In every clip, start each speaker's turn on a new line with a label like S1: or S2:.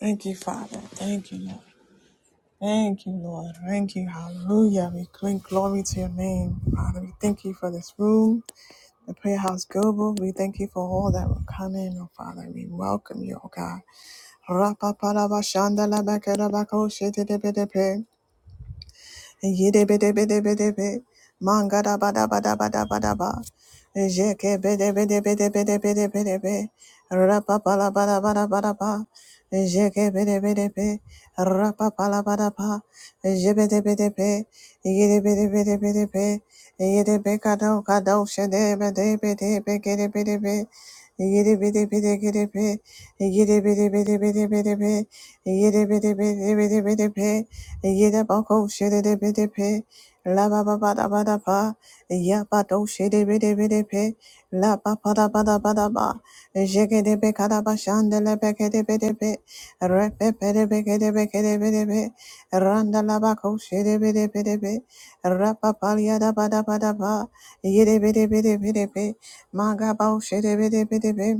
S1: Thank you, Father. Thank you, Lord. Thank you, Lord. Thank you. Hallelujah. We bring glory to your name, Father. We thank you for this room, the prayer house global. We thank you for all that will come in, oh Father. We welcome you, oh God. Rapa Yidibidibidibidi. Mangada bada bada bada bada ba. Jeke bede bede bede bede bede bede be. Rapa pala bada bada bada ba. Jeke bede bede be. Rapa pala bada ba. Jebede bede be. Yidi bede bede bede be. Yidi be kado kado shede bede bede be gede bede be. Yidi bede bede gede be. Yidi bede bede bede bede be. Yidi bede bede bede bede be. Yede bako shede de bede pe. La ba ba ba da ba da ba. Ya ba do shede bede bede pe. La ba ba da ba da ba da ba. Jege de be kada ba shande le be kede bede pe. Re pe pe de be kede be kede bede pe. Randa la bako shede bede bede pe. Ra pa pa ya da ba da ba da ba. Yede bede bede bede pe. Ma ga ba o shede bede bede pe.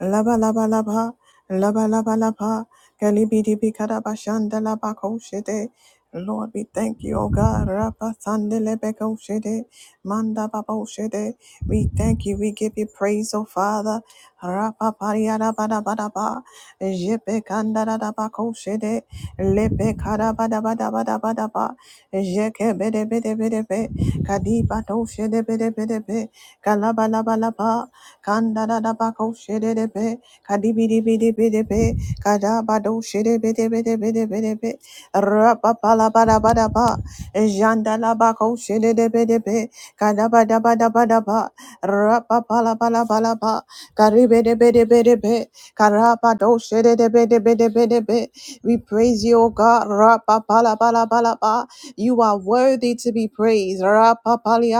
S1: Laba laba laba, laba laba laba, kalibidi bikada bashanda laba koshede. Lord, we thank you, O God. Rapa sande lebe koshede, manda baba oshede. We thank you. We give you praise, O Father. Rapa pariada bada bada ba, jepe kanda da da ba koshede, lepe kada bada bada bada bada ba, jeke bede bede bede be, kadiba toshede bede bede be, kalaba laba laba. Kanda da da ba ko she de de be. Kadi bi di bi di bi di be. Kada ba do she de be de be de be de be de be. Ra ba Janda la ba ko she de de be de be. Kada ba da ba da ba da ba. Ra be de be de be de be. Kara ba do she de de be de be de be We praise you, O God. Ra ba ba ba You are worthy to be praised. Ra ba ba li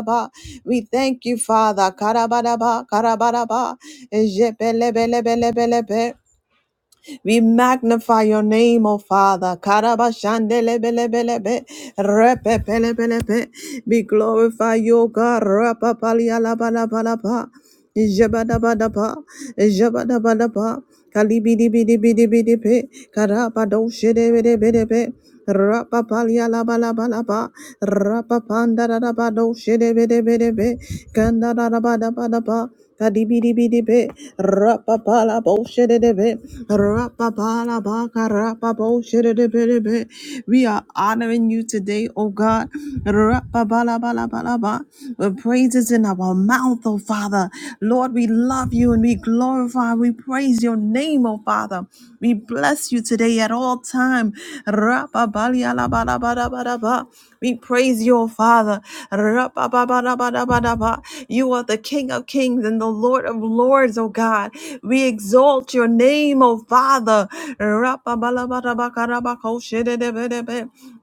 S1: ba. We thank you, Father. Karabadaba, karabadaba, ejepelebelebelebelebe. We magnify your name, O Father. Karabashandelebelebelebe. Repepelebelebe. We glorify you, God. Rapapalialabalaba. Jabadabadaba. Jabadabadaba. Kalibidibidibidibidi. Karabadoshedebedebedebe. Rapapalialabalabalaba. Rapapandadadabadoshe- Shedebedebedebe, kandadadabadabadaba, Kadibidibidibit, rapapala boshedidibit, rapapala baka rapabo shedidibidibit. We are honoring you today, O God. Rapapala bala bala ba. With praises in our mouth, O Father. Lord, we love you and we glorify, we praise your name, O Father. We bless you today at all time. Rapapali ala bala bala bala ba. We praise you, O Father. Rapapapalabadabadaba. You are the King of Kings. Kings and the Lord of Lords, O God. We exalt your name, O Father.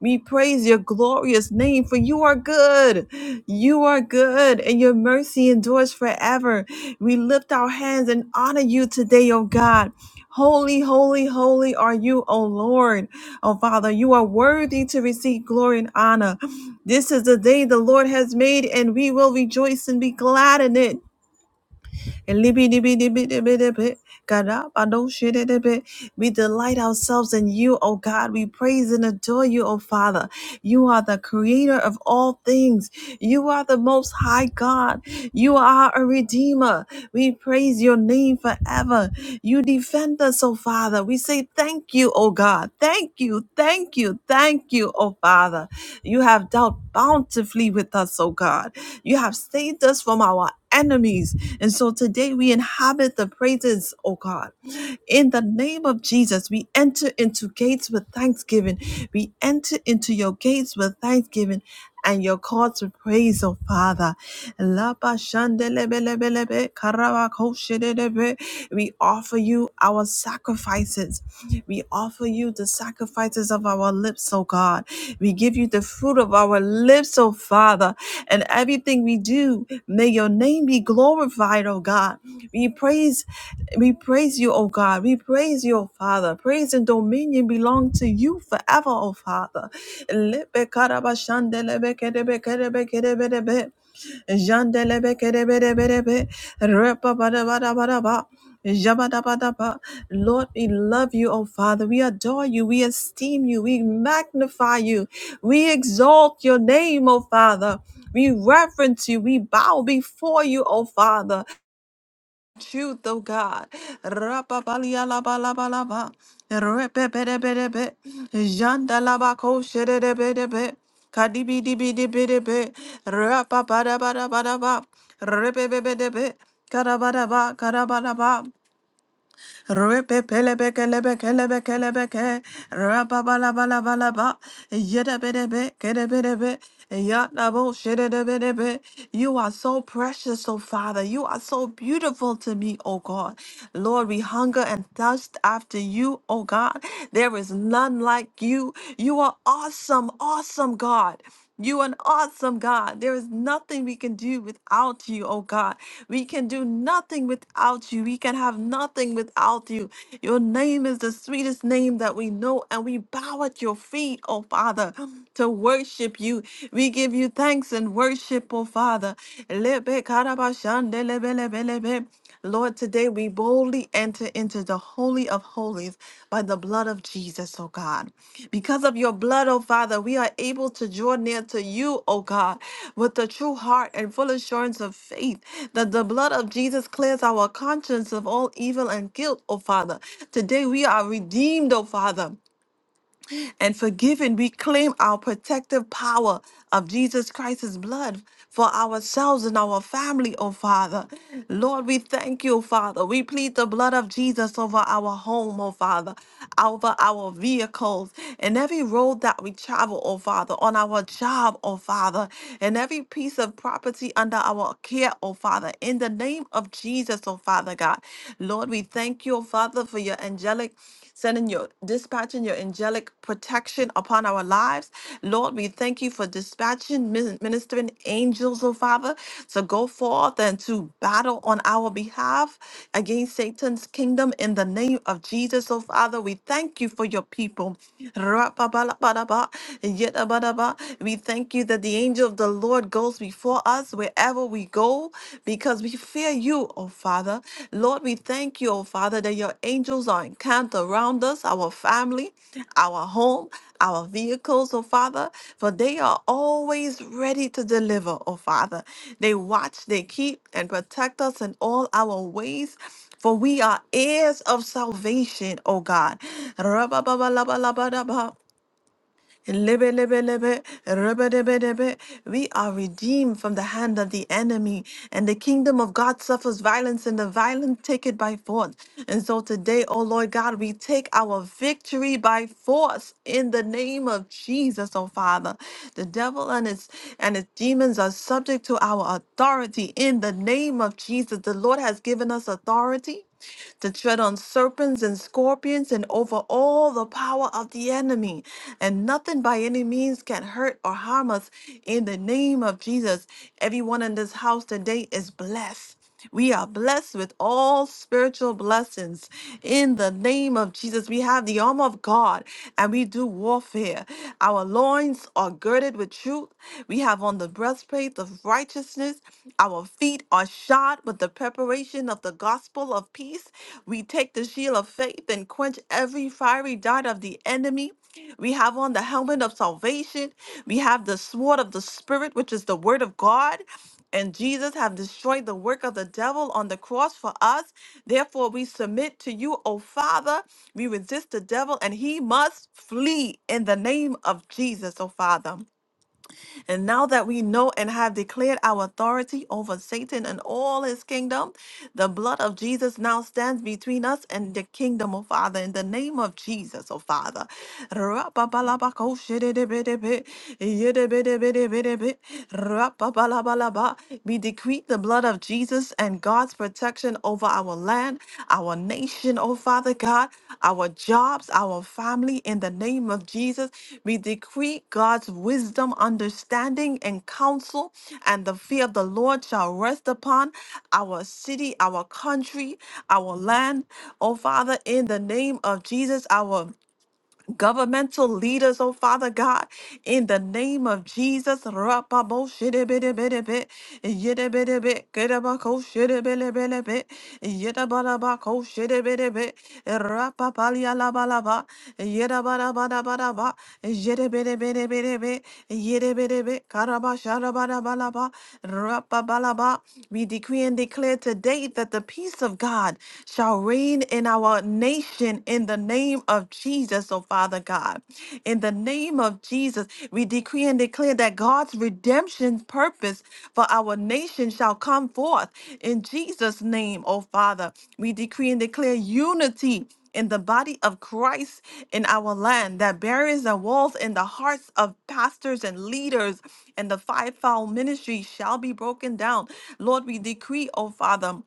S1: We praise your glorious name, for you are good. You are good, and your mercy endures forever. We lift our hands and honor you today, O God. Holy, holy, holy are you, O Lord. O Father, you are worthy to receive glory and honor. This is the day the Lord has made, and we will rejoice and be glad in it and libby dibby dibby dibby dibby. God, I don't shit it a bit. We delight ourselves in you, O God. We praise and adore you, O Father. You are the creator of all things. You are the most high God. You are a redeemer. We praise your name forever. You defend us, oh Father. We say thank you, oh God. Thank you, thank you, thank you, oh Father. You have dealt bountifully with us, oh God. You have saved us from our enemies. And so today we inhabit the praises, oh God. In the name of Jesus, we enter into gates with thanksgiving. We enter into your gates with thanksgiving and your call to praise, oh Father. Lapa shandelebelebelebe, karabakoshedebe. We offer you our sacrifices. We offer you the sacrifices of our lips, oh God. We give you the fruit of our lips, oh Father. And everything we do, may your name be glorified, oh God. We praise, we praise you, oh God. We praise you, oh Father. Praise and dominion belong to you forever, oh Father. Lepe karabashande lebe kedebe kedebe kedebe debe. Jandelebe kedebe debe debe. Repa bada bada bada ba. Jabadabadaba. Lord, we love you, O Father. We adore you. We esteem you. We magnify you. We exalt your name, O Father. We reverence you. We bow before you, O Father truth, oh God. Rapapalialabalabalaba. Repepedebedebe. Jandalabakosherebe. Kadibidibidibidebe. Rapapadabarabadaba. Repepedebe. Karabadaba. Karabadaba. Ripipilibikilibikilibiki. Rababalabalaba. Yidabidibikidibidibi. Yadaboshididibidibi. You are so precious, oh Father. You are so beautiful to me, oh God. Lord, we hunger and thirst after you, oh God. There is none like you. You are awesome, awesome God. You an awesome God. There is nothing we can do without you, oh God. We can do nothing without you. We can have nothing without you. Your name is the sweetest name that we know, and we bow at your feet, oh Father, to worship you. We give you thanks and worship, oh Father. Lebe karabashande lebe lebe lebe. Lord, today we boldly enter into the Holy of Holies by the blood of Jesus, oh God. Because of your blood, oh Father, we are able to draw near to you, oh God, with the true heart and full assurance of faith that the blood of Jesus clears our conscience of all evil and guilt, oh Father. Today we are redeemed, oh Father and forgiven, we claim our protective power of Jesus Christ's blood for ourselves and our family, oh Father. Lord, we thank you, Father. We plead the blood of Jesus over our home, oh Father, over our vehicles, and every road that we travel, oh Father, on our job, oh Father, and every piece of property under our care, oh Father, in the name of Jesus, oh Father God. Lord, we thank you, Father, for your angelic sending your dispatching your angelic protection upon our lives. Lord, we thank you for dispatching min- ministering angels, oh Father, to go forth and to battle on our behalf against Satan's kingdom in the name of Jesus, oh Father. We thank you for your people. Ra-ba-ba-la-ba-da-ba, yedda-ba-da-ba. We thank you that the angel of the Lord goes before before us wherever we go because we fear you, oh Father. Lord, we thank you, oh Father, that your angels are encamped around us, our family, our home, our vehicles, oh Father, for they are always ready to deliver, oh Father. They watch, they keep, and protect us in all our ways. For we are heirs of salvation, O God. Rabba Lebe, lebe, lebe, rebe, debe, debe. We are redeemed from the hand of the enemy, and the kingdom of God suffers violence, and the violent take it by force. And so today, oh Lord God, we take our victory by force in the name of Jesus, oh Father. The devil and his and his demons are subject to our authority in the name of Jesus. The Lord has given us authority to tread on serpents and scorpions and over all the power of the enemy. And nothing by any means can hurt or harm us in the name of Jesus. Everyone in this house today is blessed. We are blessed with all spiritual blessings. In the name of Jesus, we have the armor of God and we do warfare. Our loins are girded with truth. We have on the breastplate of righteousness. Our feet are shod with the preparation of the gospel of peace. We take the shield of faith and quench every fiery dart of the enemy. We have on the helmet of salvation. We have the sword of the Spirit, which is the word of God. And Jesus have destroyed the work of the devil on the cross for us. Therefore, we submit to you, O Father. We resist the devil, and he must flee in the name of Jesus, O Father. And now that we know and have declared our authority over Satan and all his kingdom, the blood of Jesus now stands between us and the kingdom, oh Father, in the name of Jesus, oh Father. Rapabalabakoshididibidibi, yidibidibidibidibi, rapabalabalaba. We decree the blood of Jesus and God's protection protection over our land, our nation, oh Father God, our jobs, our family, in the name of Jesus. We decree God's wisdom, understanding, and counsel, and the fear of the Lord shall rest upon our city, our country, our land, oh Father, in the name of Jesus, our governmental leaders, oh Father God, in the name of Jesus. Rapaboshidibidibidibit, yidibidibit, kidabakoshidibidibidibit, yidabarabakoshidibidibit, rapapalialabalaba, yidabarabarabadaba, yidibidibidibidibit, yidibidibit, karabasharabarabalaba, rapabalaba. We decree and declare today that the peace of God shall reign in our our nation in the name of Jesus, oh Father God. In the name of Jesus, we decree and declare that God's redemption purpose for our nation shall come forth in Jesus' name, oh Father. We decree and declare unity in the body of Christ in our land that barriers and walls in the hearts of pastors and leaders and the fivefold ministry shall be broken down. Lord, we decree, oh Father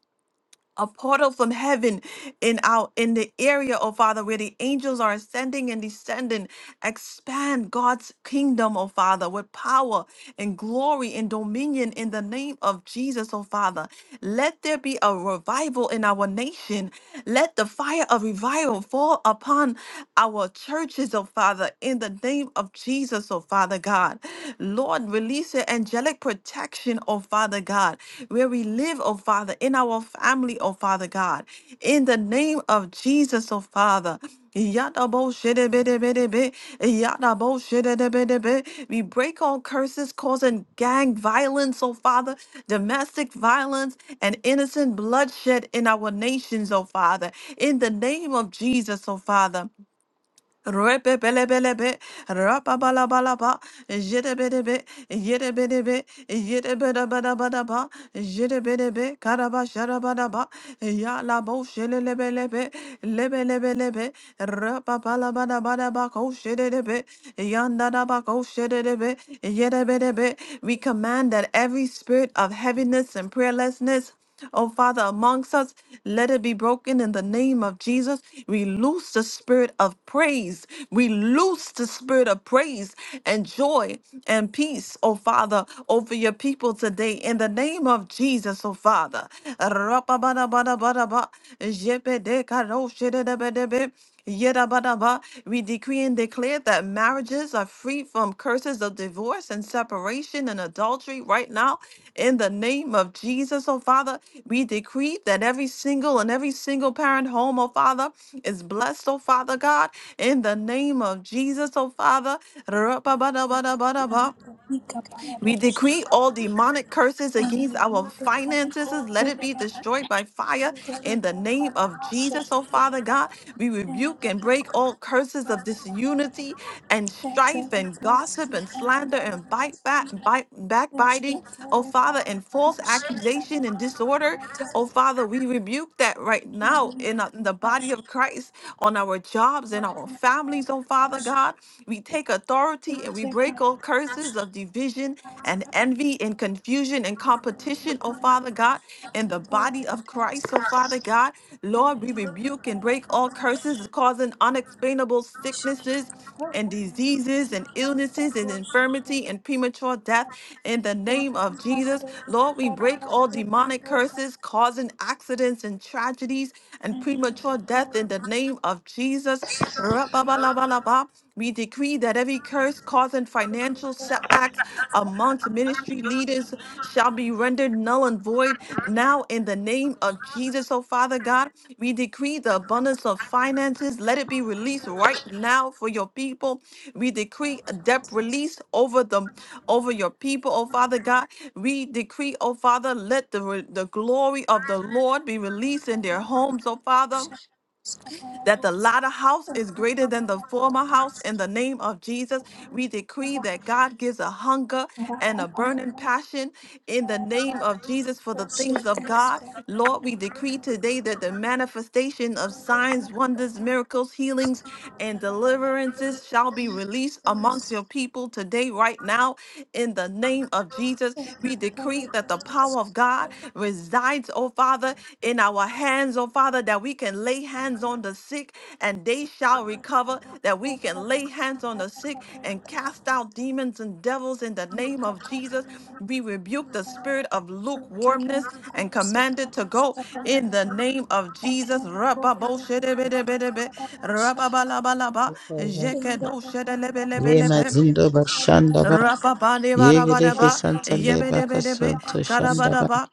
S1: a portal from heaven in our in the area, oh Father, where the angels are ascending and descending. Expand God's kingdom, oh Father, with power and glory and dominion in the name of Jesus, oh Father. Let there be a revival in our nation. Let the fire of revival fall upon our churches, oh Father, in the name of Jesus, oh Father God. Lord, Release your angelic protection, oh Father God, where we live, oh Father, in our family, oh Father God. In the name of Jesus, oh Father. Yadabo shedebedebedebe, yadabo shedebedebe. We break all curses causing gang violence, oh Father, domestic violence, and innocent bloodshed in our nations, oh Father. In the name of Jesus, oh Father. Rebebelebelebe, rababalabalaba, jedebedebe, yedebedebe, yedebedabadabadaba, jedebedebe, karabasharabadaba, yalabo shelelebelebe, lebelebelebe, rababalabadabadaba, koshedebe, yandadaba, koshedebe, yedebedebe. We command that every spirit of heaviness and prayerlessness Oh, Father, amongst us, let it be broken in the name of Jesus. We loose the spirit of praise. We loose the spirit of praise and joy and peace, oh Father, over your people today in the name of Jesus, oh Father. Rapabadabadabadaba, jepedekaroshedebedebe. Yedabadaba, we decree and declare that marriages are free from curses of divorce and separation and adultery right now. In the name of Jesus, oh Father, we decree that every single and every single parent home, oh Father, is blessed, oh Father God. In the name of Jesus, oh Father.
S2: and
S1: Rababadabadabadaba.
S2: the Nika
S1: We decree
S2: Payadoskapa
S1: all demonic curses
S2: and the
S1: against our
S2: Nida Kadiko
S1: finances. Let it be
S2: Vedagata
S1: destroyed by fire
S2: and the
S1: in the
S2: Liko
S1: name of
S2: Balamasha
S1: Jesus. Oh, Father
S2: Tegapa
S1: God, we
S2: and
S1: rebuke
S2: the
S1: and break
S2: Liko
S1: all curses of disunity
S2: Shalamanda
S1: and
S2: that a
S1: strife and
S2: Liko
S1: gossip and
S2: Skipa
S1: slander and
S2: Namanda
S1: bite back,
S2: Skipa
S1: bite,
S2: the
S1: backbiting. Oh,
S2: Shakawe
S1: Father, and
S2: Gondadi
S1: false
S2: Skipa
S1: accusation and
S2: Namanda
S1: disorder.
S2: Kata
S1: Oh, Father, we rebuke that right now
S2: and the
S1: in, uh, in the body
S2: Pasha
S1: of Christ on our jobs and our
S2: Kepaya
S1: families. Oh, Father
S2: Pasha
S1: God, we take authority authority,
S2: and
S1: and
S2: the
S1: we break
S2: Kepaya
S1: all curses of division and
S2: Pasha
S1: envy and confusion and
S2: Thank
S1: competition, oh Father God, in the body of Christ, oh Father God. Lord, we rebuke and break all curses causing unexplainable sicknesses and diseases and illnesses and infirmity and premature death in the name of Jesus. Lord, we break all demonic curses causing accidents and tragedies and premature death in the name of Jesus. Ra-ba-ba-la-ba-la-ba. We decree that every curse causing financial setbacks amongst ministry leaders shall be rendered null and void now in the name of Jesus, oh Father God. We decree the abundance of finances. Let it be released right now for your people. We decree a debt release over them, over your people, oh Father God. We decree, oh Father, let the, re- the glory of the Lord be released in their homes, oh Father that the latter house is greater than the former house. In the name of Jesus, we decree that God gives a hunger and a burning
S2: you.
S1: passion in the
S2: And then
S1: name of Jesus for the things of God. Lord, we decree today that the manifestation of signs, wonders, miracles, healings, and deliverances shall be released amongst your people today, right now, in the name of Jesus. We decree that the power of God resides, oh Father, in our hands, oh Father, that we can lay hands on the sick and they shall recover, that we can lay hands on the sick and cast out demons and devils in the name of Jesus. We rebuke the spirit of lukewarmness and command it to go in the name of Jesus.
S2: go with
S1: Rababoshedebedebedebe,
S2: the
S1: rababalabalaba,
S2: In the papaya da
S3: Ye
S2: bolsa,
S1: jekedoshedebelebelebe. Amen.
S3: mazindo
S2: papaya da
S3: bashandaba,
S2: bolsa,
S3: ye gereke
S2: ela
S1: Rapapandebadabadaba,
S2: da
S3: santale
S2: para da para
S1: yebedebedebe,
S3: bakasonto
S2: da the
S3: shandaba,
S2: bossa,
S1: kadabadaba,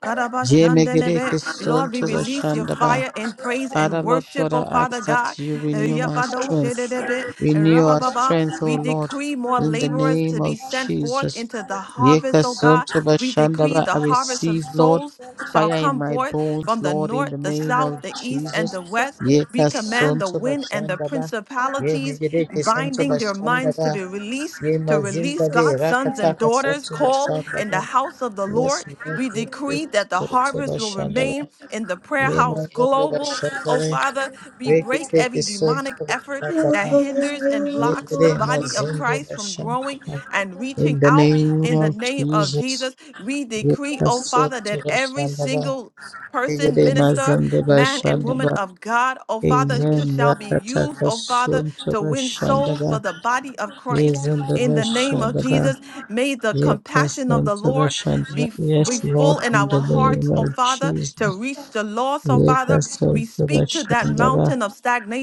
S3: ye
S1: kadabashandelebe.
S3: megereke
S2: polenta,
S1: Lord, we
S3: sonto
S1: release your
S3: bashandaba.
S1: fire and praise and
S3: Father Lord
S1: worship,
S3: God, I
S1: oh
S3: ask
S1: Father
S3: that
S1: God.
S3: you renew my
S2: parada,
S3: strength.
S2: parada bossa,
S1: Yapadoshedebe,
S2: liga
S3: Renew our
S2: da bolsa, anda da
S1: rapapapa.
S3: strength, O
S1: We
S2: para
S3: Lord,
S1: decree more
S3: in
S2: the
S3: the
S1: laborers
S3: name
S1: to
S3: of
S1: be sent forth
S3: Jesus.
S1: into the
S3: Ye
S1: harvest, oh God.
S3: kasonto
S1: We decree
S3: bashandaba,
S1: the
S3: I
S1: harvest of
S3: receive, Lord,
S1: souls shall
S3: fire in
S1: come
S3: my
S1: forth
S3: bones,
S1: from the
S3: Lord, in
S1: north,
S3: the
S1: the
S3: name of
S1: south, the
S2: bolsa, anda da para
S1: east,
S2: the
S3: Jesus.
S1: and the
S2: bolsa,
S1: west.
S3: Ye
S1: We
S2: eski da
S1: command the
S2: para
S3: kasonto
S1: wind and the
S3: bashandaba,
S2: da bolsa, eski para
S3: ye
S1: principalities
S3: megereke santo
S1: binding
S2: da
S1: their minds
S3: bashandaba.
S1: to be released,
S3: Ye
S1: to
S3: mazinda
S1: release
S3: de
S1: God's sons and
S3: rakataka
S1: daughters
S3: soto
S1: called
S3: bashanda
S1: in
S3: ba.
S1: the house of the
S3: Yes,
S1: Lord.
S3: Lord,
S1: We
S3: we take
S1: decree
S3: the
S1: that the
S3: soto
S1: harvest will
S3: bashanda ba.
S1: remain in the prayer
S3: Ye
S1: house
S3: mazinda
S2: the
S1: global.
S3: bashanda
S1: Oh,
S3: ba.
S2: eski
S1: Father, we
S3: We
S2: para
S3: can
S1: break
S3: take the
S1: every
S3: soto
S1: demonic effort
S3: bashanda
S1: that
S3: ba.
S1: hinders and
S3: Ye
S1: blocks the
S3: gre
S1: body of
S3: mazinda
S1: Christ from
S3: bashanda
S1: growing
S3: ba.
S2: the
S1: and
S2: bolsa.
S1: reaching
S3: In the
S1: out
S3: name
S1: in the
S3: of
S1: name of
S3: Jesus,
S1: Jesus. We
S3: we
S1: decree,
S3: cast
S1: oh
S2: Thank
S1: Father,
S3: soto
S1: that every
S3: bashanda ba.
S1: single
S3: Ye
S1: person,
S3: gre
S1: minister,
S3: mazinda
S1: man, and
S3: bashanda
S1: woman
S3: ba.
S1: of God, oh Father,
S3: Amen.
S1: shall be used,
S3: Rakataka
S1: oh Father,
S3: soto
S1: to win
S3: bashanda
S1: souls
S3: ba.
S1: for the body of
S3: Ye
S1: Christ
S3: zinda
S1: in the name of
S3: bashanda ba.
S1: Jesus. May the
S3: Ye
S1: compassion of
S3: custom
S1: the
S3: to
S1: Lord
S3: Russian,
S1: be, be
S3: Yes,
S1: full
S3: Lord,
S1: in
S3: in
S1: our
S3: the
S1: hearts,
S3: name
S1: oh
S3: of
S1: Father, to
S3: Jesus.
S1: reach the lost, oh
S3: Ye
S1: Father.
S3: custom
S1: We
S3: to
S1: speak to that
S3: Russian,
S1: mountain of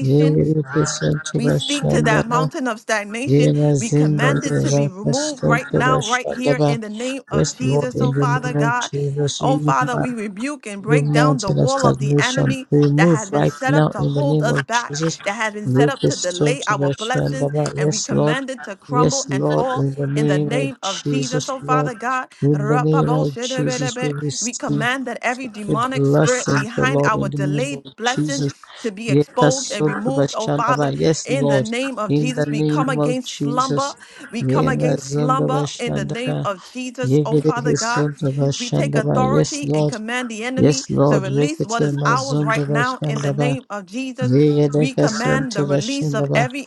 S3: ye custom to
S1: we speak
S3: Russian,
S1: to
S3: ye
S1: that
S3: Yekasantobashandaba. Yerekesantobashandaba.
S1: mountain of stagnation. We command it to
S3: Yemazindalera
S1: be removed right now, right here
S3: kasantobashandaba.
S1: in the name of
S3: Yes, Lord,
S1: Jesus. Oh,
S3: in the
S1: Father
S3: name of
S1: God.
S3: Jesus,
S1: Oh,
S3: you
S1: Father, we rebuke and
S3: Every
S1: break down the
S3: mountain of
S1: wall of the
S3: stagnation
S1: enemy
S3: Remove
S1: that has been
S3: right
S1: set up
S3: now
S1: to
S3: in the
S1: hold
S3: name
S1: us
S3: of
S1: back,
S3: Jesus.
S1: that has been set up
S3: Yuki
S1: to delay
S3: Sontova
S1: our blessings,
S3: Shandaba.
S1: and we
S3: Yes, Lord.
S1: command it to crumble
S3: Yes,
S1: and
S3: Lord,
S1: fall
S3: in the
S1: in the
S3: name
S1: name
S3: of
S1: of Jesus.
S3: Jesus,
S1: Oh,
S3: Lord.
S1: Father God,
S3: In the name of Jesus, we
S1: Rapaboshedebelebe, we
S3: receive
S1: command that every
S3: a
S1: demonic spirit
S3: blessing, O
S1: behind
S3: Lord, in
S1: our
S3: the name
S1: delayed
S3: of
S1: blessings
S3: Jesus.
S1: to be
S3: Yeka
S1: exposed and
S3: Sontova
S1: removed, oh Father,
S3: Shandaba. Yes,
S1: in the
S3: Lord,
S1: name of
S3: in the
S1: Jesus. We come
S3: name of
S1: against slumber.
S3: Jesus.
S1: We come
S3: Yema
S1: against
S3: Zondova
S1: slumber in the name
S3: Shandaba.
S1: of Jesus, oh
S3: Yegede
S1: Father God.
S3: Sontova
S1: We take
S3: Shandaba. Yes,
S1: authority and
S3: Lord.
S1: and command the enemy
S3: Yes,
S1: to
S3: Lord,
S1: release what
S3: rekete
S1: is ours
S3: mazondo
S1: right now in the
S3: bashandaba,
S1: name of Jesus. We
S3: yedeka
S1: command
S3: sonto
S1: the release of
S3: bashandaba,
S1: every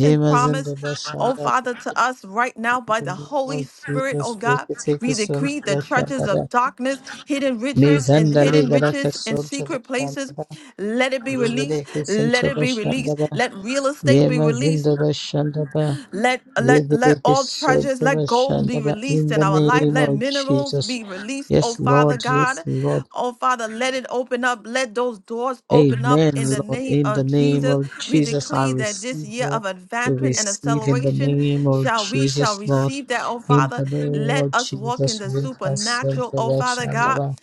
S3: ye
S1: promise. Oh,
S3: bashanda,
S1: Father, to us right now
S3: in
S1: by
S3: the
S1: the
S3: name of
S1: Holy Spirit, oh
S3: Jesus,
S1: God,
S3: rekete
S1: we
S3: kisonto
S1: decree the treasures
S3: bashandaba,
S1: of darkness, hidden
S3: me
S1: riches and hidden
S3: legaraka
S1: riches in
S3: sonto
S1: secret places.
S3: bashandaba,
S1: Let it be released.
S3: yedeka
S1: Let
S3: sonto
S1: it be released.
S3: bashandaba,
S1: Let real
S3: ye
S1: estate be released.
S3: bashandaba,
S1: Let let let
S3: yedeka
S1: all treasures,
S3: sonto
S1: let gold be
S3: bashandaba,
S1: released
S3: in the
S1: in our life.
S3: name
S1: Let
S3: of
S1: minerals
S3: Jesus.
S1: be released, oh
S3: Yes,
S1: Father
S3: Lord, yes,
S1: God.
S3: Lord.
S1: Oh Father, let it open up. Let those doors open up
S3: Amen,
S1: in the
S3: Lord.
S1: name
S3: In the
S1: of
S3: name
S1: Jesus.
S3: of
S1: We
S3: Jesus, I
S1: decree that this
S3: receive,
S1: year
S3: Lord.
S1: of
S3: We
S1: advancement and
S3: receive in the
S1: acceleration
S3: name of
S1: shall we shall
S3: Jesus, Lord.
S1: receive that, oh
S3: In
S1: Father.
S3: the name
S1: Let
S3: of
S1: us walk in
S3: Jesus,
S1: the
S3: we accept
S1: supernatural,
S3: the
S1: oh Father
S3: Russian
S1: God.
S3: Lord.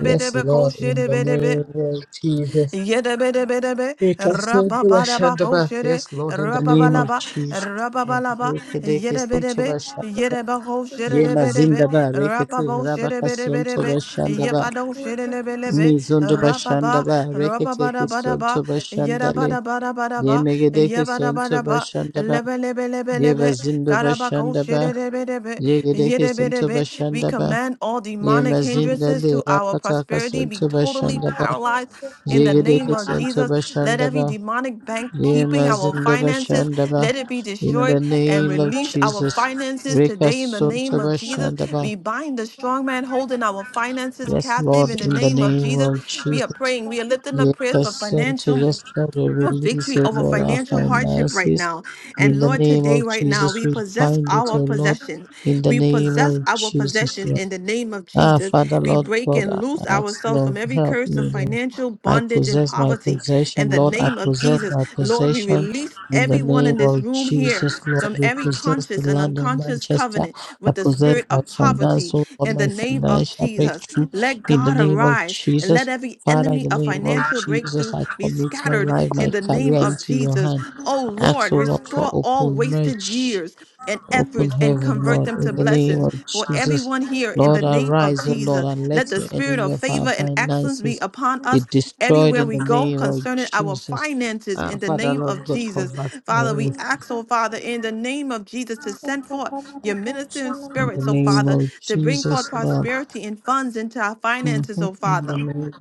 S3: Yes, Lord, in the name of Jesus.
S1: Yedebedebedebe,
S3: We accept the Russian
S1: Rapabadaba,
S3: Lord.
S1: Koshede,
S3: Yes, Lord, in the name of
S1: Rapabalaba,
S3: Jesus.
S1: Rapabalaba,
S3: Rekedeke sonto
S1: Yedebedebe,
S3: bashandaba.
S1: Yedeba,
S3: Yema
S1: Koshedebedebe,
S3: zindaba. Rekete
S1: Rapabo,
S3: rabaka sonto
S1: Shedebedebedebe,
S3: bashandaba.
S1: Yepado, Shedebedebe,
S3: Mizondo
S1: Rapaba,
S3: bashandaba. Reketeke sonto
S1: Rapabadabadaba,
S3: bashandale. Ye
S1: Yedabadabadabadaba,
S3: Yemegedeke sonto
S1: Yebadabadaba,
S3: bashandaba.
S1: Lebelebelebelebe,
S3: Yebazindo
S1: Karabako,
S3: bashandaba.
S1: Shedebedebe,
S3: Yegedeke sonto
S1: Yidibidibit. We
S3: bashandaba.
S1: command all demonic
S3: Yemazinda
S1: hindrances
S3: le
S1: to our
S3: rakataka
S1: prosperity
S3: sonto
S1: be totally
S3: bashandaba.
S1: paralyzed in the
S3: Yegedeke
S1: name of
S3: sonto
S1: Jesus. Let every
S3: bashandaba.
S1: demonic bank keeping our
S3: Yemazindo
S1: finances,
S3: bashandaba.
S1: let it be
S3: In
S1: destroyed
S3: the
S1: and
S3: name of
S1: release our
S3: Jesus.
S1: finances
S3: Reka
S1: today in the
S3: sonto
S1: name of Jesus.
S3: bashandaba.
S1: We bind the strong man holding our finances
S3: Yes,
S1: captive
S3: Lord,
S1: in the
S3: in the
S1: name of
S3: name
S1: Jesus.
S3: of
S1: We are
S3: Jesus.
S1: praying. We are lifting up
S3: Let
S1: prayers for
S3: us send to
S1: financial
S3: yes, Lord, we
S1: for
S3: release,
S1: victory
S3: O
S1: over
S3: Lord, our
S1: financial hardship right
S3: finances.
S1: now.
S3: In
S1: And
S3: the
S1: Lord,
S3: name
S1: today,
S3: of
S1: right now,
S3: Jesus,
S1: we
S3: we
S1: possess
S3: bind it,
S1: our
S3: O Lord.
S1: possessions.
S3: In the
S1: We
S3: name
S1: possess
S3: of
S1: our
S3: Jesus,
S1: possessions
S3: Lord.
S1: in the name of
S3: Ah,
S1: Jesus.
S3: Father,
S1: We
S3: Lord
S1: break
S3: God,
S1: and
S3: I
S1: loose
S3: ask,
S1: ourselves from
S3: Lord,
S1: every
S3: help
S1: curse of
S3: me, Lord.
S1: financial
S3: I
S1: bondage and
S3: possess my
S1: poverty in
S3: possession,
S1: the
S3: Lord. I
S1: name of
S3: possess
S1: Jesus.
S3: my
S1: Lord, we
S3: possession
S1: release
S3: in the
S1: everyone
S3: name
S1: in this
S3: of
S1: room here
S3: Jesus, Lord.
S1: from
S3: We
S1: every
S3: possess the
S1: conscious and
S3: land of
S1: unconscious
S3: Manchester.
S1: covenant
S3: I
S1: with the
S3: possess
S1: spirit
S3: my
S1: of
S3: finance,
S1: poverty
S3: oh Lord,
S1: in the
S3: my
S1: name of
S3: financial
S1: Jesus.
S3: breakthrough
S1: Let
S3: in the
S1: God
S3: name of
S1: arise and
S3: Jesus.
S1: let every
S3: Father, in
S1: enemy
S3: the
S1: of
S3: name of
S1: financial financial
S3: Jesus,
S1: breakthrough
S3: I
S1: be
S3: commit my
S1: scattered
S3: life, my
S1: in the name
S3: career
S1: of
S3: into your
S1: Jesus.
S3: hand.
S1: Oh
S3: I ask,
S1: Lord,
S3: oh Lord, for
S1: restore all
S3: open
S1: wasted
S3: mercy.
S1: years and
S3: Open
S1: efforts and
S3: heaven,
S1: convert
S3: Lord,
S1: them
S3: in
S1: to
S3: the name
S1: blessings
S3: of
S1: for
S3: Jesus.
S1: everyone here in
S3: Lord,
S1: the name of
S3: arise, O Lord,
S1: Jesus.
S3: and let
S1: Let the
S3: your
S1: spirit
S3: enemy
S1: of
S3: of our
S1: favor and excellence be
S3: finances
S1: upon
S3: be
S1: us
S3: destroyed
S1: everywhere
S3: in the
S1: we go
S3: name of
S1: concerning our
S3: Jesus.
S1: finances
S3: Ah,
S1: in the
S3: Father,
S1: name
S3: Lord
S1: of
S3: God,
S1: Jesus.
S3: convert
S1: Father, we
S3: us
S1: ask, oh Father, in the name of Jesus to send forth your ministering
S3: in the
S1: spirits, oh
S2: you.
S3: name
S1: Father,
S3: of
S1: to bring forth
S3: Jesus, Lord.
S1: prosperity and funds into our finances,
S3: Mhm.
S1: oh
S3: In the
S1: Father.
S3: name of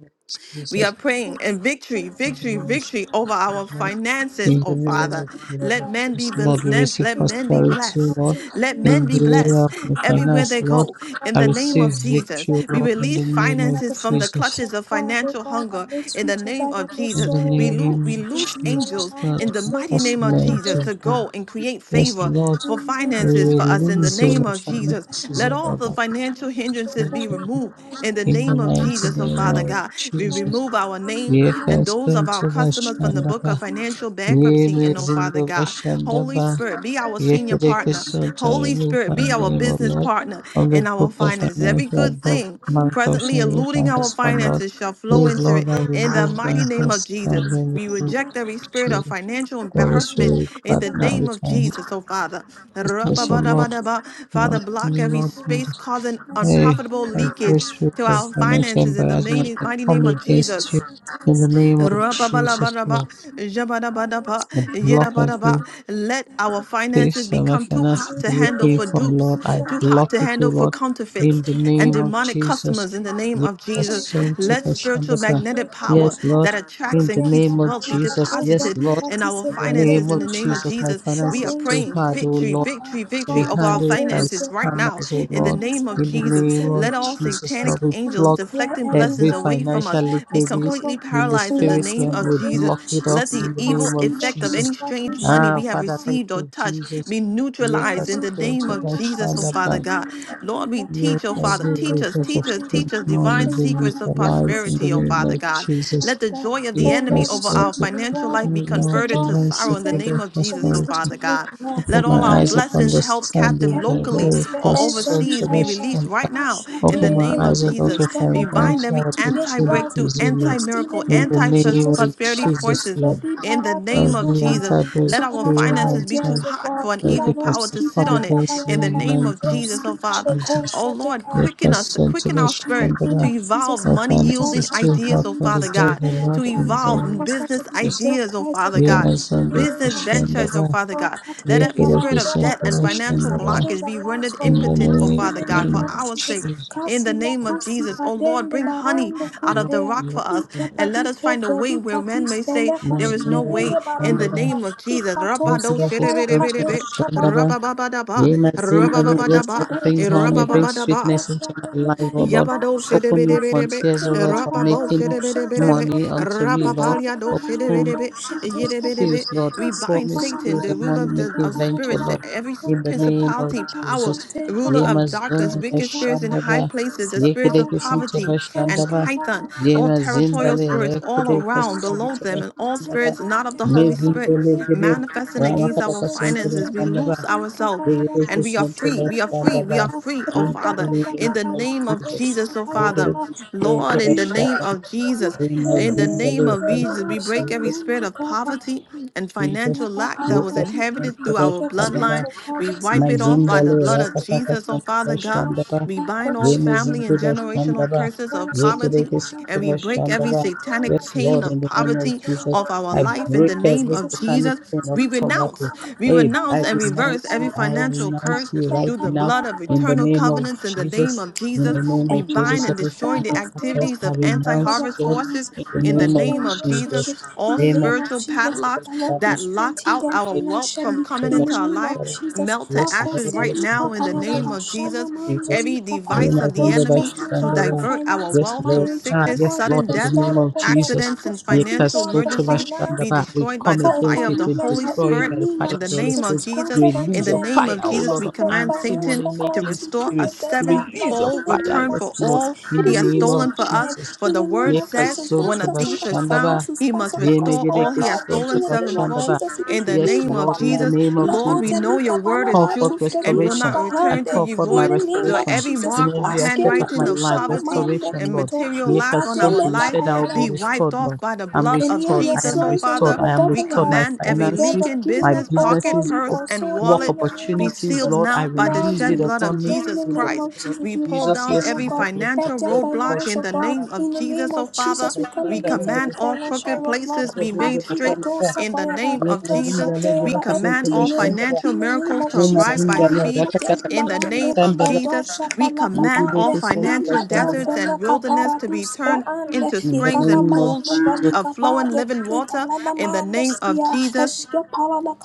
S1: We
S3: Jesus.
S1: are
S2: That
S1: praying and
S2: the
S1: victory,
S3: In the
S1: victory, victory over our finances, oh
S3: name
S1: Father.
S3: of
S1: Let
S3: Jesus,
S1: men be
S3: yes,
S1: bel-
S3: Lord, we
S1: ne-
S3: receive
S1: let men be
S3: prosperity,
S1: blessed.
S3: Lord,
S1: Let men
S3: in
S1: be
S3: the area
S1: blessed
S3: of my
S1: everywhere
S3: finance,
S1: they
S3: Lord.
S1: go. In
S3: I
S1: the name of
S3: receive
S1: Jesus,
S3: victory,
S1: we
S3: Lord, in the
S1: release
S3: name of
S1: finances from the
S2: blessings
S3: Jesus.
S2: of
S1: clutches of
S2: God, O
S1: financial
S2: God,
S1: hunger.
S2: that makes
S1: In
S2: rich,
S1: the name
S2: that
S1: of
S2: no
S3: In
S1: Jesus,
S3: the
S2: sorrow,
S1: we
S2: O God.
S1: loo-
S3: name
S1: we
S3: of
S2: Que
S1: loose
S2: dice la
S3: Jesus,
S1: angels
S3: Lord,
S2: mano,
S1: in the
S3: help
S2: so
S1: mighty
S3: us,
S2: keep
S1: name
S2: by
S1: of
S2: your
S3: Lord,
S1: Jesus. Jesus
S3: to
S1: to
S2: days, God.
S3: do.
S1: go and create
S3: Yes,
S1: favor
S3: Lord,
S1: for
S2: Thank
S3: we
S1: finances for us in the
S3: release, O
S1: name
S3: Lord,
S1: of Jesus.
S3: finances,
S1: Let
S3: O
S1: all
S3: Lord,
S1: the
S3: that
S1: financial hindrances
S3: we
S1: be
S3: can do
S1: removed in the
S3: in the
S1: name of
S3: mighty
S1: Jesus, oh
S3: name
S1: Father
S3: of
S1: God. We
S3: Jesus.
S1: remove our name
S3: Yes,
S1: and those of our customers from the book of financial bankruptcy,
S3: Yele
S1: and oh
S3: zindo
S1: Father God. Holy
S3: bashandaba.
S1: Spirit, be our senior
S3: Yekereke
S1: partner.
S3: sota.
S1: Holy
S3: Remove
S1: Spirit,
S3: my
S1: be our
S3: name, O
S1: business
S3: Lord,
S1: partner
S3: from the
S1: in our
S3: book of
S1: finances. Every
S3: financial
S1: good
S3: book.
S1: thing
S3: Man
S1: presently
S3: corruption, remove my
S1: eluding our
S3: husband, Lord.
S1: finances shall flow
S3: Please,
S1: into
S3: Lord,
S1: it
S3: I
S1: in the
S3: remove
S1: mighty
S3: my
S1: name of Jesus.
S3: husband. Remove
S1: We
S3: my
S1: reject every spirit of
S3: children.
S1: financial
S3: Holy
S1: embarrassment
S3: Spirit,
S1: in the
S3: partner
S1: name
S3: with
S1: of
S3: my
S1: Jesus, oh Father.
S3: business, O Lord.
S1: Ra-ba-ba-da-ba-da-ba.
S3: Partner
S1: Father,
S3: with
S1: block
S3: me,
S1: every
S3: Lord. in
S1: space
S3: this-
S1: causing
S3: Hey,
S1: unprofitable
S3: every
S1: leakage
S3: spirit
S1: to
S3: of
S1: our
S2: you.
S3: financial
S1: finances in the
S3: embarrassment,
S1: mighty
S3: I
S1: mighty
S3: come
S1: name of Jesus.
S3: against you in the name of Jesus,
S1: Rababalabaraba,
S3: Lord.
S1: jabadabadaba,
S3: I block
S1: yedabadaba.
S3: every
S1: Let our finances
S3: Please, uh, my
S1: become too hot
S3: finances
S1: to handle
S3: breaking
S1: for
S3: from
S1: dupes,
S3: Lord. I
S1: too hot
S3: block
S1: to
S3: it, O
S1: handle for
S3: Lord,
S1: counterfeits
S3: in the
S1: and
S3: name
S2: Thank
S3: of
S2: you.
S1: demonic
S3: Jesus.
S1: customers in the name
S3: Yes,
S1: of Jesus.
S2: All
S3: so
S2: cartels go
S3: to
S1: Let
S3: the
S1: spiritual
S3: Shandaba.
S1: magnetic power
S3: Yes,
S1: that
S3: Lord,
S1: attracts
S3: in the
S1: and keeps
S3: name of
S1: wealth be
S3: Jesus. Yes,
S1: deposited
S3: Lord,
S1: in our
S3: in the
S1: finances
S3: name
S1: in
S3: of
S1: the name of
S3: Jesus. My
S1: Jesus. We are
S3: finances too
S1: praying
S3: hard, O
S1: victory,
S3: Lord,
S1: victory,
S3: to be
S1: victory over our
S3: handled by
S1: finances right
S2: back.
S1: now
S3: scammers, O
S1: In
S2: Repeat
S1: the
S3: Lord.
S1: the
S2: his
S1: name of
S3: In the
S1: Jesus,
S2: finances
S3: name
S2: in the
S1: let
S3: of
S2: name
S1: all
S2: of
S3: Jesus,
S2: Jesus.
S1: satanic
S3: Lord, we
S2: We
S1: angels
S3: block
S2: declare
S1: deflecting blessings
S3: every
S2: everyone
S1: away
S2: in the
S1: from
S3: financial
S1: us
S2: prayer
S1: be
S2: house
S3: leakages
S2: global
S1: completely
S3: in the
S1: paralyzed in the
S3: spirit
S2: blessed
S1: name
S2: in
S3: realm.
S1: of
S2: the
S3: We
S2: name
S1: Jesus.
S3: block
S2: of
S3: it off
S1: Let
S2: Jesus.
S1: the
S3: in the name
S1: evil
S2: Aski
S3: of
S1: effect of
S2: Batus
S1: any
S3: Jesus.
S2: Batu
S1: strange money
S3: Ah,
S1: we have
S3: Father,
S2: Shapanama
S3: thank
S1: received or
S3: you,
S1: touched
S3: Jesus.
S1: be
S3: Make
S1: neutralized
S2: and they
S1: in
S3: us
S1: the
S3: stand
S1: name
S3: to
S1: of
S2: compare
S3: the
S2: the
S1: Jesus, oh
S3: shadow
S2: maps
S1: Father
S2: and
S3: back.
S1: God.
S2: Nandi Kapayada Salamanda
S1: Lord, we
S2: Viva
S3: Make
S1: teach, oh Father,
S3: every
S1: teach
S2: Ashante
S1: us,
S3: weakness of
S1: teach us, teach
S3: strength
S1: us
S2: Kapayada
S3: more
S1: divine
S3: living
S2: Eka
S3: with
S1: secrets
S3: our
S1: of
S2: Payada
S3: lives in the
S1: prosperity, oh
S3: name
S1: Father
S3: of
S2: Pushamanda
S1: God.
S3: Jesus.
S1: Let the
S2: Father,
S1: joy of the
S3: Make
S2: oh
S1: enemy
S2: Lord,
S3: us
S2: you
S1: over
S3: stand
S2: said
S1: our
S2: in
S3: to
S2: your
S3: keep
S1: financial
S2: word
S1: life
S2: that
S1: be
S3: me,
S2: it is the
S3: Lord,
S1: converted to
S2: Lord
S1: to
S3: divine
S2: that
S1: sorrow
S2: gives
S1: in the
S2: them
S3: security
S1: name
S3: of
S1: of Jesus, oh
S2: wisdom
S3: prosperity.
S1: Father
S2: to make
S1: God.
S2: wealth.
S3: Open
S1: Let
S2: In
S3: my
S1: all
S2: the
S1: our
S3: eyes
S2: name
S3: of
S2: of
S1: blessings
S2: Jesus,
S1: held captive
S3: understanding,
S2: can we
S3: Lord.
S2: go
S1: locally
S3: Make
S2: spend
S1: or
S3: us
S2: and
S3: stand
S2: be
S3: to
S1: overseas
S3: the
S1: be
S2: payable?
S1: released
S3: shadow
S1: right
S3: back.
S1: now in the
S3: Open
S2: Ashate,
S3: my
S1: name of
S3: eyes, O
S2: the
S3: Lord,
S1: Jesus.
S3: to
S2: wisdom
S1: We
S2: of
S1: bind
S2: God
S3: financial
S1: every
S2: to make
S1: anti
S2: wealth
S1: breakthrough,
S3: opportunities, O
S2: be
S1: anti
S3: Lord.
S2: released in the
S1: miracle,
S3: In
S2: name
S3: the
S1: anti
S2: of
S3: name
S2: Jesus.
S3: of
S1: prosperity
S2: Katus,
S3: Jesus,
S1: forces.
S3: Lord.
S2: Bedi,
S1: In the
S2: Parate,
S1: name of
S3: Every
S2: Shupara,
S1: Jesus,
S3: enter
S1: let our
S2: supernatural
S1: finances be too
S3: breakthrough,
S2: ideas, oh
S1: hot for
S2: God.
S1: an
S3: let
S2: Kila
S1: evil
S3: it was
S1: power
S3: I
S1: to
S2: Nomski,
S1: sit
S3: come
S1: on it.
S2: Palada,
S3: against
S1: In
S3: you
S1: the
S3: in the
S2: Bayadaba,
S1: name of
S3: mighty name
S1: Jesus,
S2: Roski,
S1: oh
S3: of
S1: Father.
S2: Paleko,
S3: Jesus.
S1: Oh Lord,
S2: Shateka.
S3: Let
S1: quicken
S3: us
S1: us,
S3: send to
S1: quicken
S3: the
S1: our
S2: In the
S1: spirit
S2: name
S1: to
S2: of
S3: Shambhala.
S2: Jesus,
S1: evolve
S3: My
S1: money
S2: we
S3: finance
S2: talk
S1: yielding
S3: is too
S1: ideas,
S3: hot
S1: oh
S3: for the
S1: Father
S2: Shalamandowski
S1: God,
S3: devil,
S1: to
S3: Lord,
S2: Bayana,
S3: in the
S2: help
S3: name
S1: evolve
S2: us not
S3: of
S2: to
S1: business
S2: be
S3: Jesus.
S2: so
S1: ideas, oh Father
S3: We
S2: crucified.
S1: God.
S3: must
S2: In
S3: send to
S2: the
S3: the
S2: name
S1: Business
S2: of
S1: ventures,
S2: Jesus,
S1: oh
S3: Shambhala.
S1: Father
S2: all
S1: God.
S3: We
S1: Let
S3: have
S2: Catholic
S1: every
S3: to
S1: spirit
S2: about
S1: of
S2: job
S3: send
S1: debt
S3: to
S1: and
S3: the
S2: opportunities
S1: financial
S2: and
S3: Shambhala
S2: change
S1: blockage be
S2: our lives
S1: rendered
S3: in the
S2: forever.
S1: impotent, oh
S2: In
S1: Father
S2: the
S1: God,
S3: name
S2: name
S1: for
S2: of
S3: of
S1: our sake.
S2: Jesus,
S3: Jesus.
S1: In the
S2: Casila
S1: name of Jesus,
S2: Crucifa
S1: oh Lord,
S2: den de
S1: bring honey
S2: Barondo
S1: out of
S3: Lord,
S1: the
S3: Lord,
S2: Cupea,
S1: rock
S3: in
S1: for us
S3: the name of
S1: and let us
S2: Icapadico
S1: find a way where men
S2: Fedicatis
S1: may say
S3: My
S1: there
S2: Belecusi
S1: is no
S2: the Baron
S1: way. In the
S2: de
S3: Zindabashandara,
S2: Barondo,
S1: name of Jesus.
S3: good
S1: Rabado
S2: Icatoske
S3: Lucas
S1: shedebedebedebe,
S2: Palacatoska.
S3: Santara
S1: rabababadaba,
S3: May my sin
S2: And
S3: no longer-
S2: then the
S3: Yes,
S1: rabababadaba,
S3: Lord,
S2: other
S3: bring
S1: eh,
S2: took a
S3: honey,
S2: boat,
S3: bring
S1: rabababadaba.
S3: sweetness
S2: that's
S3: into
S2: what
S3: my
S2: the
S3: life, oh
S2: bag of
S3: Lord.
S1: Yabado
S2: boats took a
S3: Open new
S2: boat.
S1: shedebedebedebe,
S3: frontiers,
S2: We
S3: oh Lord,
S2: a
S3: for
S2: hole
S1: rapabo
S2: of
S3: making
S2: boats and
S1: shedebedebedebe,
S2: take a
S3: money
S2: boat.
S3: unto me,
S2: We
S3: Lord.
S2: talk
S1: rapapalia do
S2: about a hole of
S3: Open
S1: shedebedebe,
S2: boats and take a boat.
S1: yedebedebe.
S3: skills, Lord.
S1: We
S2: Just
S3: Pour
S1: bind
S2: get
S3: me
S1: Satan,
S2: on
S3: skills
S1: the
S3: of
S1: ruler
S3: money
S1: of the
S3: making
S1: of
S2: the
S3: venture,
S1: spirits,
S3: Lord.
S1: every
S3: In the name of
S1: principality, power,
S3: Jesus.
S1: ruler of
S3: Yema
S1: darkness,
S3: zonda
S1: wicked spirits in high
S3: bashandaba.
S1: places, the spirits
S3: Yekede
S1: of
S3: kisinto
S1: poverty and
S3: bashandaba.
S1: python, all
S3: Yema
S1: territorial
S3: zindale.
S1: spirits all
S3: Yekede
S1: around, below
S2: Thank
S3: kisinto
S2: you.
S1: them, and
S2: Thank
S1: all
S3: bashandaba.
S1: spirits not of the Holy Spirit
S3: Mezindole gede.
S1: manifesting against
S3: Ramakata
S1: our
S3: kisinto
S1: finances. We loose
S3: bashandaba.
S1: ourselves.
S3: Yekede
S1: And we are
S3: kisinto
S1: free. We are free. We are
S3: bashandaba.
S1: free, oh
S3: In the
S1: Father. In
S3: name
S1: the
S3: of
S1: name of
S3: Jesus.
S1: Jesus, oh
S3: Yekede
S1: Father.
S3: kisinto
S1: Lord, in the name
S3: bashandaba.
S1: of Jesus,
S3: Yema
S1: in the name
S3: zindale.
S1: of
S3: Thank
S1: Jesus, we break
S3: you,
S1: every
S3: Jesus.
S1: spirit of poverty
S2: you.
S1: and
S3: Jesus,
S1: financial lack that
S3: Jesus,
S1: was
S3: Christ,
S1: inherited through
S3: the
S1: our
S3: Son of God,
S1: bloodline. We wipe it off by
S3: Mazindale
S1: the blood of
S3: rakataka
S1: Jesus, oh
S3: sotuba
S1: Father God.
S3: shandaba
S1: We bind all family and
S3: yemezinduba
S1: generational
S3: shandaba
S1: curses of
S3: yekereke
S1: poverty and
S3: sotuba
S1: we break every
S3: shandaba.
S1: satanic
S3: Yes,
S1: chain
S3: Lord, in
S1: of
S3: the name of
S1: poverty
S3: Jesus,
S1: of our
S3: I
S1: life in the
S3: break
S1: name
S3: every
S1: of
S3: satanic
S1: Jesus.
S3: chain of
S1: We
S3: poverty.
S1: renounce we
S3: Hey, I
S1: renounce and reverse
S3: renounce you.
S1: every
S3: I
S1: financial
S3: renounce
S1: curse
S3: you right
S1: through the
S3: now
S1: blood of
S3: in the
S1: eternal
S3: name
S2: Thank
S3: of
S2: you.
S1: covenants in the name
S3: Jesus.
S1: of
S3: In
S2: Pray
S3: the
S2: for
S1: Jesus.
S3: name
S1: We
S3: of
S2: every member
S1: bind
S3: Jesus,
S1: and
S2: of the
S3: every
S1: destroy
S2: prayer
S1: the
S2: house,
S3: financial
S2: Lord.
S3: curse
S1: activities
S3: I
S1: of
S2: We pray
S1: anti
S2: for
S3: renounce,
S2: their
S1: harvest
S3: Lord,
S1: forces
S2: families.
S3: in the
S2: We
S1: in
S2: pray
S1: the
S3: name
S2: for their
S3: of
S1: name of Jesus.
S3: Jesus.
S2: relationships. In
S1: All
S2: the
S3: Amen.
S2: name of
S1: spiritual
S2: Jesus,
S1: padlocks
S2: the Lord will
S1: that lock
S2: strengthen
S1: out
S2: them
S1: our wealth
S3: Yes,
S1: from
S2: financially.
S1: coming
S2: In the
S1: into our
S2: name
S1: life
S2: of
S3: Lord,
S2: Jesus,
S1: melt to
S3: yes, Lord,
S1: ashes
S3: in
S1: right
S2: Akoseli
S1: now in the
S3: the name
S1: name of
S3: of
S2: Paparabashana
S1: Jesus.
S3: Jesus.
S2: Mandoli
S1: Every
S2: Kapa.
S3: Name
S1: device
S3: I
S1: of the
S2: Those
S3: remember by
S1: enemy
S2: trusting
S1: to
S2: God for
S3: Shandaba.
S1: divert our
S2: finance,
S3: Yes,
S2: for
S1: wealth through
S3: Lord.
S2: marriage,
S3: Ah,
S2: your
S1: sickness,
S3: yes,
S2: God is
S3: Lord,
S1: sudden
S3: in the
S1: death,
S2: bestowed
S3: name of
S2: upon them.
S3: Jesus.
S1: accidents, and
S2: Those trusting
S1: financial
S3: Yes,
S2: God for
S3: to by
S1: emergencies
S2: finance,
S1: be
S3: Shandaba. We
S1: destroyed by
S3: come
S1: the
S2: for a
S3: against
S1: fire of
S3: it.
S2: family
S1: the
S3: We
S1: Holy
S2: member in
S3: destroy
S2: the
S3: it
S1: Spirit
S3: by the
S2: name
S3: fire
S1: in
S2: of
S3: of
S1: the
S3: the Holy
S1: name
S2: Jesus
S1: of
S2: is
S3: Spirit.
S1: Jesus,
S2: granted
S1: in
S2: unto
S3: Release
S1: the
S3: your
S2: them.
S1: name of
S3: fire, oh
S2: Those
S1: Jesus,
S3: Lord,
S1: we
S2: trusting
S3: on
S2: for
S1: command
S2: finance
S1: Satan
S3: anti-money
S2: or
S1: to
S2: God
S3: making
S2: to
S1: restore
S2: live
S1: a
S2: a
S3: spirit.
S2: better
S3: Release
S2: life
S3: your
S2: in
S1: sevenfold
S2: the
S3: fire,
S2: name
S1: return
S2: of
S3: yes,
S1: for
S2: Jesus,
S3: Lord,
S1: all
S2: it
S3: in
S1: he
S3: the
S2: is
S1: has
S3: name
S2: released
S1: stolen
S3: of
S1: for
S2: unto
S1: us.
S2: them
S3: Jesus.
S1: For
S2: in
S1: the
S2: the name
S1: word
S2: of
S1: says,
S2: Jesus.
S3: Yes, Lord,
S2: Those
S1: when
S3: to
S1: a
S3: by
S2: trusting
S1: thief is
S2: for
S1: found,
S2: finance
S3: Shandaba.
S2: to
S1: he must
S2: sponsor the
S1: restore
S2: gospel
S1: all
S2: of
S3: Yemegedeke
S1: he has
S2: God in
S1: stolen
S3: Sonto
S2: the name of
S1: sevenfold.
S3: Bashandaba.
S2: Jesus, it
S1: In
S2: is
S1: the
S3: Yes,
S2: released
S1: name of
S3: Lord,
S2: upon
S3: in the
S2: them.
S1: Jesus,
S3: name of
S2: La
S1: Lord, we
S3: Jesus,
S1: know your
S2: lika
S1: word is
S3: call
S2: panama
S3: forth
S1: true
S2: to
S1: and will
S2: Fredish
S3: restoration.
S1: not
S3: I
S1: return to
S2: Bahande
S3: call
S1: you
S3: forth my
S2: in
S1: void.
S2: the name
S1: So
S2: of
S3: restoration
S1: every
S2: Jesus.
S3: in
S1: mark or
S3: every aspect
S2: Askele
S3: of my
S1: handwriting of
S2: dusha
S3: life.
S1: poverty
S2: namande
S3: Restoration,
S1: and
S3: Lord.
S2: kito
S1: material lack on our
S3: Yekasunto,
S2: ikatele
S3: You said I
S1: life
S3: will be
S2: kapayala
S1: be wiped
S3: restored,
S1: off
S3: Lord.
S1: by the
S3: I'm
S1: blood
S2: and
S1: of
S2: you,
S3: restored.
S2: your
S3: I am
S1: Jesus, oh
S2: sons, and you,
S3: restored.
S1: Father.
S2: your
S3: I am
S1: We
S2: daughters that
S3: restored.
S2: are
S3: My
S1: command
S2: at
S1: every
S2: the verge
S1: leak
S3: finances,
S2: of
S1: in
S2: giving
S3: my
S2: up,
S1: business,
S2: oh
S1: pocket,
S2: God,
S3: businesses,
S2: you
S1: purse,
S3: op-
S1: and
S2: console
S3: work
S2: them
S1: wallet
S2: in the name
S1: be
S2: of
S3: opportunities,
S1: sealed
S2: Jesus.
S3: Lord. I
S1: now by the
S2: Lord,
S3: release it
S1: shed
S2: you
S1: blood of
S2: redeem
S3: upon me
S2: them in
S1: Jesus
S2: the
S3: in the
S2: name
S1: Christ.
S2: of
S3: name of
S2: Jesus.
S1: We
S2: You
S1: pull
S2: help
S3: Jesus.
S1: down
S2: them,
S3: Yes,
S2: oh
S1: every
S3: Lord.
S2: God. Help
S1: financial
S2: their
S3: Yekasunto,
S1: roadblock
S2: finance,
S1: in
S2: oh
S1: the
S2: God.
S3: Bashandala,
S1: name of
S2: In the name
S1: Jesus, oh
S2: of
S1: Father.
S2: Jesus, we come
S1: We
S2: against any
S1: command
S3: Bashandala,
S1: all
S2: financial
S1: crooked
S2: roadblock.
S1: places be made
S2: Akida
S1: straight
S3: Yekasunto,
S1: in the
S2: dosa
S1: name
S3: Ye
S1: of Jesus,
S3: mazingale
S2: Teshate,
S1: we
S3: gereke
S2: every
S3: soto
S1: command all
S2: delay
S3: başlandara.
S1: financial
S2: in the name
S1: miracles to
S2: of
S3: Ye
S1: arrive
S2: Jesus.
S1: by
S2: come
S3: mazingale
S2: and
S1: speed.
S2: put
S3: rakatata
S2: them
S1: In the
S3: soto
S2: behind me.
S1: name of
S2: I
S3: başlandara.
S2: don't
S1: Jesus,
S2: shut the
S1: we
S2: lock
S3: Ye
S1: command
S2: upon me.
S1: all
S3: gereke soto
S2: In
S1: financial
S2: the door
S3: başlandara.
S2: for
S1: deserts and
S2: Kale kutembalande, edosha balakabande, ila dovela
S1: wilderness to be
S2: kaparadus
S1: turned
S2: braande,
S1: into
S3: In the
S1: springs
S2: ikana
S1: and
S3: name of
S1: pools
S2: mando
S3: Jesus.
S1: of flowing
S2: valikabade,
S1: living water
S2: italana
S1: in the
S2: mando
S1: name of
S2: skia,
S1: Jesus.
S2: eshke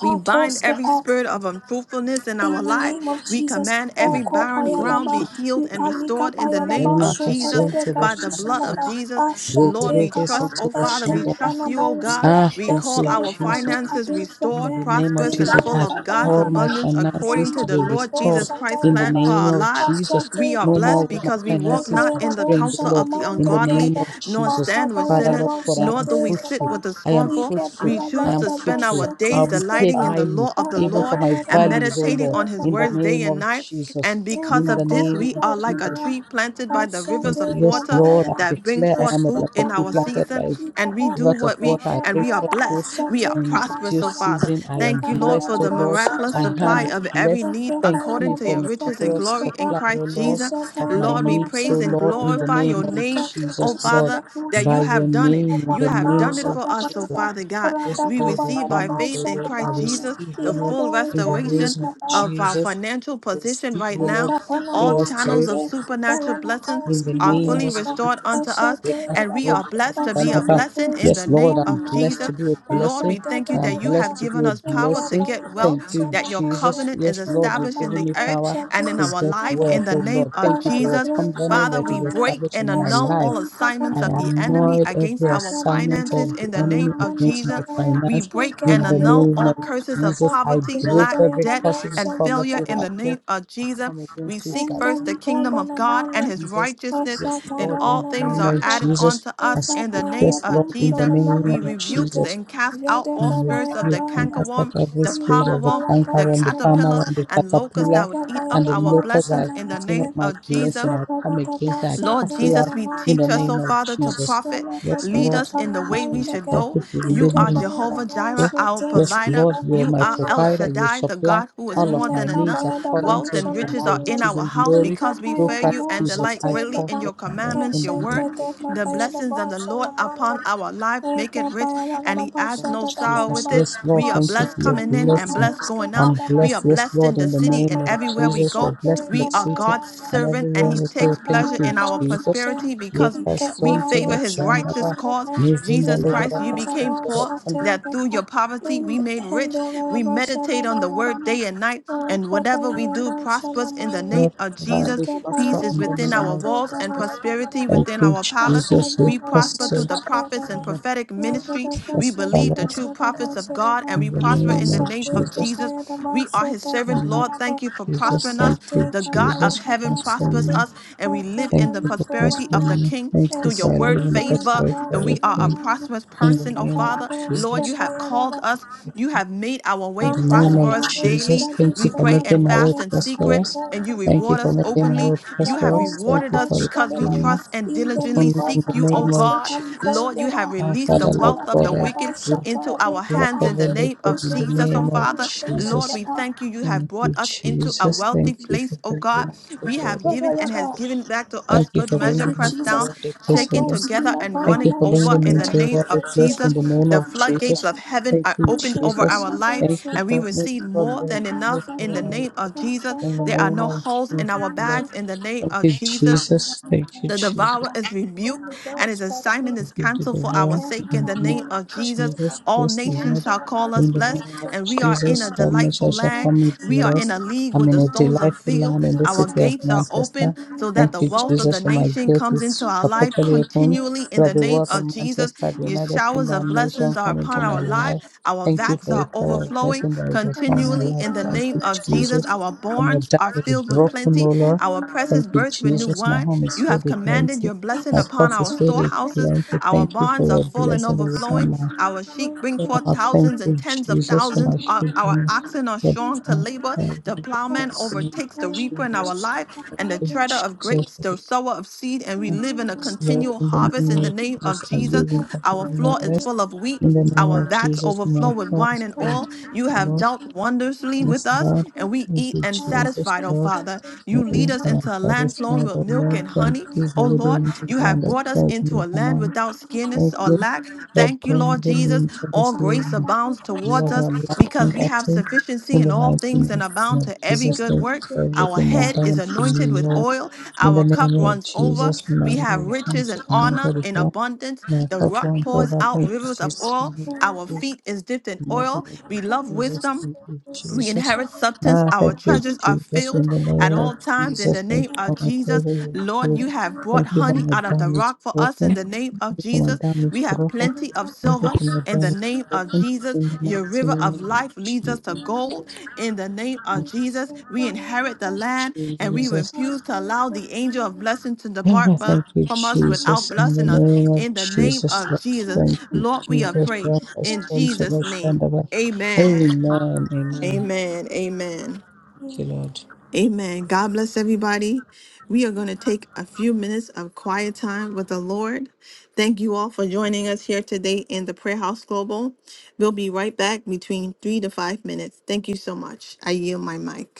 S1: We bind every spirit of unfruitfulness in our
S2: in the
S1: life.
S2: name of
S1: We
S2: Jesus,
S1: command
S3: in
S2: O
S1: every
S3: the
S1: barren
S3: name of
S1: ground
S2: Kopayadaba,
S1: be
S3: Jesus.
S1: healed and
S2: Yukalika
S1: restored in the
S3: Ye
S1: name
S2: Payadaba,
S1: of
S3: maka
S1: Jesus
S3: soto
S2: Sopeledeka
S1: by the blood
S3: başlandara.
S1: of
S2: Isalaba,
S1: Jesus.
S3: Ye
S1: Lord,
S2: Ashate
S1: we
S3: gereke
S2: Kaba,
S1: trust,
S3: soto
S1: oh Father, we
S3: başlandara.
S1: trust
S2: Entelebana
S1: you, oh God.
S2: Mouske,
S3: Ah,
S1: We
S3: thank
S1: call
S3: you,
S1: our
S2: Eskeleba de
S3: Jesus.
S1: finances
S3: In
S1: restored,
S3: the
S2: Kadusate,
S3: name of
S1: prosperous, and
S3: Jesus,
S2: Tindana
S1: full
S3: I
S1: of God's
S3: call my
S2: Kapayadaba,
S1: abundance according
S3: finances
S1: to
S3: to
S1: the
S3: be
S1: Lord
S2: Ekapalibo
S3: restored.
S1: Jesus Christ's
S3: In the
S1: plan
S2: Satayadaba,
S1: for
S3: name
S1: our
S3: of
S1: lives.
S3: Jesus,
S1: We
S2: Ashate
S1: are
S3: no more
S2: Kaba,
S1: blessed
S3: will my
S1: because we walk
S3: finances
S1: not
S3: be
S1: in the
S2: Ikepayadabo
S3: drained, O
S1: counsel of
S3: Lord.
S1: the
S3: In the
S2: Sanamanda
S1: ungodly,
S3: name
S2: Kaba,
S3: of
S1: nor
S2: O
S3: Jesus,
S1: stand with
S3: Father,
S1: sinners,
S3: Lord,
S2: Kopayadabo
S3: for I
S1: nor
S3: am
S1: do
S2: Sate
S1: we sit
S3: fruitful.
S2: Kaba,
S1: with the
S3: I am
S1: scornful.
S3: fruitful.
S1: We
S3: I
S1: choose
S3: am
S1: to spend
S2: Ikepayadabo
S1: our
S3: fruitful. I'll
S1: days
S3: be
S2: Sate
S3: paid
S1: delighting in the
S2: Kaba,
S3: highly,
S1: law of
S2: da
S1: the
S2: da
S3: even for
S1: Lord
S2: da
S3: my
S2: da da
S1: and
S2: da,
S3: valleys, O
S2: she
S1: meditating
S3: Lord.
S1: on
S2: gets
S1: his
S3: In the
S1: words day
S3: name
S1: and
S3: of
S1: night.
S3: Jesus.
S1: And because
S3: In the
S1: of this,
S3: name
S1: we
S3: of
S1: are like a
S2: Emagombalinda
S3: Jesus.
S1: tree planted by the
S3: Thank
S1: rivers
S2: Ashate
S3: you.
S1: of
S3: Yes,
S1: water
S3: Lord, I
S2: Kabayada
S1: that brings
S3: declare I
S1: forth
S3: am
S2: Este
S1: fruit
S3: like a
S1: in
S3: tree
S1: our
S3: planted
S2: Panamunda
S1: season.
S3: by
S1: And we
S2: Bikaba
S1: do
S3: rivers of
S1: what we,
S3: water. I
S1: and
S3: bring
S1: we are
S2: Rakabayada
S3: forth fruit
S1: blessed. We
S2: Bashate
S1: are
S3: in
S1: prosperous,
S3: due
S1: so
S2: Kabayada
S1: Father.
S3: season. I am
S1: Thank you, Lord, for
S3: blessed,
S2: Ikabayada
S3: O
S1: the
S3: Lord.
S1: miraculous
S3: My
S1: supply
S3: hand
S2: Boshatandana
S3: is
S1: of every
S3: blessed.
S1: need
S3: Thank
S2: Rakabayada
S1: according
S3: you
S1: to
S3: for
S1: your
S3: my
S1: riches and
S3: miraculous
S1: glory
S2: Boshatiskaba
S1: in
S3: supply, O
S1: Christ
S3: Lord,
S1: Jesus.
S3: of my
S2: Neshabayada
S1: Lord, we
S3: needs, O
S1: praise and
S3: Lord, in
S2: Bosenamanda
S3: the
S1: glorify
S3: name
S1: your
S3: of
S1: name, oh
S3: Jesus, Lord.
S1: Father, that
S2: Ikatetuselekusta
S3: By
S1: you
S3: your
S1: have done it
S3: name,
S1: mind.
S3: in
S1: You
S3: the
S2: Ikabamama
S1: have done
S3: name
S1: it
S3: of
S1: for us, so
S3: Jesus.
S2: Shatabayada
S1: Father God,
S3: Yes,
S1: we
S3: Lord, we
S1: receive
S2: Radakabayada
S1: by
S3: thank you,
S1: faith in
S3: Lord. I
S1: Christ
S2: Boshanamanda
S1: Jesus
S3: receive you,
S1: the
S3: Lord,
S1: full
S2: Ilados
S3: in the name
S1: restoration
S3: of
S2: Bradiskaba
S1: of our
S3: Jesus.
S1: financial
S3: I
S1: position
S3: receive
S1: right
S3: you,
S1: now.
S3: Lord,
S1: All
S3: for
S1: channels
S2: Ekapanamoshate,
S1: of
S3: restoration. I
S1: supernatural
S3: receive
S1: blessings
S3: in the
S2: Paranakoski
S1: are
S3: name
S1: fully
S3: of
S2: Vadesha,
S1: restored
S3: Jesus.
S1: unto us,
S2: Eshate
S3: Because,
S1: and we
S2: Adaba,
S3: Lord,
S1: are
S3: I
S1: blessed to be
S3: stand
S1: a
S3: above.
S1: blessing in the
S3: Yes,
S2: Ashalakoski
S3: Lord,
S1: name
S3: I'm
S1: of
S3: blessed
S2: Panamonde,
S1: Jesus.
S3: to be a
S1: Lord,
S3: blessing.
S1: we
S2: Eshate
S1: thank you
S3: I'm
S1: that you
S2: Dadadaba,
S1: have
S3: blessed to
S1: given
S3: be a
S1: us power to
S3: blessing.
S1: get wealth,
S3: Thank you,
S1: that your
S2: Inkapanamoshanamonde,
S3: Jesus.
S1: covenant is
S3: Yes, Lord, you've
S1: established in
S3: given
S1: the
S3: me
S1: earth
S3: power
S1: and in
S3: to
S1: our
S2: Inkapanamoshatiski
S3: get
S1: life in
S3: wealth,
S1: the
S2: Paleza,
S3: oh
S1: name
S3: Lord.
S1: of
S3: Thank you for your
S1: Jesus.
S3: covenant
S1: Father,
S3: that
S1: we
S3: is
S2: Padadabroshanamonde,
S1: break
S3: established
S1: and
S3: in my
S1: annul
S3: life.
S1: all
S2: Eshalika
S3: I
S1: assignments of the
S2: Panamonde,
S1: enemy
S3: annoyed
S1: against
S3: every
S1: our
S3: assignment
S1: finances
S3: of the
S1: in the name
S3: enemy
S1: of
S2: Ekapanamoshanamonde,
S3: against
S1: Jesus.
S3: my
S1: We
S3: finance
S1: break and
S3: in the
S1: annul
S3: name
S1: all
S3: of
S1: curses of
S2: Ikavadidakamoshata,
S3: Jesus. I
S1: poverty,
S3: break
S1: lack,
S3: every
S1: debt,
S3: forces of
S1: and failure
S3: poverty
S2: Jadayanamoshadikaba,
S1: in
S3: like
S1: the
S3: that.
S1: name of
S3: I
S1: Jesus.
S3: come
S1: We
S3: against it
S1: seek
S3: like
S1: first
S3: that.
S1: the kingdom of God and
S2: Endelikobalamandem,
S3: in
S1: his
S3: Jesus.
S1: righteousness,
S3: Yes,
S1: and
S3: Lord,
S1: all
S3: in the
S1: things
S3: name
S1: are
S3: of
S2: Asatabayalamandem,
S1: added
S3: Jesus.
S1: unto
S3: I
S1: us in the
S3: speak
S1: name
S3: this,
S2: Ikabayadabam,
S1: of
S3: Lord, in the
S1: Jesus.
S3: name
S1: We
S3: of
S1: rebuke
S2: Solomondokita,
S3: Jesus
S1: and cast out all
S3: and
S1: spirits of the
S3: rebuke and
S2: Jadakabayadabandem,
S3: cast out
S1: cankerworm,
S3: every
S1: the
S3: spirit
S1: palmer
S3: of the
S1: worm,
S3: canker
S1: the
S3: worm, the palmer
S1: caterpillar,
S3: worm,
S2: Ikapalakaiskabandem,
S3: the
S1: and locust
S3: caterpillar,
S1: that would eat up
S3: and the
S1: our
S2: Ikabayadabam,
S3: locusts that are
S1: blessings in the
S3: eating
S1: name
S3: up
S2: Solomondem,
S3: my
S1: of Jesus.
S3: blessing. I come
S2: Ikabadadaba,
S3: against that. I
S1: Lord
S3: cast it out
S1: Jesus, we
S3: in the
S1: teach
S2: Satayalamandema,
S1: us,
S3: name
S1: oh
S3: of
S1: Father, to
S3: Jesus.
S1: profit.
S3: Yes,
S1: Lead
S3: Lord,
S1: us
S3: you
S1: in the
S3: teach
S1: way
S3: me
S1: we
S3: to
S1: should
S2: Estabakatadabanamandeka,
S1: go.
S3: profit. You will
S1: You
S3: lead me
S1: are
S3: into all
S1: Jehovah
S2: Ikabayadabam,
S1: Jireh,
S3: truth.
S1: our
S3: Yes,
S1: provider.
S3: Lord, you are
S1: You
S3: my
S1: are
S2: Sotaskibanamandem,
S1: El
S3: provider. You
S1: Shaddai, the
S3: supply
S1: God who is
S3: all of
S1: more
S2: Minna
S3: my
S1: than
S3: needs
S1: enough.
S2: kabaya da
S3: according
S2: bom
S1: Wealth
S3: to
S1: and
S3: the-
S1: riches
S3: your
S1: are in
S2: shalomamnam.
S3: riches
S1: our
S3: in
S1: house
S3: glory
S2: Ika
S1: because we
S3: through
S2: baya
S1: fear
S2: da
S1: you
S3: Christ
S2: bom
S1: and
S3: Jesus.
S1: delight
S2: shate
S3: I
S1: greatly
S3: call
S1: in
S2: gabam.
S1: your
S3: profit my word
S1: commandments,
S3: in
S1: your
S3: the
S2: Eshete
S3: name
S1: word.
S2: de
S3: of
S1: The
S3: Jesus.
S2: kabaya da
S1: blessings of
S2: bom
S1: the Lord upon
S2: shalomamnam.
S1: our life make it
S2: Eka
S1: rich,
S2: baya da
S1: and
S2: gada
S1: he adds
S3: Lord
S2: basha
S1: no
S2: da da
S1: sorrow
S3: Jesus.
S1: with
S2: ba.
S1: it.
S3: Yes, Lord,
S1: We are
S3: thank you
S1: blessed
S3: for your
S2: Oshete mi
S1: coming in and
S3: blessing.
S1: blessed
S2: bahos ke
S1: going
S3: I'm
S1: out.
S2: gada
S1: We are
S3: blessed, yes,
S1: blessed
S3: Lord,
S1: in the
S3: in the
S2: Ika
S1: city
S3: name
S1: and
S3: of
S2: baya
S1: every
S2: da
S1: everywhere we
S3: Jesus.
S2: basha
S3: We're
S1: go.
S2: te
S3: blessed in the
S1: We are
S3: city
S1: God's
S3: and
S1: servant, and
S3: everywhere
S1: He
S3: we
S2: Ashta
S3: go.
S1: takes
S3: Thank
S2: para
S1: pleasure
S3: you,
S1: in our
S3: Jesus.
S2: boshate,
S1: prosperity because
S3: Yeka
S2: ike
S1: we
S2: para
S3: sonto
S1: favor
S3: ba
S1: His
S2: dosele
S3: shanda
S1: righteous
S3: ba.
S1: cause.
S2: mandete,
S3: Mizinda
S1: Jesus
S2: ike
S3: legera
S1: Christ, you
S3: ba
S2: para
S1: became
S3: sonto ba
S1: poor,
S2: boshate
S3: shanda.
S1: that through
S2: gepa,
S1: your poverty
S2: ind
S1: we made rich.
S2: hende para
S1: We
S2: boshada
S1: meditate
S2: da
S1: on the
S2: da da
S1: word
S2: da,
S1: day and night, and
S2: oka
S1: whatever
S2: para
S1: we do
S2: boshana
S1: prospers in the
S2: mande,
S1: name
S3: Lord,
S1: of
S3: provide
S1: Jesus.
S3: us
S2: ike para
S1: Peace
S3: prosper
S1: is
S3: in the
S1: within
S3: name
S1: our
S3: of
S2: boshate
S1: walls and
S2: gepa
S3: Jesus.
S2: da
S1: prosperity
S3: Thank
S1: within
S3: you,
S1: our palace.
S2: Yes,
S3: Jesus.
S2: everybody in
S1: We
S2: the
S3: Yeka
S2: world
S1: prosper through
S2: from
S1: the
S3: sonto
S2: the
S3: ba
S1: prophets
S3: shanda
S1: and
S3: ba.
S1: prophetic ministry. We
S3: Prosper,
S1: believe the
S3: Lord,
S1: true prophets of God, and
S3: in
S1: we and we
S3: the
S1: prosper
S3: name
S1: in the
S3: of
S1: name of
S3: Jesus.
S1: Jesus. We are his
S3: In
S1: servant.
S3: the name
S1: Lord,
S3: of
S1: thank you for
S3: Jesus,
S1: prospering us.
S3: thank you,
S1: The God of
S3: Jesus. We
S1: heaven
S3: bless
S1: prospers
S3: you.
S1: us, and we live in
S3: Thank
S1: the
S3: you for
S1: prosperity of
S3: prospering
S1: the
S3: me.
S1: King
S3: Thank you
S1: through your
S3: for
S1: word,
S3: living the best
S1: favor,
S3: life
S1: and
S3: ever.
S1: we are a
S3: Thank
S2: morning,
S1: prosperous
S2: we
S3: in the
S1: person,
S2: can
S1: oh
S3: name of
S2: follow
S1: Father.
S2: this, the
S1: Lord,
S3: Jesus.
S1: you have
S2: fire
S1: called
S2: of
S1: us. You have made our
S3: In
S1: way
S3: the name of
S1: prosperous
S2: Andalina ostra
S1: daily.
S3: Jesus, thank you
S1: We
S2: busca
S3: for
S1: pray
S2: para
S3: making
S1: and
S3: my way
S1: fast in secret,
S3: prosperous.
S1: and
S2: Ekepalikanga
S1: you
S3: Thank you
S1: reward
S2: pranga
S3: for
S1: us
S3: making my
S2: lidaba
S1: openly.
S3: way
S2: ra
S1: You have
S3: prosperous.
S2: ostra
S3: Thank
S1: rewarded
S3: you
S1: us
S3: for
S2: ashka
S1: because we
S3: redeeming
S2: demaya
S3: me
S1: trust and diligently
S3: upon
S2: indaliko
S3: me in
S1: seek
S3: the
S1: you, oh
S3: name
S2: fataske
S3: of
S1: God.
S3: Jesus.
S1: Lord, Lord, you
S2: palikondeba
S1: have
S3: Our
S1: released the
S3: Father, Lord
S2: itala
S1: wealth of the
S3: God,
S2: balaba
S1: wicked
S3: every
S2: shata
S1: into our
S3: block
S1: hands in the
S3: every
S2: rekepande
S1: name
S3: liquid
S1: of
S2: ose
S3: in the
S1: Jesus, oh
S2: libra
S3: name of
S1: Father.
S2: nante
S1: Lord,
S3: Jesus.
S1: we
S2: ekepa
S1: thank you. You have
S3: Thank
S1: brought
S3: you,
S1: us into a
S3: Jesus.
S1: wealthy
S3: Thank you for
S1: place, oh
S3: bringing
S1: God.
S3: me to the
S1: We
S3: world
S1: have
S3: of
S1: given and
S3: this
S1: has
S3: world.
S1: given back to
S3: Thank
S1: us
S3: you
S1: good
S3: for
S2: Thank
S1: measure,
S3: bringing
S2: you,
S3: me to
S1: pressed
S3: the
S2: Jesus.
S1: down,
S3: world of this
S1: shaken
S3: world.
S2: Kadowski
S1: together, and
S3: Thank
S1: running
S3: you for
S2: Labanamo
S1: over
S3: bringing me
S1: in
S2: Shate,
S1: the
S3: into a
S1: name
S3: worthy
S1: of
S2: Kadowski
S3: place
S1: Jesus.
S3: in the name
S1: The
S3: of
S1: floodgates
S3: Jesus.
S1: of
S2: Labanamo
S1: heaven
S3: Thank
S1: are
S3: you,
S1: opened
S2: Shate,
S1: over
S3: Jesus.
S1: our life,
S3: Thank you
S2: Kadowski
S1: and we
S3: for
S1: receive
S3: making God
S1: more
S3: better
S1: than
S3: for
S1: enough
S3: my
S1: in the name
S3: life
S1: of Jesus.
S3: in the
S1: There are
S3: name
S1: no
S3: of
S1: holes in
S3: Jesus.
S1: our
S3: Lord.
S2: Labanamo
S1: bags in the name
S3: Thank
S1: of
S3: you,
S1: Jesus.
S3: Jesus. Thank you,
S1: The
S3: Jesus.
S1: devourer
S2: Shate,
S1: is rebuked
S2: Only
S1: and his
S2: those that we
S1: assignment is
S3: Thank you to the
S1: canceled for
S2: are
S1: our
S3: Lord
S1: sake. In
S3: in
S2: careful
S1: the
S3: the name of
S1: name
S2: among
S1: of
S2: the
S1: Jesus,
S2: people,
S3: Jesus.
S1: all
S3: Bless the
S2: and
S1: nations
S3: Lord
S1: shall call
S3: in
S1: us
S2: the
S3: the
S1: blessed,
S3: name of
S1: and we are
S2: Holy
S1: in a
S3: Jesus.
S2: Ghost
S3: Our
S1: delightful
S3: measure shall
S1: land.
S3: come with
S2: Thank
S1: We are in a
S3: blessed.
S1: league
S3: I'm
S1: where
S3: in
S1: the
S3: a
S1: stones are
S3: delightful
S1: filled.
S3: land in the
S1: Our
S3: city of
S1: gates are open
S3: Manchester.
S1: so that
S3: Thank
S1: the
S3: you,
S1: wealth of
S3: Jesus,
S1: the
S3: for my
S1: nation
S3: gate
S1: comes into
S3: is
S1: our life
S3: perpetually open.
S1: continually. In the
S3: Let the
S1: name
S3: word
S1: of
S3: of
S1: Jesus,
S3: Manchester, the
S1: your
S3: United
S1: showers
S3: Kingdom
S1: of
S3: and nation,
S1: blessings are
S3: come into
S1: upon
S3: my
S1: our life.
S3: life.
S1: Our
S3: Thank you
S1: vats
S3: for the
S1: are
S3: power of
S1: overflowing
S3: blessing that has become my
S1: continually.
S3: life.
S1: In the
S3: Thank
S1: name
S3: you,
S1: of Jesus,
S3: Jesus.
S1: our
S3: for my
S1: barns
S3: dark
S1: are
S3: is
S1: filled with
S3: broken,
S1: plenty
S3: O Lord.
S1: our presses
S3: Thank you,
S1: burst with new
S3: Jesus. My
S1: wine.
S3: home is
S1: You
S3: filled
S1: have
S3: with
S1: commanded
S3: plenty.
S1: your blessing
S3: My
S1: upon
S3: pulse
S1: our
S3: is filled with
S1: storehouses.
S3: plenty.
S1: Our
S3: Thank you for
S1: barns are
S3: your
S1: full and
S3: blessing that is
S1: overflowing.
S3: on my
S1: Our sheep bring
S3: soul.
S1: forth
S3: I Thank
S1: thousands
S2: you.
S1: and
S3: you,
S1: tens of
S3: Jesus, for
S2: Thank
S1: thousands.
S3: my
S1: Our, our
S3: children.
S1: oxen are
S3: That
S1: strong to
S3: time,
S1: labor.
S3: Lord,
S1: The
S3: in the
S1: plowman
S3: mighty name
S1: overtakes the
S3: of
S1: reaper in our
S3: Jesus.
S1: life,
S3: Thank
S1: and the
S3: you,
S1: treader of
S3: Jesus,
S1: grapes,
S3: for
S1: the
S3: your
S1: sower of seed, and we live in a
S3: kindness, Lord.
S1: continual
S3: In the
S1: harvest
S3: name
S1: in the
S3: of
S1: name of
S3: Jesus, I
S1: Jesus.
S3: live in
S1: Our
S3: continual
S1: floor is
S3: harvest.
S1: full of wheat.
S3: In the name
S1: Our
S3: of
S1: vats
S3: Jesus,
S1: overflow
S3: my
S1: with
S3: heart
S1: wine
S3: is
S1: and
S3: filled
S1: oil. You
S3: with
S1: have
S3: Lord.
S1: dealt wondrously with
S3: Yes,
S1: us,
S3: Lord.
S1: and we
S3: Thank
S1: eat
S3: you,
S1: and
S3: Jesus,
S1: satisfied, oh
S3: Lord.
S1: Father.
S3: For
S1: You lead
S3: ease
S1: us
S3: and I'm
S1: into a land flowing
S3: satisfied,
S1: with
S3: O
S1: milk
S3: Lord.
S1: and
S3: Thank
S1: honey,
S3: you for
S1: oh Lord.
S3: leading me to the
S1: You have
S3: land of
S1: brought us
S3: faith and
S1: into
S3: you
S1: a
S3: can
S1: land without scarcity
S3: Thank
S1: or
S3: you
S1: lack.
S3: for
S1: Thank you, Lord
S3: bringing
S1: Jesus.
S3: me to
S1: All
S3: this
S1: grace
S3: room.
S1: abounds towards
S3: Lord,
S1: us
S3: I'm
S1: because
S3: lacking
S1: we have
S3: nothing
S1: sufficiency
S3: in
S1: in
S3: the
S1: all
S3: mighty
S1: things and
S3: name
S1: abound
S3: of
S1: to every
S3: Jesus.
S1: good
S3: Thank you
S1: work.
S3: for
S1: Our
S3: everything that
S1: head is
S3: done for me,
S1: anointed with
S3: Lord.
S1: oil,
S3: In
S1: our
S3: the
S2: you.
S1: cup
S3: name of
S1: runs over.
S3: Jesus, my
S1: We have
S3: life, thank
S1: riches
S3: you,
S1: and honor
S3: anointed is
S1: in
S3: all.
S1: abundance.
S3: My
S1: The
S3: cup
S1: rock
S3: runs
S1: pours
S3: over.
S1: out
S3: Thank you,
S1: rivers of
S3: Jesus.
S1: oil.
S3: Thank you,
S1: Our
S3: Jesus.
S1: feet is dipped in
S3: In the name
S1: oil.
S3: of
S1: We love
S3: Jesus,
S1: wisdom
S3: thank you,
S1: we
S3: Jesus.
S1: inherit substance.
S3: Ah,
S1: Our
S3: thank you,
S1: treasures are
S3: Jesus.
S1: filled
S3: In the
S1: at
S3: name of
S1: all times in
S3: Jesus,
S1: the
S3: thank you
S1: name of
S3: for my
S1: Jesus.
S3: treasure.
S1: Lord, you have brought
S3: Thank you for
S1: honey
S3: my
S1: out of the
S3: damage
S1: rock for us
S3: broken.
S1: in the
S3: Thank
S1: name of
S3: you for my
S1: Jesus.
S3: damage
S1: We have
S3: broken.
S1: plenty of
S3: Thank you
S1: silver
S3: for my
S1: in the
S3: dying
S1: name of
S3: blessing
S1: Jesus.
S3: in the
S1: Your
S3: mighty
S1: river of
S3: name of
S1: life leads us to gold in the name of Jesus. We inherit the land and we
S3: Jesus.
S1: refuse to allow the angel of blessing to depart
S3: I
S1: for
S3: Thank you,
S1: From us without
S3: Jesus, in the
S1: blessing us
S3: name of
S1: in the name
S3: Jesus.
S1: of
S3: Let's
S1: Jesus.
S3: thank you,
S1: Lord, we are
S3: Jesus.
S1: praying
S3: Wrap us
S1: in
S3: on so
S1: Jesus'
S3: much stand
S1: name.
S3: about.
S1: Amen.
S3: Amen. Amen.
S1: Amen. Amen.
S3: Thank you, Lord.
S1: Amen. God bless everybody. We are going to take a few minutes of quiet time with the Lord. Thank you all for joining us here today in the Prayer House Global. We'll be right back between three to five minutes. Thank you so much. I yield my mic.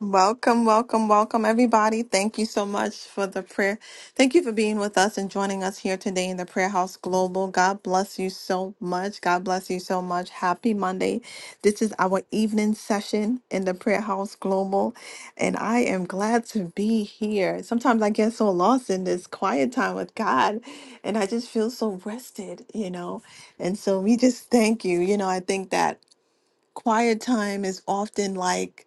S1: Welcome, welcome, welcome, everybody. Thank you so much for the prayer. Thank you for being with us and joining us here today in the Prayer House Global. God bless you so much. God bless you so much. Happy Monday. This is our evening session in the Prayer House Global, and I am glad to be here. Sometimes I get so lost in this quiet time with God, and I just feel so rested, you know. And so we just thank you. You know, I think that quiet time is often like,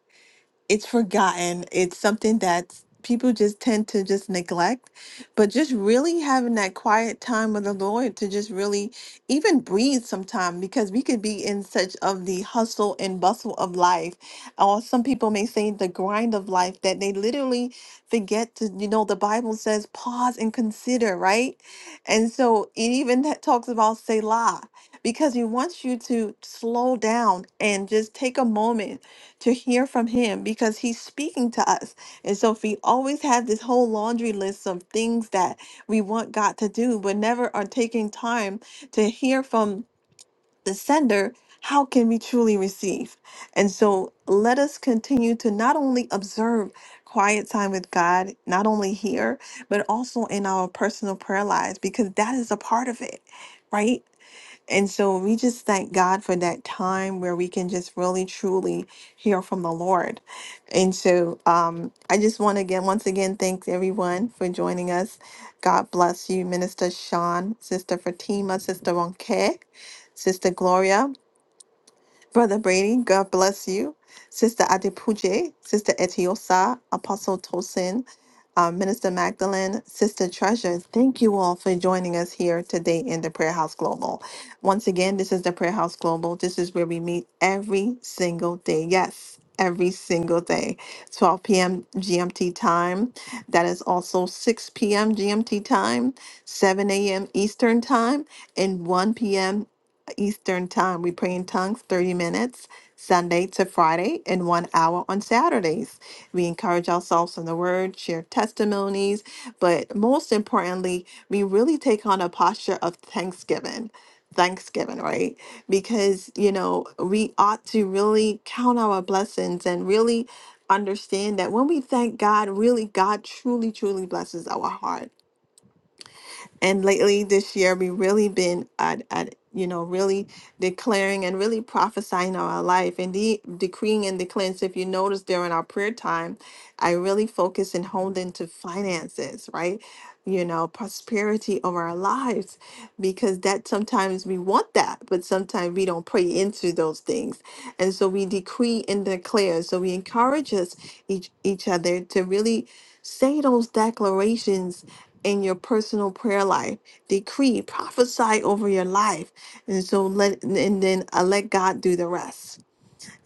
S1: it's forgotten. It's something that people just tend to just neglect. But just really having that quiet time with the Lord to just really even breathe sometime because we could be in such of the hustle and bustle of life. Or some people may say the grind of life that they literally forget to, you know, the Bible says pause and consider, right? And so it even that talks about Selah because he wants you to slow down and just take a moment to hear from him because he's speaking to us. And so if we always have this whole laundry list of things that we want God to do, but never are taking time to hear from the sender, how can we truly receive? And so let us continue to not only observe quiet time with God, not only here, but also in our personal prayer lives, because that is a part of it, right? And so we just thank God for that time where we can just really truly hear from the Lord. And so um, I just want to again, once again, thank everyone for joining us. God bless you, Minister Sean, Sister Fatima, Sister Ronke, Sister Gloria. Brother Brady, God bless you. Sister Adipuje, Sister Etiosa, Apostle Tosin, uh, Minister Magdalene, Sister Treasure, thank you all for joining us here today in the Prayer House Global. Once again, this is the Prayer House Global. This is where we meet every single day. Yes, every single day. 12 p.m. GMT time. That is also 6 p.m. GMT time, 7 a.m. Eastern time, and 1 p.m. Eastern Time. We pray in tongues 30 minutes Sunday to Friday and one hour on Saturdays. We encourage ourselves in the Word, share testimonies, but most importantly, we really take on a posture of thanksgiving. Thanksgiving, right? Because, you know, we ought to really count our blessings and really understand that when we thank God, really, God truly, truly blesses our heart and lately this year we really been at, at you know really declaring and really prophesying on our life and de- decreeing and declaring so if you notice during our prayer time i really focus and honed into finances right you know prosperity over our lives because that sometimes we want that but sometimes we don't pray into those things and so we decree and declare so we encourage us each each other to really say those declarations in your personal prayer life. Decree, prophesy over your life. And so let and then uh, let God do the rest.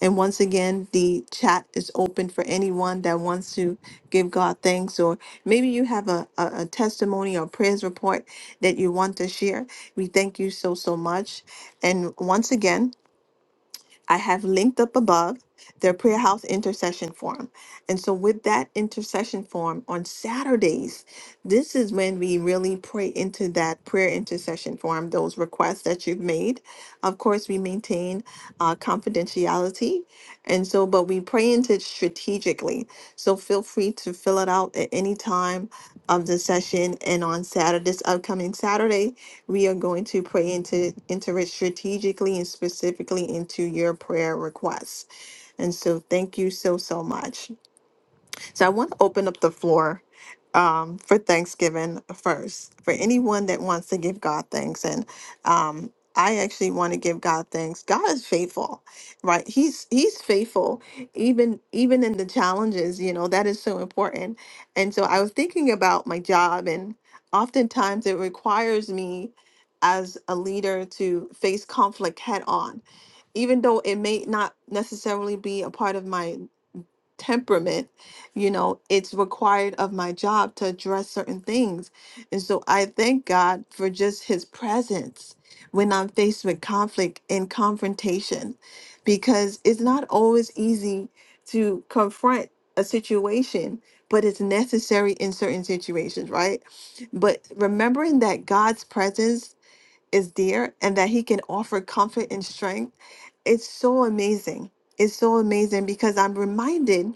S1: And once again, the chat is open for anyone that wants to give God thanks, or maybe you have a, a, a testimony or prayers report that you want to share. We thank you so, so much. And once again, I have linked up above their prayer house intercession forum. And so, with that intercession forum on Saturdays, this is when we really pray into that prayer intercession forum, those requests that you've made. Of course, we maintain uh, confidentiality. And so, but we pray into it strategically. So, feel free to fill it out at any time of the session. And on Saturday, this upcoming Saturday, we are going to pray into enter it strategically and specifically into your prayer requests. And so thank you so so much. So I want to open up the floor um, for Thanksgiving first for anyone that wants to give God thanks. And um, I actually want to give God thanks. God is faithful, right? He's He's faithful, even even in the challenges. You know that is so important. And so I was thinking about my job, and oftentimes it requires me as a leader to face conflict head on even though it may not necessarily be a part of my temperament you know it's required of my job to address certain things and so i thank god for just his presence when i'm faced with conflict and confrontation because it's not always easy to confront a situation but it's necessary in certain situations right but remembering that god's presence is there and that he can offer comfort and strength it's so amazing it's so amazing because i'm reminded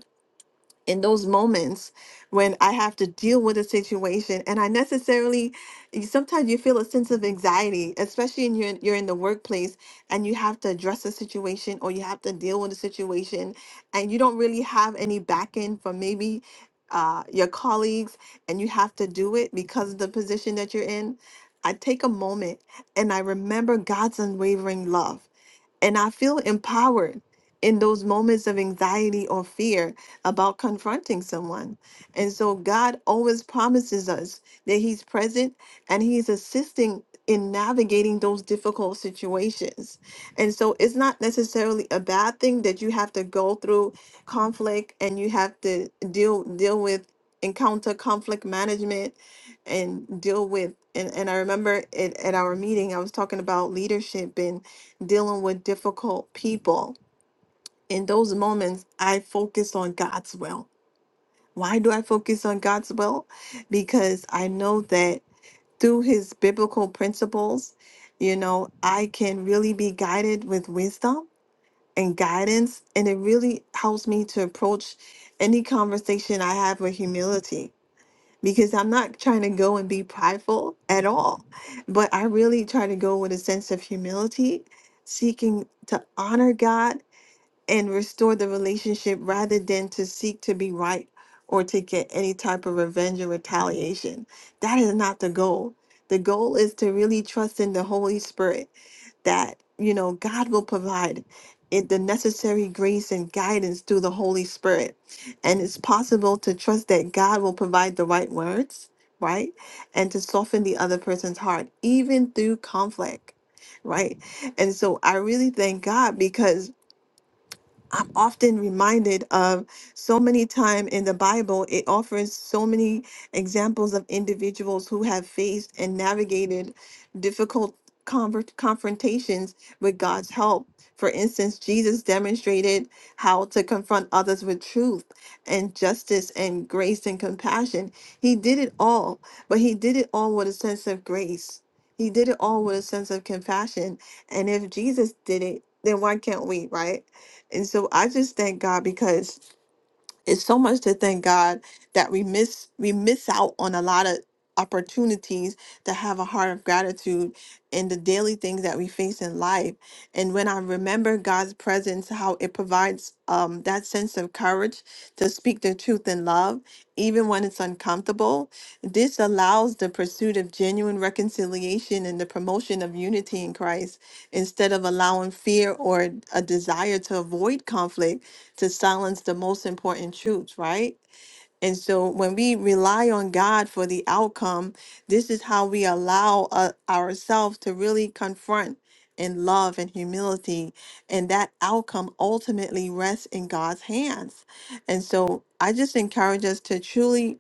S1: in those moments when I have to deal with a situation and I necessarily sometimes you feel a sense of anxiety, especially in your you're in the workplace and you have to address a situation or you have to deal with a situation and you don't really have any back end from maybe uh, your colleagues and you have to do it because of the position that you're in. I take a moment and I remember God's unwavering love. And I feel empowered in those moments of anxiety or fear about confronting someone. And so God always promises us that He's present and He's assisting in navigating those difficult situations. And so it's not necessarily a bad thing that you have to go through conflict and you have to deal deal with encounter conflict management and deal with and, and I remember it at our meeting I was talking about leadership and dealing with difficult people. In those moments, I focus on God's will. Why do I focus on God's will? Because I know that through his biblical principles, you know, I can really be guided with wisdom and guidance. And it really helps me to approach any conversation I have with humility because I'm not trying to go and be prideful at all, but I really try to go with a sense of humility seeking to honor God and restore the relationship rather than to seek to be right or to get any type of revenge or retaliation. That is not the goal. The goal is to really trust in the Holy Spirit that, you know, God will provide it the necessary grace and guidance through the Holy Spirit. And it's possible to trust that God will provide the right words, right? And to soften the other person's heart, even through conflict, right? And so I really thank God because I'm often reminded of so many time in the Bible, it offers so many examples of individuals who have faced and navigated difficult convert- confrontations with God's help. For instance, Jesus demonstrated how to confront others with truth and justice and grace and compassion. He did it all, but he did it all with a sense of grace. He did it all with a sense of compassion. And if Jesus did it, then why can't we, right? And so I just thank God because it's so much to thank God that we miss we miss out on a lot of opportunities to have a heart of gratitude in the daily things that we face in life. And when I remember God's presence, how it provides um, that sense of courage to speak the truth in love, even when it's uncomfortable, this allows the pursuit of genuine reconciliation and the promotion of unity in Christ instead of allowing fear or a desire to avoid conflict to silence the most important truths, right? And so when we rely on God for the outcome, this is how we allow uh, ourselves to really confront in love and humility. And that outcome ultimately rests in God's hands. And so I just encourage us to truly,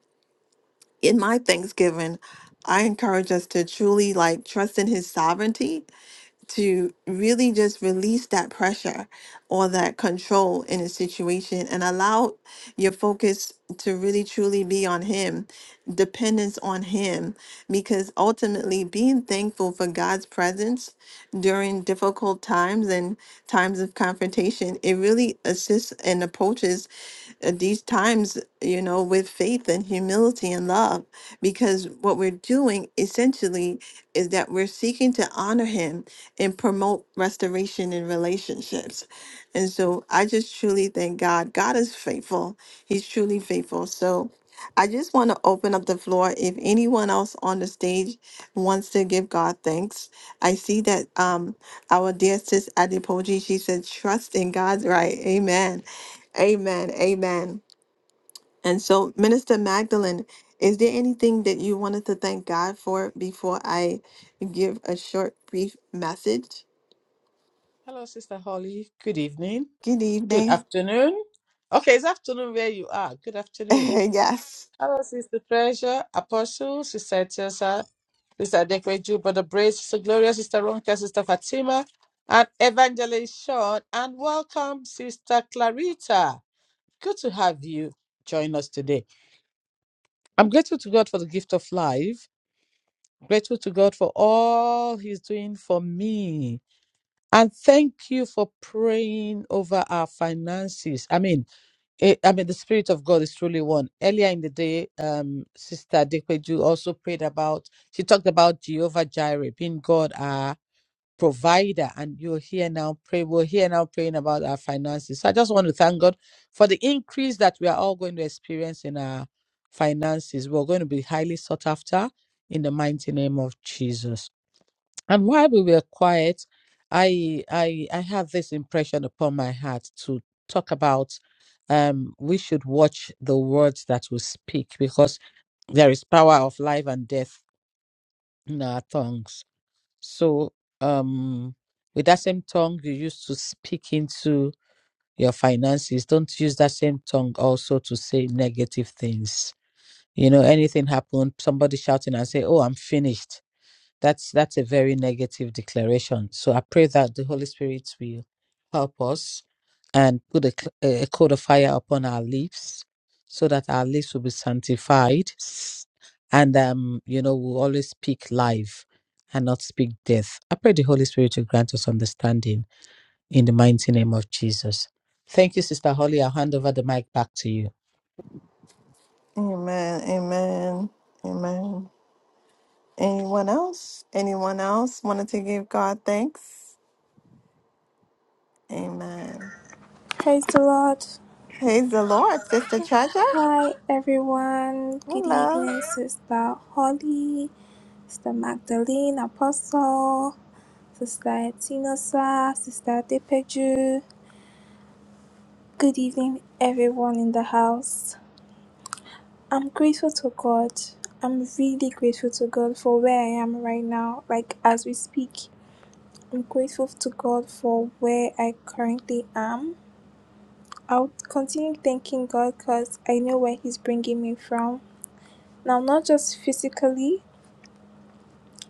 S1: in my Thanksgiving, I encourage us to truly like trust in his sovereignty to really just release that pressure or that control in a situation and allow your focus to really truly be on Him, dependence on Him, because ultimately being thankful for God's presence during difficult times and times of confrontation, it really assists and approaches at these times, you know, with faith and humility and love, because what we're doing essentially is that we're seeking to honor Him and promote restoration in relationships. And so I just truly thank God. God is faithful, He's truly faithful. So I just want to open up the floor. If anyone else on the stage wants to give God thanks, I see that um, our dear sis Adipoji, she said, trust in God's right. Amen. Amen. Amen. And so, Minister Magdalene, is there anything that you wanted to thank God for before I give a short, brief message?
S3: Hello, Sister Holly. Good evening.
S1: Good
S3: Good
S1: evening.
S3: afternoon. Okay, it's afternoon where you are. Good afternoon.
S1: yes.
S3: Hello, Sister Treasure, Apostle, Sister Tiosa. Sister Adequate Brother Brace, Sister Gloria, Sister Ronka, Sister Fatima, and Evangelist Sean. And welcome, Sister Clarita. Good to have you join us today. I'm grateful to God for the gift of life, grateful to God for all He's doing for me. And thank you for praying over our finances. I mean, eh, I mean, the Spirit of God is truly one. Earlier in the day, um, Sister Dekweju also prayed about, she talked about Jehovah Jireh being God, ah, provider and you're here now pray we're here now praying about our finances so i just want to thank god for the increase that we are all going to experience in our finances we're going to be highly sought after in the mighty name of jesus and while we were quiet i i i have this impression upon my heart to talk about um we should watch the words that we speak because there is power of life and death in our tongues so, um, with that same tongue you used to speak into your finances, don't use that same tongue also to say negative things. You know, anything happened, somebody shouting and say, "Oh, I'm finished." That's that's a very negative declaration. So I pray that the Holy Spirit will help us and put a, cl- a coat of fire upon our lips, so that our lips will be sanctified, s- and um, you know, we'll always speak life and not speak death. I pray the Holy Spirit will grant us understanding in the mighty name of Jesus. Thank you, Sister Holly. I'll hand over the mic back to you.
S1: Amen. Amen. Amen. Anyone else? Anyone else wanted to give God thanks? Amen.
S2: Praise the Lord.
S1: Praise the Lord, Sister Treasure.
S2: Hi everyone, good
S1: Hello.
S2: evening, Sister Holly, Sister Magdalene Apostle, Sister Tinosa, Sister Depeju. Good evening, everyone in the house. I'm grateful to God. I'm really grateful to God for where I am right now. Like as we speak, I'm grateful to God for where I currently am. I'll continue thanking God because I know where He's bringing me from. Now, not just physically,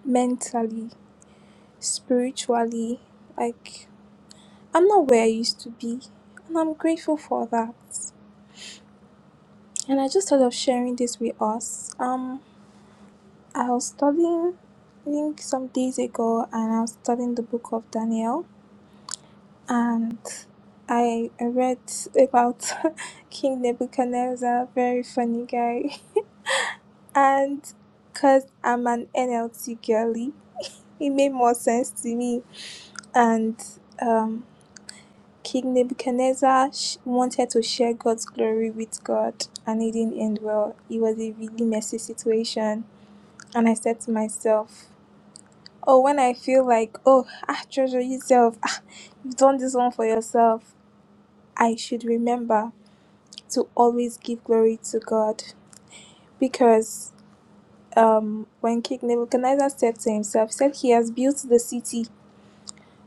S2: mentally, spiritually. Like, I'm not where I used to be, and I'm grateful for that. And I just thought of sharing this with us. Um, I was studying, I think, some days ago, and I was studying the book of Daniel, and I, I read about King Nebuchadnezzar, very funny guy, and because I'm an NLT girly, it made more sense to me. And um, King Nebuchadnezzar sh- wanted to share God's glory with God, and it didn't end well. It was a really messy situation. And I said to myself, Oh, when I feel like, oh, ah, treasure yourself, ah, you've done this one for yourself, I should remember to always give glory to God. Because um, when King Nebuchadnezzar said to himself, said, He has built the city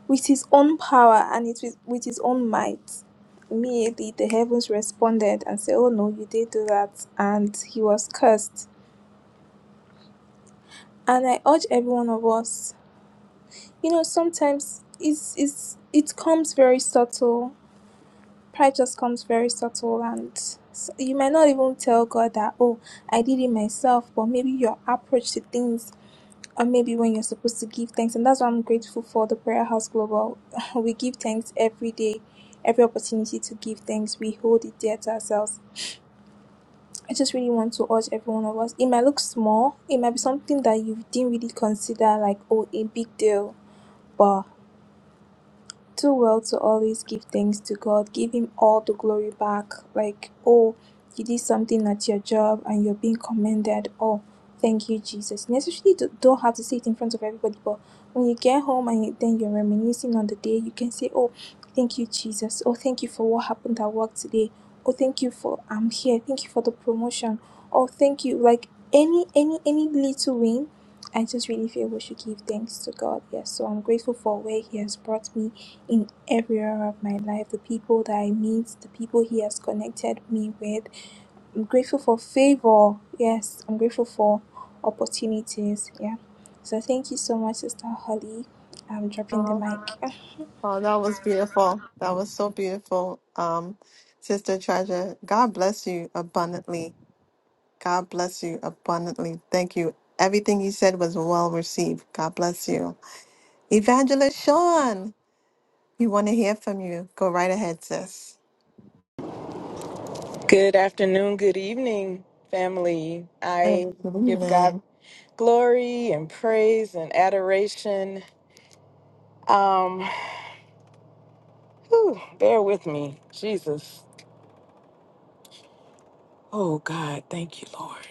S2: With his own power and it with, with his own might, immediately the heavens responded and said, Oh no, you did do that. And he was cursed. And I urge every one of us, you know, sometimes it's, it's, it comes very subtle. Pride just comes very subtle, and s- you might not even tell God that, oh, I did it myself, but maybe your approach to things or maybe when you're supposed to give thanks. And that's why I'm grateful for the Prayer House Global. we give thanks every day, every opportunity to give thanks. We hold it dear to ourselves. I just really want to urge every one of us. It might look small, it might be something that you didn't really consider like, oh, a big deal. but too well to always give thanks to God, give Him all the glory back. Like, oh, you did something at your job and you're being commended. Oh, thank you, Jesus. Necessarily do- don't have to say it in front of everybody, but when you get home and you, then you're reminiscing on the day, you can say, oh, thank you, Jesus. Oh, thank you for what happened at work today. Oh, thank you for I'm here. Thank you for the promotion. Oh, thank you. Like any any any little win I just really feel we should give thanks to God. Yes, so I'm grateful for where He has brought me in every area of my life, the people that I meet, the people He has connected me with. I'm grateful for favor. Yes, I'm grateful for opportunities. Yeah. So thank you so much, Sister Holly. I'm dropping the mic. Thank
S1: Oh, that was beautiful. That was so beautiful, um, Sister Treasure. God bless you abundantly. God bless you abundantly. Thank you. Everything you said was well received. God bless you. Evangelist Sean, we want to hear from you. Go right ahead, sis.
S4: Good afternoon, good evening, family. I give God
S1: Amen.
S4: glory and praise and adoration. Um, whew, bear with me, Jesus. Oh God, thank you, Lord.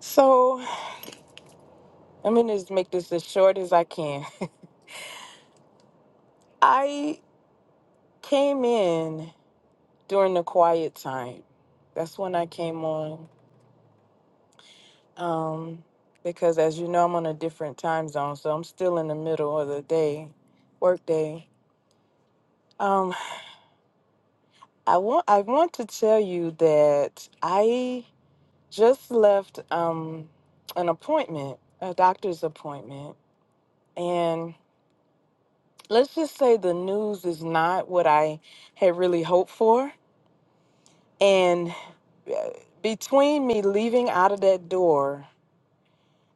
S4: So I'm gonna just make this as short as I can. I came in during the quiet time. That's when I came on. Um, because as you know, I'm on a different time zone, so I'm still in the middle of the day, work day. Um, I want I want to tell you that I just left um, an appointment, a doctor's appointment, and let's just say the news is not what I had really hoped for. And uh, between me leaving out of that door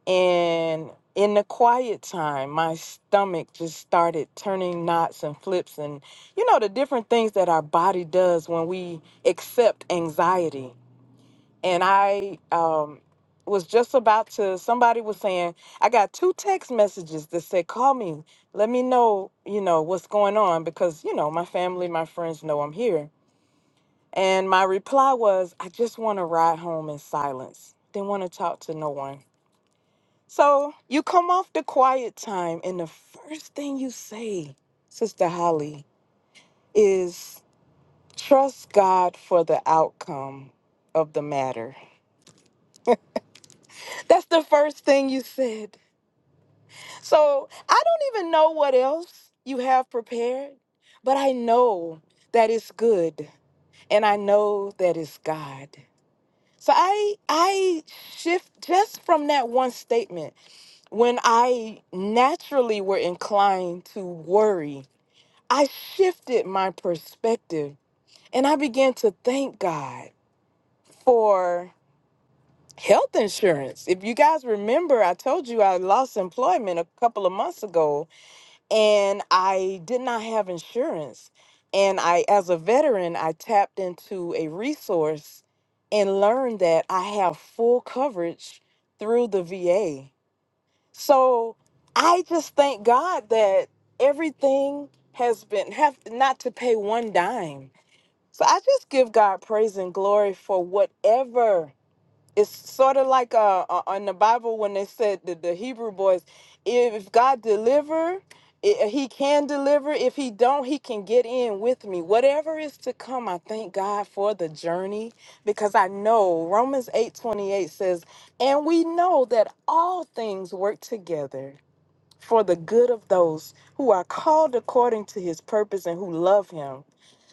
S4: and in the quiet time, my stomach just started turning knots and flips, and you know the different things that our body does when we accept anxiety and I um, was just about to. Somebody was saying I got two text messages that said, "Call me, let me know, you know what's going on," because you know my family, my friends know I'm here. And my reply was, "I just want to ride home in silence. Didn't want to talk to no one." So you come off the quiet time, and the first thing you say, Sister Holly, is trust God for the outcome of the matter. That's the first thing you said. So I don't even know what else you have prepared, but I know that it's good and I know that it's God. So I I shift just from that one statement when I naturally were inclined to worry, I shifted my perspective and I began to thank God for health insurance. If you guys remember, I told you I lost employment a couple of months ago and I did not have insurance. And I, as a veteran, I tapped into a resource and learned that I have full coverage through the VA. So I just thank God that everything has been have not to pay one dime. So I just give God praise and glory for whatever it's sort of like uh, uh in the Bible when they said that the Hebrew boys, if God deliver, i- uh, He can deliver. If He don't, He can get in with me. Whatever is to come, I thank God for the journey because I know Romans eight twenty eight says, and we know that all things work together for the good of those who are called according to His purpose and who love Him.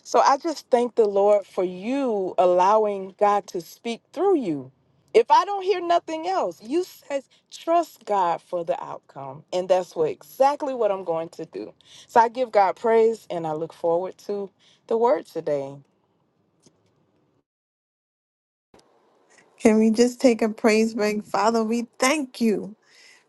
S4: So I just thank the Lord for you allowing God to speak through you. If I don't hear nothing else, you says trust God for the outcome, and that's what exactly what I'm going to do. So I give God praise, and I look forward to the word today.
S1: Can we just take a praise break? Father, we thank you.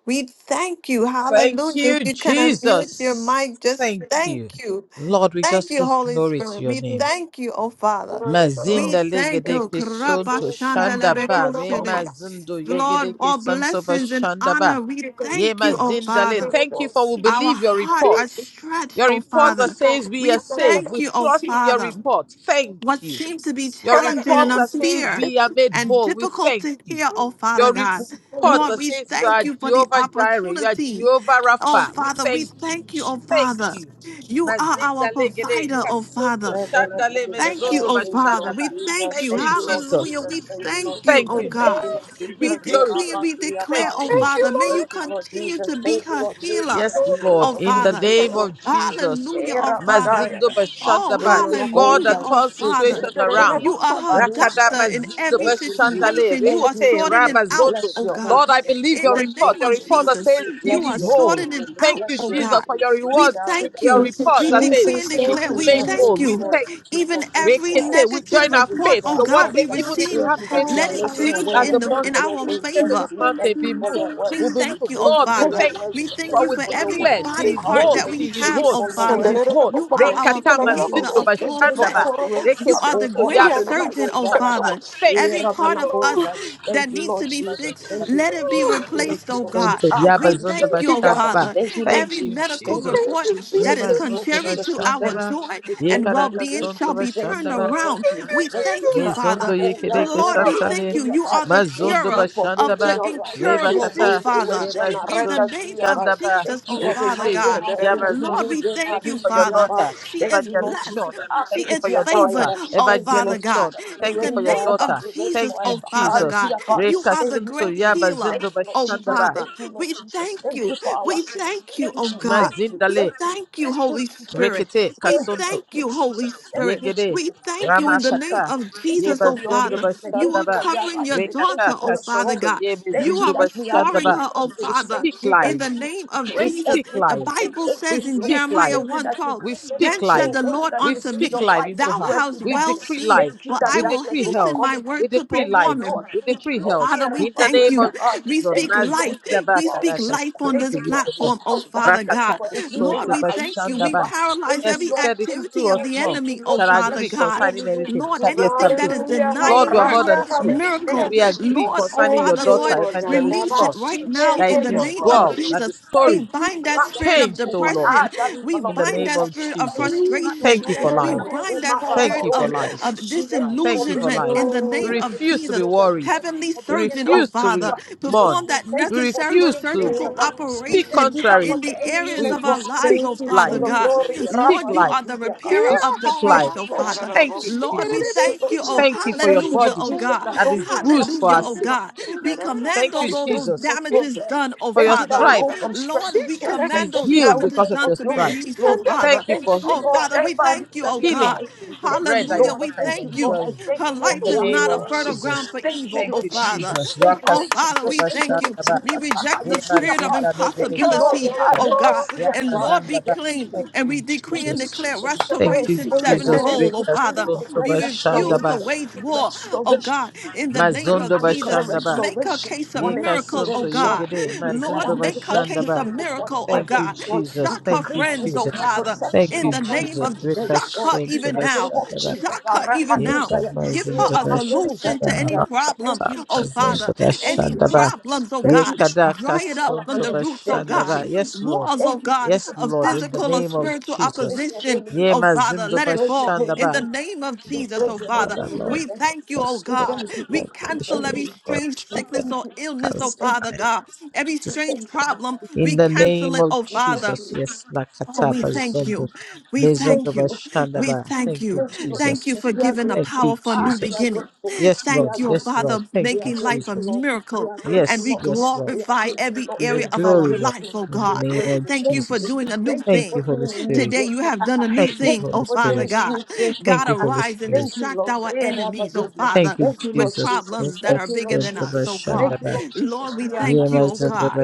S1: We thank you.
S3: Thank
S1: Hallelujah. If
S3: you,
S1: you can unmute your
S3: Jesus.
S1: mic, just
S3: Thank you.
S1: thank you.
S3: Lord, we
S1: Thank
S3: just
S1: you,
S3: give
S1: Holy
S3: glory to
S1: Spirit.
S3: your
S1: We
S3: name.
S1: thank you, oh Father. We
S3: Mazinda
S1: thank
S3: legede
S1: you.
S3: ke sonto shanda ba re
S1: Karabashandalebekoshede.
S3: mazindo yegede
S1: Lord,
S3: ke
S1: all
S3: santo ba
S1: blessings and
S3: shanda ba
S1: honor. We
S3: ye
S1: thank you, oh
S3: mazinda le.
S1: Father.
S3: Thank you for we
S1: Our
S3: believe your
S1: heart are
S3: reports.
S1: stretched,
S3: Your
S1: oh
S3: report that
S1: Father.
S3: says we are
S1: We
S3: safe.
S1: thank
S3: We
S1: you, oh
S3: trust in your
S1: Father
S3: report. Thank
S1: what
S3: you.
S1: seemed to be
S3: Your
S1: challenging
S3: report
S1: and
S3: that says
S1: unfair
S3: we are made
S1: and
S3: whole, we
S1: difficult
S3: thank
S1: to
S3: you.
S1: hear, oh Father
S3: Your
S1: God.
S3: report
S1: Lord,
S3: that
S1: we
S3: says you are
S1: thank you for the
S3: Jehovah Jireh, you are
S1: opportunity.
S3: Jehovah
S1: Oh
S3: Rapha, we
S1: Father, we
S3: thank you.
S1: thank you, oh
S3: Thank
S1: Father.
S3: you.
S1: You are our
S3: Mazinda legede,
S1: provider, oh Father.
S3: kasonto,
S5: And then I
S3: shandale
S5: believe in
S1: Thank you,
S5: God.
S3: mezondo
S1: oh
S5: Thank you,
S1: Father.
S5: Lord
S1: We
S3: bashandaba.
S5: Jesus,
S1: thank
S3: Thank
S1: you.
S3: you,
S5: thank you, Lord Jesus,
S1: Hallelujah.
S3: Jesus.
S1: We
S5: thank you, Lord
S1: thank you,
S3: Thank
S1: oh
S5: Jesus,
S3: you,
S5: thank
S1: God.
S5: you,
S3: Jesus.
S5: Lord
S3: You give
S1: We
S5: Jesus, and
S3: glory to
S5: I
S1: decree and
S3: you.
S5: pass
S1: we
S5: through your
S3: Thank
S1: declare, oh
S5: power.
S3: you.
S1: Father, may you
S5: Thank you, Lord
S1: continue
S5: Jesus,
S1: to be
S5: thank you,
S1: her
S5: Lord Jesus,
S1: healer,
S3: Yes,
S5: that you make
S3: Lord,
S1: oh
S5: the
S3: in
S5: way,
S3: the
S1: Father.
S5: thank you,
S3: name
S5: Lord
S3: of
S5: Jesus.
S3: Jesus.
S1: Hallelujah,
S5: Eh,
S1: oh Father.
S5: Rabadaya. Eh,
S3: Mazindo
S1: Oh,
S3: Bashandaba,
S5: no,
S3: the
S5: no, go,
S3: God
S1: hallelujah,
S3: that
S5: like,
S1: oh
S3: turns
S5: we
S1: Father.
S3: situation
S5: Thank you,
S3: around.
S1: You
S5: Jesus.
S1: are her
S3: Rakada
S1: doctor
S5: Abariziada.
S1: in
S3: Mazindo
S1: every
S5: Thank you,
S3: Bashandale,
S5: Jesus.
S1: situation. You
S5: Thank
S1: are
S5: you,
S3: Rekete,
S1: sorting it
S5: Jesus. We
S1: out,
S3: Rabazondo.
S5: bless
S1: oh
S5: your
S1: God.
S3: Lord,
S5: holy
S3: I
S5: name.
S3: believe
S1: In
S3: your
S1: the
S5: Bless your
S3: report,
S1: name
S3: your
S1: of
S5: holy
S3: report
S5: name.
S3: that
S1: Jesus,
S3: says
S5: We
S1: you
S3: she
S5: bless
S1: are
S3: is
S5: your holy
S3: whole.
S1: sorting
S5: name.
S1: it
S5: We
S3: Thank
S1: out,
S3: you,
S5: bless
S1: oh
S5: your
S3: Jesus,
S1: God.
S3: for
S5: holy
S3: your
S5: name.
S1: We
S3: reward,
S1: thank
S3: your
S1: you.
S3: report
S1: We
S3: that
S5: Yadadadadadadadada.
S3: says
S1: decree and
S3: she
S5: Thank
S1: declare,
S3: is
S5: you,
S1: we
S5: Lord.
S3: made
S5: Thank
S3: whole.
S1: thank
S5: you,
S3: We
S1: you
S5: Lord.
S3: thank
S5: Thank you,
S3: you.
S1: even
S5: Lord. Thank you
S1: every
S5: for our
S3: Rekete, we
S1: negative
S5: sister.
S3: join our
S5: Thank you
S1: report
S3: faith.
S5: for
S1: oh
S3: Your
S5: our
S3: word
S1: god
S5: help.
S1: we
S3: says, even if
S1: receive
S2: you,
S3: you have
S5: Thank
S2: I'm
S5: you that
S3: faith
S5: you
S2: God
S1: let
S5: are
S2: all
S1: it
S2: by
S3: as
S5: making a
S3: little
S1: change
S5: way
S3: as the
S1: in
S5: where
S1: the
S5: there is
S1: in
S3: mustard
S5: no
S3: seed,
S1: our
S5: way.
S2: Thank
S3: you say
S5: Thank
S3: to
S1: favor
S2: you,
S3: this
S5: you.
S2: thank
S3: mountain,
S5: Thank you
S3: be
S2: you,
S5: for
S3: moved,
S5: your
S2: thank
S1: we
S3: will
S2: you,
S5: words.
S3: be
S2: thank
S1: thank
S3: moved.
S1: you,
S5: Thank
S1: oh
S5: you
S3: Lord, we
S5: for your
S1: Father.
S3: thank
S5: words.
S3: you.
S1: We
S2: you.
S1: thank
S5: Thank
S3: For
S1: you
S3: we
S5: you
S1: for
S5: for your
S1: every
S5: words
S3: declare
S5: of
S3: she
S1: body
S3: is
S1: part
S3: whole,
S1: that
S5: encouragement.
S1: we
S3: she is
S5: Thank
S1: have,
S5: you
S3: whole,
S1: oh
S5: for your
S3: she
S5: words
S1: Father.
S3: is
S5: of
S3: whole.
S1: You are
S5: upliftment.
S1: our
S3: Rekatama
S5: Thank you,
S1: creator
S3: zindo
S1: of
S5: Lord.
S1: full
S5: Thank you, Lord, that
S3: bashandaba.
S1: flesh.
S5: you raised
S3: Reke
S1: You are the
S5: above
S3: sunto
S5: all our
S1: great
S3: yaba
S5: riba,
S3: zindo
S1: surgeon,
S5: those
S1: oh
S5: that are
S3: bashandaba.
S1: Father.
S5: right.
S3: Thank you,
S5: Eh,
S1: Every
S3: Holy
S1: part
S5: Ramana
S1: of
S3: Spirit.
S1: us
S5: Kova.
S1: that
S5: Thank you,
S1: needs to
S5: Lord
S1: be
S5: Jesus.
S1: fixed,
S5: Thank you,
S3: Bashandaba.
S1: let
S5: Lord
S1: it be
S5: Jesus.
S4: Ooh,
S3: Reke
S5: Thank
S1: replaced,
S3: reke
S5: you,
S1: oh
S5: Lord
S1: God.
S5: Jesus.
S3: sunto
S5: Ah,
S3: yaba
S1: We
S3: zindo
S4: thank
S1: thank
S5: Kaligidia
S1: you,
S4: you,
S1: oh
S5: Kapa.
S4: God.
S3: bashandaba.
S1: Father.
S5: Thank you, Lord
S1: Every
S3: Thank you,
S5: Jesus.
S1: medical
S5: Thank you,
S3: Jesus.
S5: Lord
S1: report
S5: Jesus.
S1: that
S3: Yeba
S1: is
S5: Thank you, Lord
S3: zindo
S1: contrary
S5: Jesus.
S1: to
S5: We
S1: our
S5: thank
S3: bashandaba.
S5: you.
S1: joy
S5: We
S1: and
S5: thank you.
S1: well
S5: We
S3: Yekaraka
S1: being
S5: thank
S3: sunto
S5: you.
S1: shall
S5: We
S1: be
S5: thank
S1: turned
S5: you. We
S3: bashandaba.
S5: thank
S1: around.
S5: you.
S4: Thank you,
S1: We
S5: We thank you.
S1: thank you,
S4: Jesus.
S5: Ramana
S3: Mezondo
S1: Father.
S5: Kova.
S3: yekereke
S5: Eh,
S1: Lord, we thank
S3: santale.
S1: you.
S5: Rabasuya
S1: You
S5: Kai.
S1: are the
S5: Thank
S3: Mazondo
S1: curer
S5: you for
S1: of
S5: bringing
S1: the
S3: bashandaba.
S5: your light into
S1: incurable,
S5: every
S1: oh
S3: Rebakata.
S1: Father.
S5: situation.
S1: In the
S3: Emazindo
S1: name
S5: Arabasuya
S1: of
S5: Kai.
S3: shandaba.
S5: Thank
S1: Jesus,
S5: you
S1: oh
S5: for
S1: Father
S3: Rekete.
S5: reminding
S1: God.
S5: us who
S3: Yamazondo.
S5: to
S1: Lord,
S5: are,
S1: we
S5: we our
S1: thank
S3: Thank you
S1: you,
S3: for
S5: history
S3: your
S1: Father.
S5: about.
S3: daughter,
S1: She
S5: Thank
S1: is
S5: you, Lord
S3: Evangelist Sean.
S1: blessed.
S5: Jesus. I
S3: Thank
S1: She
S3: you
S5: thank
S1: is
S3: for
S5: you,
S3: your
S1: favored,
S3: daughter,
S5: Abba.
S1: oh
S5: Thank you,
S1: Father
S5: Lord
S3: Evangelist
S1: God.
S3: Sean.
S5: Jesus.
S1: In
S5: You
S3: Thank you
S1: the
S5: reign
S3: for your
S1: name
S5: forever.
S1: of
S3: daughter.
S5: You reign
S1: Jesus,
S3: Thank you,
S1: oh
S5: forever. I
S1: Father
S3: Jesus.
S5: see
S1: God.
S5: about.
S1: You are
S5: Thank
S1: the
S5: you,
S3: Rekasunto
S5: Lord
S1: great
S5: Jesus.
S1: healer,
S5: Thank
S3: yabazindo
S5: you, Lord
S1: oh
S5: Jesus.
S3: bashandaba.
S1: Father.
S5: Thank you, Lord
S1: We
S5: Jesus.
S1: thank
S5: Thank
S1: you.
S5: you for our
S1: We
S5: sister.
S1: thank you, oh
S5: Thank you.
S1: God.
S5: Thank you.
S1: We
S5: Thank
S3: Mazindale.
S5: you.
S1: thank you,
S5: Thank you,
S1: Holy
S5: Jesus.
S1: Spirit.
S3: Rekete
S1: We
S5: Oh, thank
S1: thank
S5: you,
S1: you,
S5: Jesus.
S1: Holy
S5: Thank you,
S1: Spirit.
S5: Jesus.
S3: Yegede
S1: We thank
S5: Thank
S1: you
S5: you,
S1: in the
S5: Jesus.
S1: name
S3: Ramakata
S1: of
S5: Thank you
S1: Jesus,
S3: Yeba
S5: for
S1: oh
S5: the
S3: Zondo
S1: Father
S5: obedience. Thank
S1: you
S5: you
S1: are
S5: for
S3: Bashandaba
S5: the
S1: covering your
S5: arising. Thank you
S1: daughter,
S3: Rekata
S5: for
S1: oh
S5: the
S1: Father
S5: soul.
S3: Kasonto
S1: God.
S3: Yebe
S1: You
S5: Thank you
S3: Zindu
S1: are
S5: that we are not
S1: restoring
S3: Bashandaba.
S5: in
S1: her, oh
S3: We
S5: bondage.
S1: Father,
S5: Thank
S3: speak
S5: you
S1: in
S5: that
S3: live.
S1: the
S5: you
S1: name of
S3: We
S5: break
S1: Jesus.
S3: speak
S5: every
S1: The
S3: live.
S5: bondage.
S1: Bible
S5: Thank
S3: We
S1: says
S5: you,
S1: in
S5: Lord.
S3: speak
S1: Jeremiah
S3: live.
S5: Thank you
S1: one
S5: that you
S1: twelve.
S3: We
S5: break every
S3: speak
S1: Then said
S5: chain.
S3: life.
S1: the
S5: Thank you
S1: Lord
S5: that
S3: We
S5: you
S1: unto
S5: bring
S3: speak
S1: me,
S5: your
S3: life
S5: light
S3: into
S1: Thou
S3: her.
S5: into every
S1: hast
S3: We
S1: well
S5: darkness.
S3: decree
S1: seen,
S3: life.
S5: Thank you
S1: for
S5: that
S1: I
S3: We
S1: will
S5: darkness
S3: decree health.
S1: hasten my
S5: overcomes. it.
S3: We
S1: word to
S3: decree
S5: Thank you,
S3: life.
S1: perform
S5: Lord.
S1: it.
S5: Lord.
S3: We
S5: Thank you,
S3: decree
S5: Lord.
S3: health.
S1: Father,
S5: Here,
S1: we
S3: In the
S1: thank
S3: name
S1: you.
S3: of
S5: Rapazonia, ah,
S1: We
S3: Jesus.
S1: speak
S5: Thank you, Lord.
S1: life.
S5: Thank
S3: Mazinda
S5: you
S3: ba
S1: We
S5: for our
S1: speak
S3: kadaka
S5: sister.
S1: life on
S3: sonto
S5: Thank
S1: this
S5: you for good
S3: yegede.
S1: platform, oh
S5: health.
S1: Father
S5: Thank you
S1: God.
S5: for
S3: Rakataka
S5: the healing.
S1: Lord,
S3: sonto
S1: we
S3: ba
S1: thank you.
S5: Akaisiria,
S1: We
S5: God.
S3: shandaba.
S5: Thank
S1: paralyze
S5: you,
S3: Yes,
S1: every
S3: you
S5: Lord.
S3: said if
S5: Thank you,
S3: two
S1: activity
S3: or
S1: of
S5: Lord.
S1: the
S3: more
S5: Thank you,
S1: enemy,
S5: Lord.
S1: oh
S3: shall
S5: We
S1: Father
S3: agree
S5: bless your
S1: God.
S5: holy
S3: concerning
S5: name.
S3: anything, it
S1: Lord,
S5: We
S3: shall be
S1: anything
S5: reverence
S1: that
S3: established.
S1: is
S5: your holy name,
S3: Lord,
S1: denying
S3: we are
S1: her
S3: more than
S5: Ramadan.
S3: two.
S5: Thank
S1: miracle,
S3: We
S5: you,
S3: agree
S5: Jesus.
S1: Lord, oh
S3: concerning
S5: Thank
S3: your
S5: you,
S1: Father,
S5: Jesus.
S3: daughter,
S1: Lord,
S5: Thank you,
S3: Evangelist
S1: release it
S3: Sean,
S5: Jesus.
S1: right
S5: We
S1: now
S3: that
S5: change
S3: it
S1: in the
S5: every
S3: is
S1: name of
S3: well,
S5: situation.
S3: that
S1: Jesus.
S3: the
S1: We
S3: story
S5: Every
S1: bind that
S3: is
S5: plan of the
S1: spirit of
S3: changed, O
S5: evil one,
S3: Lord
S1: depression.
S5: ah, that
S1: We
S5: evil of
S3: in the
S1: bind
S3: name
S5: old,
S1: that
S3: of
S1: spirit of
S5: every
S3: Jesus.
S5: plan of
S1: frustration.
S3: Thank you
S5: the
S3: for
S5: evil
S1: We
S3: life.
S5: one, oh
S1: bind that
S5: my
S3: Thank
S1: spirit
S3: you for
S1: of,
S3: life.
S5: Rabadoza.
S1: of
S5: We thank you
S3: Thank
S5: for
S3: you for
S1: disillusionment
S5: bringing
S3: life.
S1: in
S5: light
S1: the
S3: We
S1: name
S5: into every
S1: of
S3: refuse to be
S1: Jesus.
S5: situation. We
S3: worried.
S5: thank you
S1: Heavenly
S5: for
S3: We
S5: bringing
S1: surgeon, oh
S5: light
S3: refuse to
S5: into
S3: re-
S1: Father,
S5: our situation.
S1: perform
S3: mourn.
S5: We
S1: that
S5: thank
S3: We
S5: you for
S1: necessary
S3: refuse
S5: turning
S3: to
S5: things
S1: surgical
S5: around. We
S3: speak
S5: thank
S1: operation
S5: you that
S3: contrary.
S5: what
S1: in
S5: the
S1: the
S5: enemy
S1: areas
S3: We,
S5: meant
S1: of
S3: we
S5: for
S1: our
S5: harm, you
S1: lives,
S3: speak
S1: oh
S5: used it for
S1: Father
S3: life.
S5: your
S1: God.
S5: glory.
S3: We speak
S1: Lord,
S5: Rabba,
S1: you
S5: you
S3: life.
S1: are the
S5: do the
S1: repairer
S3: We
S5: Akabai.
S1: of the
S3: speak
S1: breach,
S5: Thank
S3: life.
S1: oh
S5: you, Lord
S1: Father.
S3: Thank you,
S5: Jesus.
S1: Lord, we
S5: Thank
S3: Jesus.
S5: you,
S1: thank
S5: Lord
S1: you, oh
S5: Jesus.
S3: Thank you for your
S5: Thank you,
S1: hallelujah,
S5: Lord
S3: body
S1: oh
S5: Jesus,
S1: God.
S5: that
S3: that
S5: don't
S3: is
S5: we
S3: bruised
S5: trust
S3: for
S1: Hallelujah,
S3: our
S5: in you,
S1: oh
S4: Yeah.
S3: sake.
S5: Lord.
S1: God. We
S5: Don't we
S1: command
S3: Thank
S1: all
S3: you,
S5: trust
S1: tho-
S5: in
S1: those
S5: you,
S3: Jesus,
S5: Lord,
S1: damages
S5: program.
S1: done, oh
S3: for your
S5: Thank you that
S1: Father.
S5: we
S3: stripe.
S5: go from strength
S1: Lord,
S5: to
S1: we
S5: strength.
S3: She
S1: command
S3: is
S5: Thank
S1: those
S5: you that
S3: healed
S5: we go
S1: damages
S3: because of
S1: done
S3: your
S5: from
S1: to be
S5: glory
S3: stripe.
S5: to
S1: released, oh
S5: glory.
S3: Thank
S1: Father.
S3: you
S5: Thank
S3: for
S5: you,
S1: Oh
S5: Lord.
S1: Father, we thank
S5: Everybody's
S1: you,
S5: at
S1: oh
S5: your power.
S1: God.
S3: Healing is the
S5: Thank you,
S3: bread that your
S1: Hallelujah,
S5: Lord.
S1: we
S3: daughter is
S5: Thank you,
S1: thank you.
S5: Lord. I
S3: enjoying.
S1: Her
S5: thank you on
S3: In
S1: life
S3: the
S1: is
S5: behalf
S3: name
S1: not
S5: of
S1: a
S3: of
S5: our
S1: fertile
S5: sister.
S1: ground
S3: Jesus.
S1: for
S5: Thank you,
S1: evil,
S3: Thank
S1: oh
S5: Lord
S3: you,
S1: Father.
S3: Jesus.
S5: Jesus. Thank you, Lord
S1: Oh Father, we
S5: Jesus. Thank you,
S1: thank
S5: Lord
S1: you.
S3: Rakasotobashandaba.
S5: Jesus.
S1: We
S5: Ah,
S1: reject
S5: You
S1: the
S5: see your
S1: spirit of
S5: heart. Thank you, Lord.
S1: impossibility,
S5: I
S3: Emazindalegerekesoto.
S1: oh
S5: never
S1: God.
S5: see your
S1: And
S5: heart.
S1: Lord, be
S3: Yamazandaba.
S5: Thank
S1: clean.
S3: Thank
S5: you.
S1: And
S3: you,
S1: we decree
S5: Thank
S1: and
S5: you,
S3: Jesus.
S1: declare
S5: Jesus. Hey,
S3: Thank you,
S1: restoration
S3: Jesus.
S5: Amen. We
S1: sevenfold, oh
S5: decree
S1: Father.
S5: and declare
S1: We refuse to
S3: Rekasotobashandaba.
S5: restoration.
S1: wage war, oh
S5: Restoration.
S1: God. In the
S5: We
S1: name
S5: decree
S1: of
S5: and
S1: Jesus,
S5: declare
S3: Mazondobashandaba.
S1: make her
S5: restoration
S1: case a
S5: upon
S1: miracle, oh
S3: Yekasonto
S5: evangelism.
S1: God.
S3: yegede.
S5: We decree
S1: Lord,
S5: and we
S1: make her
S5: declare
S1: case a
S3: Mazondobashandaba.
S5: healing upon
S1: miracle, oh
S3: Thank you,
S1: God.
S5: evangelism.
S3: Jesus.
S5: We
S1: Shock her
S3: Thank
S5: decree
S3: you,
S5: and we
S1: friends, oh
S3: Jesus.
S5: declare
S1: Father.
S3: Thank
S5: protection
S1: In
S3: you,
S1: the
S5: on
S1: name
S3: Jesus.
S5: every
S1: of
S5: day,
S1: shock
S5: Lord,
S1: her
S5: in
S1: even
S5: the name
S1: now.
S5: of
S3: Rekasotobashandaba.
S5: Jesus,
S1: Shock her even now
S3: Yeka
S5: Arabaduzaya,
S1: Give
S5: eh,
S1: her
S3: mazinda
S1: a
S3: bashanda
S1: solution
S5: Malakuzaya,
S1: to any
S5: right. Thank
S1: problem,
S3: baharakata
S5: you,
S1: oh
S5: Jesus.
S1: Father.
S5: Thank
S1: Any
S5: you,
S3: ba
S5: Jesus.
S1: problems, oh
S5: Thank
S1: God.
S5: you, Jesus.
S1: Dry
S5: Thank
S1: it up from the roots, oh
S5: you,
S1: God.
S3: Yes,
S5: Jesus.
S3: Lord.
S1: Walls, oh
S5: Thank you,
S1: God,
S3: Yes,
S5: Jesus.
S1: of
S3: Lord.
S5: Ah,
S3: In the
S5: thank
S1: physical or
S5: you,
S3: name of
S5: Jesus.
S1: spiritual
S5: We praise
S3: Jesus.
S5: your
S1: opposition,
S5: holy name.
S3: Ye
S1: oh Father.
S3: mazinda
S5: We
S1: Let it
S5: praise your
S1: fall
S3: bashanda
S5: holy
S1: in the
S3: ba.
S5: name.
S1: name of
S3: You
S5: We
S3: know,
S1: Jesus,
S3: my
S1: oh
S5: praise your
S1: Father.
S5: holy
S3: mother,
S5: name.
S3: Lord,
S1: We
S3: my
S1: thank you, oh
S5: We thank,
S3: custom
S5: we
S1: God.
S5: thank
S3: to
S5: you,
S3: my
S1: We
S5: Lord. We
S1: cancel
S5: thank
S3: nation,
S1: every
S5: you.
S3: Lord,
S1: strange
S5: We
S3: my
S1: sickness
S5: thank
S1: or
S5: you.
S1: illness,
S5: We
S1: oh
S3: cancer.
S5: thank
S1: Father
S3: my
S5: you, Lord.
S1: God. Every
S5: We
S1: strange
S5: thank you,
S3: distress.
S5: Lord.
S1: problem,
S5: We
S3: In
S1: we
S5: thank
S3: the
S5: you, Lord.
S1: cancel
S3: name
S1: it,
S3: of
S1: oh
S5: We
S1: Father.
S5: thank you,
S3: Jesus.
S5: Lord.
S3: Yes,
S1: Oh,
S3: lakata
S1: we
S5: Thank you, Lord
S1: thank
S5: Jesus.
S3: bazondo
S1: you. We
S5: Thank
S3: mezondo
S1: thank
S5: you,
S1: you.
S5: Lord.
S3: bashanda
S1: We
S3: ba.
S1: thank
S3: Thank you,
S1: you.
S5: Thank you, Lord
S3: Jesus.
S1: Thank you
S5: Jesus.
S1: for
S5: We are
S1: giving a
S3: Thank
S5: grateful.
S3: you,
S1: powerful
S5: Ah,
S1: new
S5: we are
S3: Jesus.
S1: beginning.
S5: grateful.
S3: Yes,
S5: We
S3: Lord.
S1: Thank
S5: are
S1: you,
S3: Yes,
S5: grateful.
S3: Lord.
S1: Father,
S3: Thank
S5: We are
S3: you,
S1: making life a
S5: grateful,
S3: Jesus.
S5: Lord. We
S1: miracle.
S5: are
S1: And
S5: grateful,
S3: Yes,
S1: we
S5: Lord.
S3: yes, Lord.
S5: We are
S1: glorify
S5: grateful,
S1: every
S5: Lord.
S3: Give you
S1: area of
S5: We are
S1: our
S3: glory, Lord,
S5: grateful.
S1: life, oh
S3: in the
S5: We
S1: God.
S5: are
S3: name of
S5: grateful.
S1: Thank
S5: Thank
S1: you for
S5: you.
S3: Jesus.
S1: doing a new
S5: Thank you
S3: Thank you,
S5: for
S1: thing.
S3: Holy
S5: doing a new
S3: Spirit.
S1: Today
S5: thing.
S1: you have done a new
S3: Thank you,
S5: Thank
S1: thing,
S5: you
S3: Holy
S1: oh
S5: for
S1: Father
S5: doing
S3: Spirit.
S5: a
S1: God.
S5: new thing.
S3: Thank
S1: God,
S3: you, Holy
S1: arise and
S3: Spirit.
S5: Thank you,
S1: distract
S5: Lord.
S1: our
S5: Eh, Rabba
S1: enemies, oh
S5: Zubia.
S1: Father,
S3: Thank you,
S5: Thank you,
S1: with
S5: Lord
S3: Jesus.
S1: problems
S5: Jesus.
S1: that are
S5: Thank you,
S1: bigger
S5: Lord
S1: than us, oh
S5: Jesus.
S1: God.
S5: Thank you,
S3: Ekasontabashandaba,
S5: Lord
S1: Lord,
S5: Jesus.
S1: we
S5: We are
S1: thank you, oh
S5: happy.
S1: God.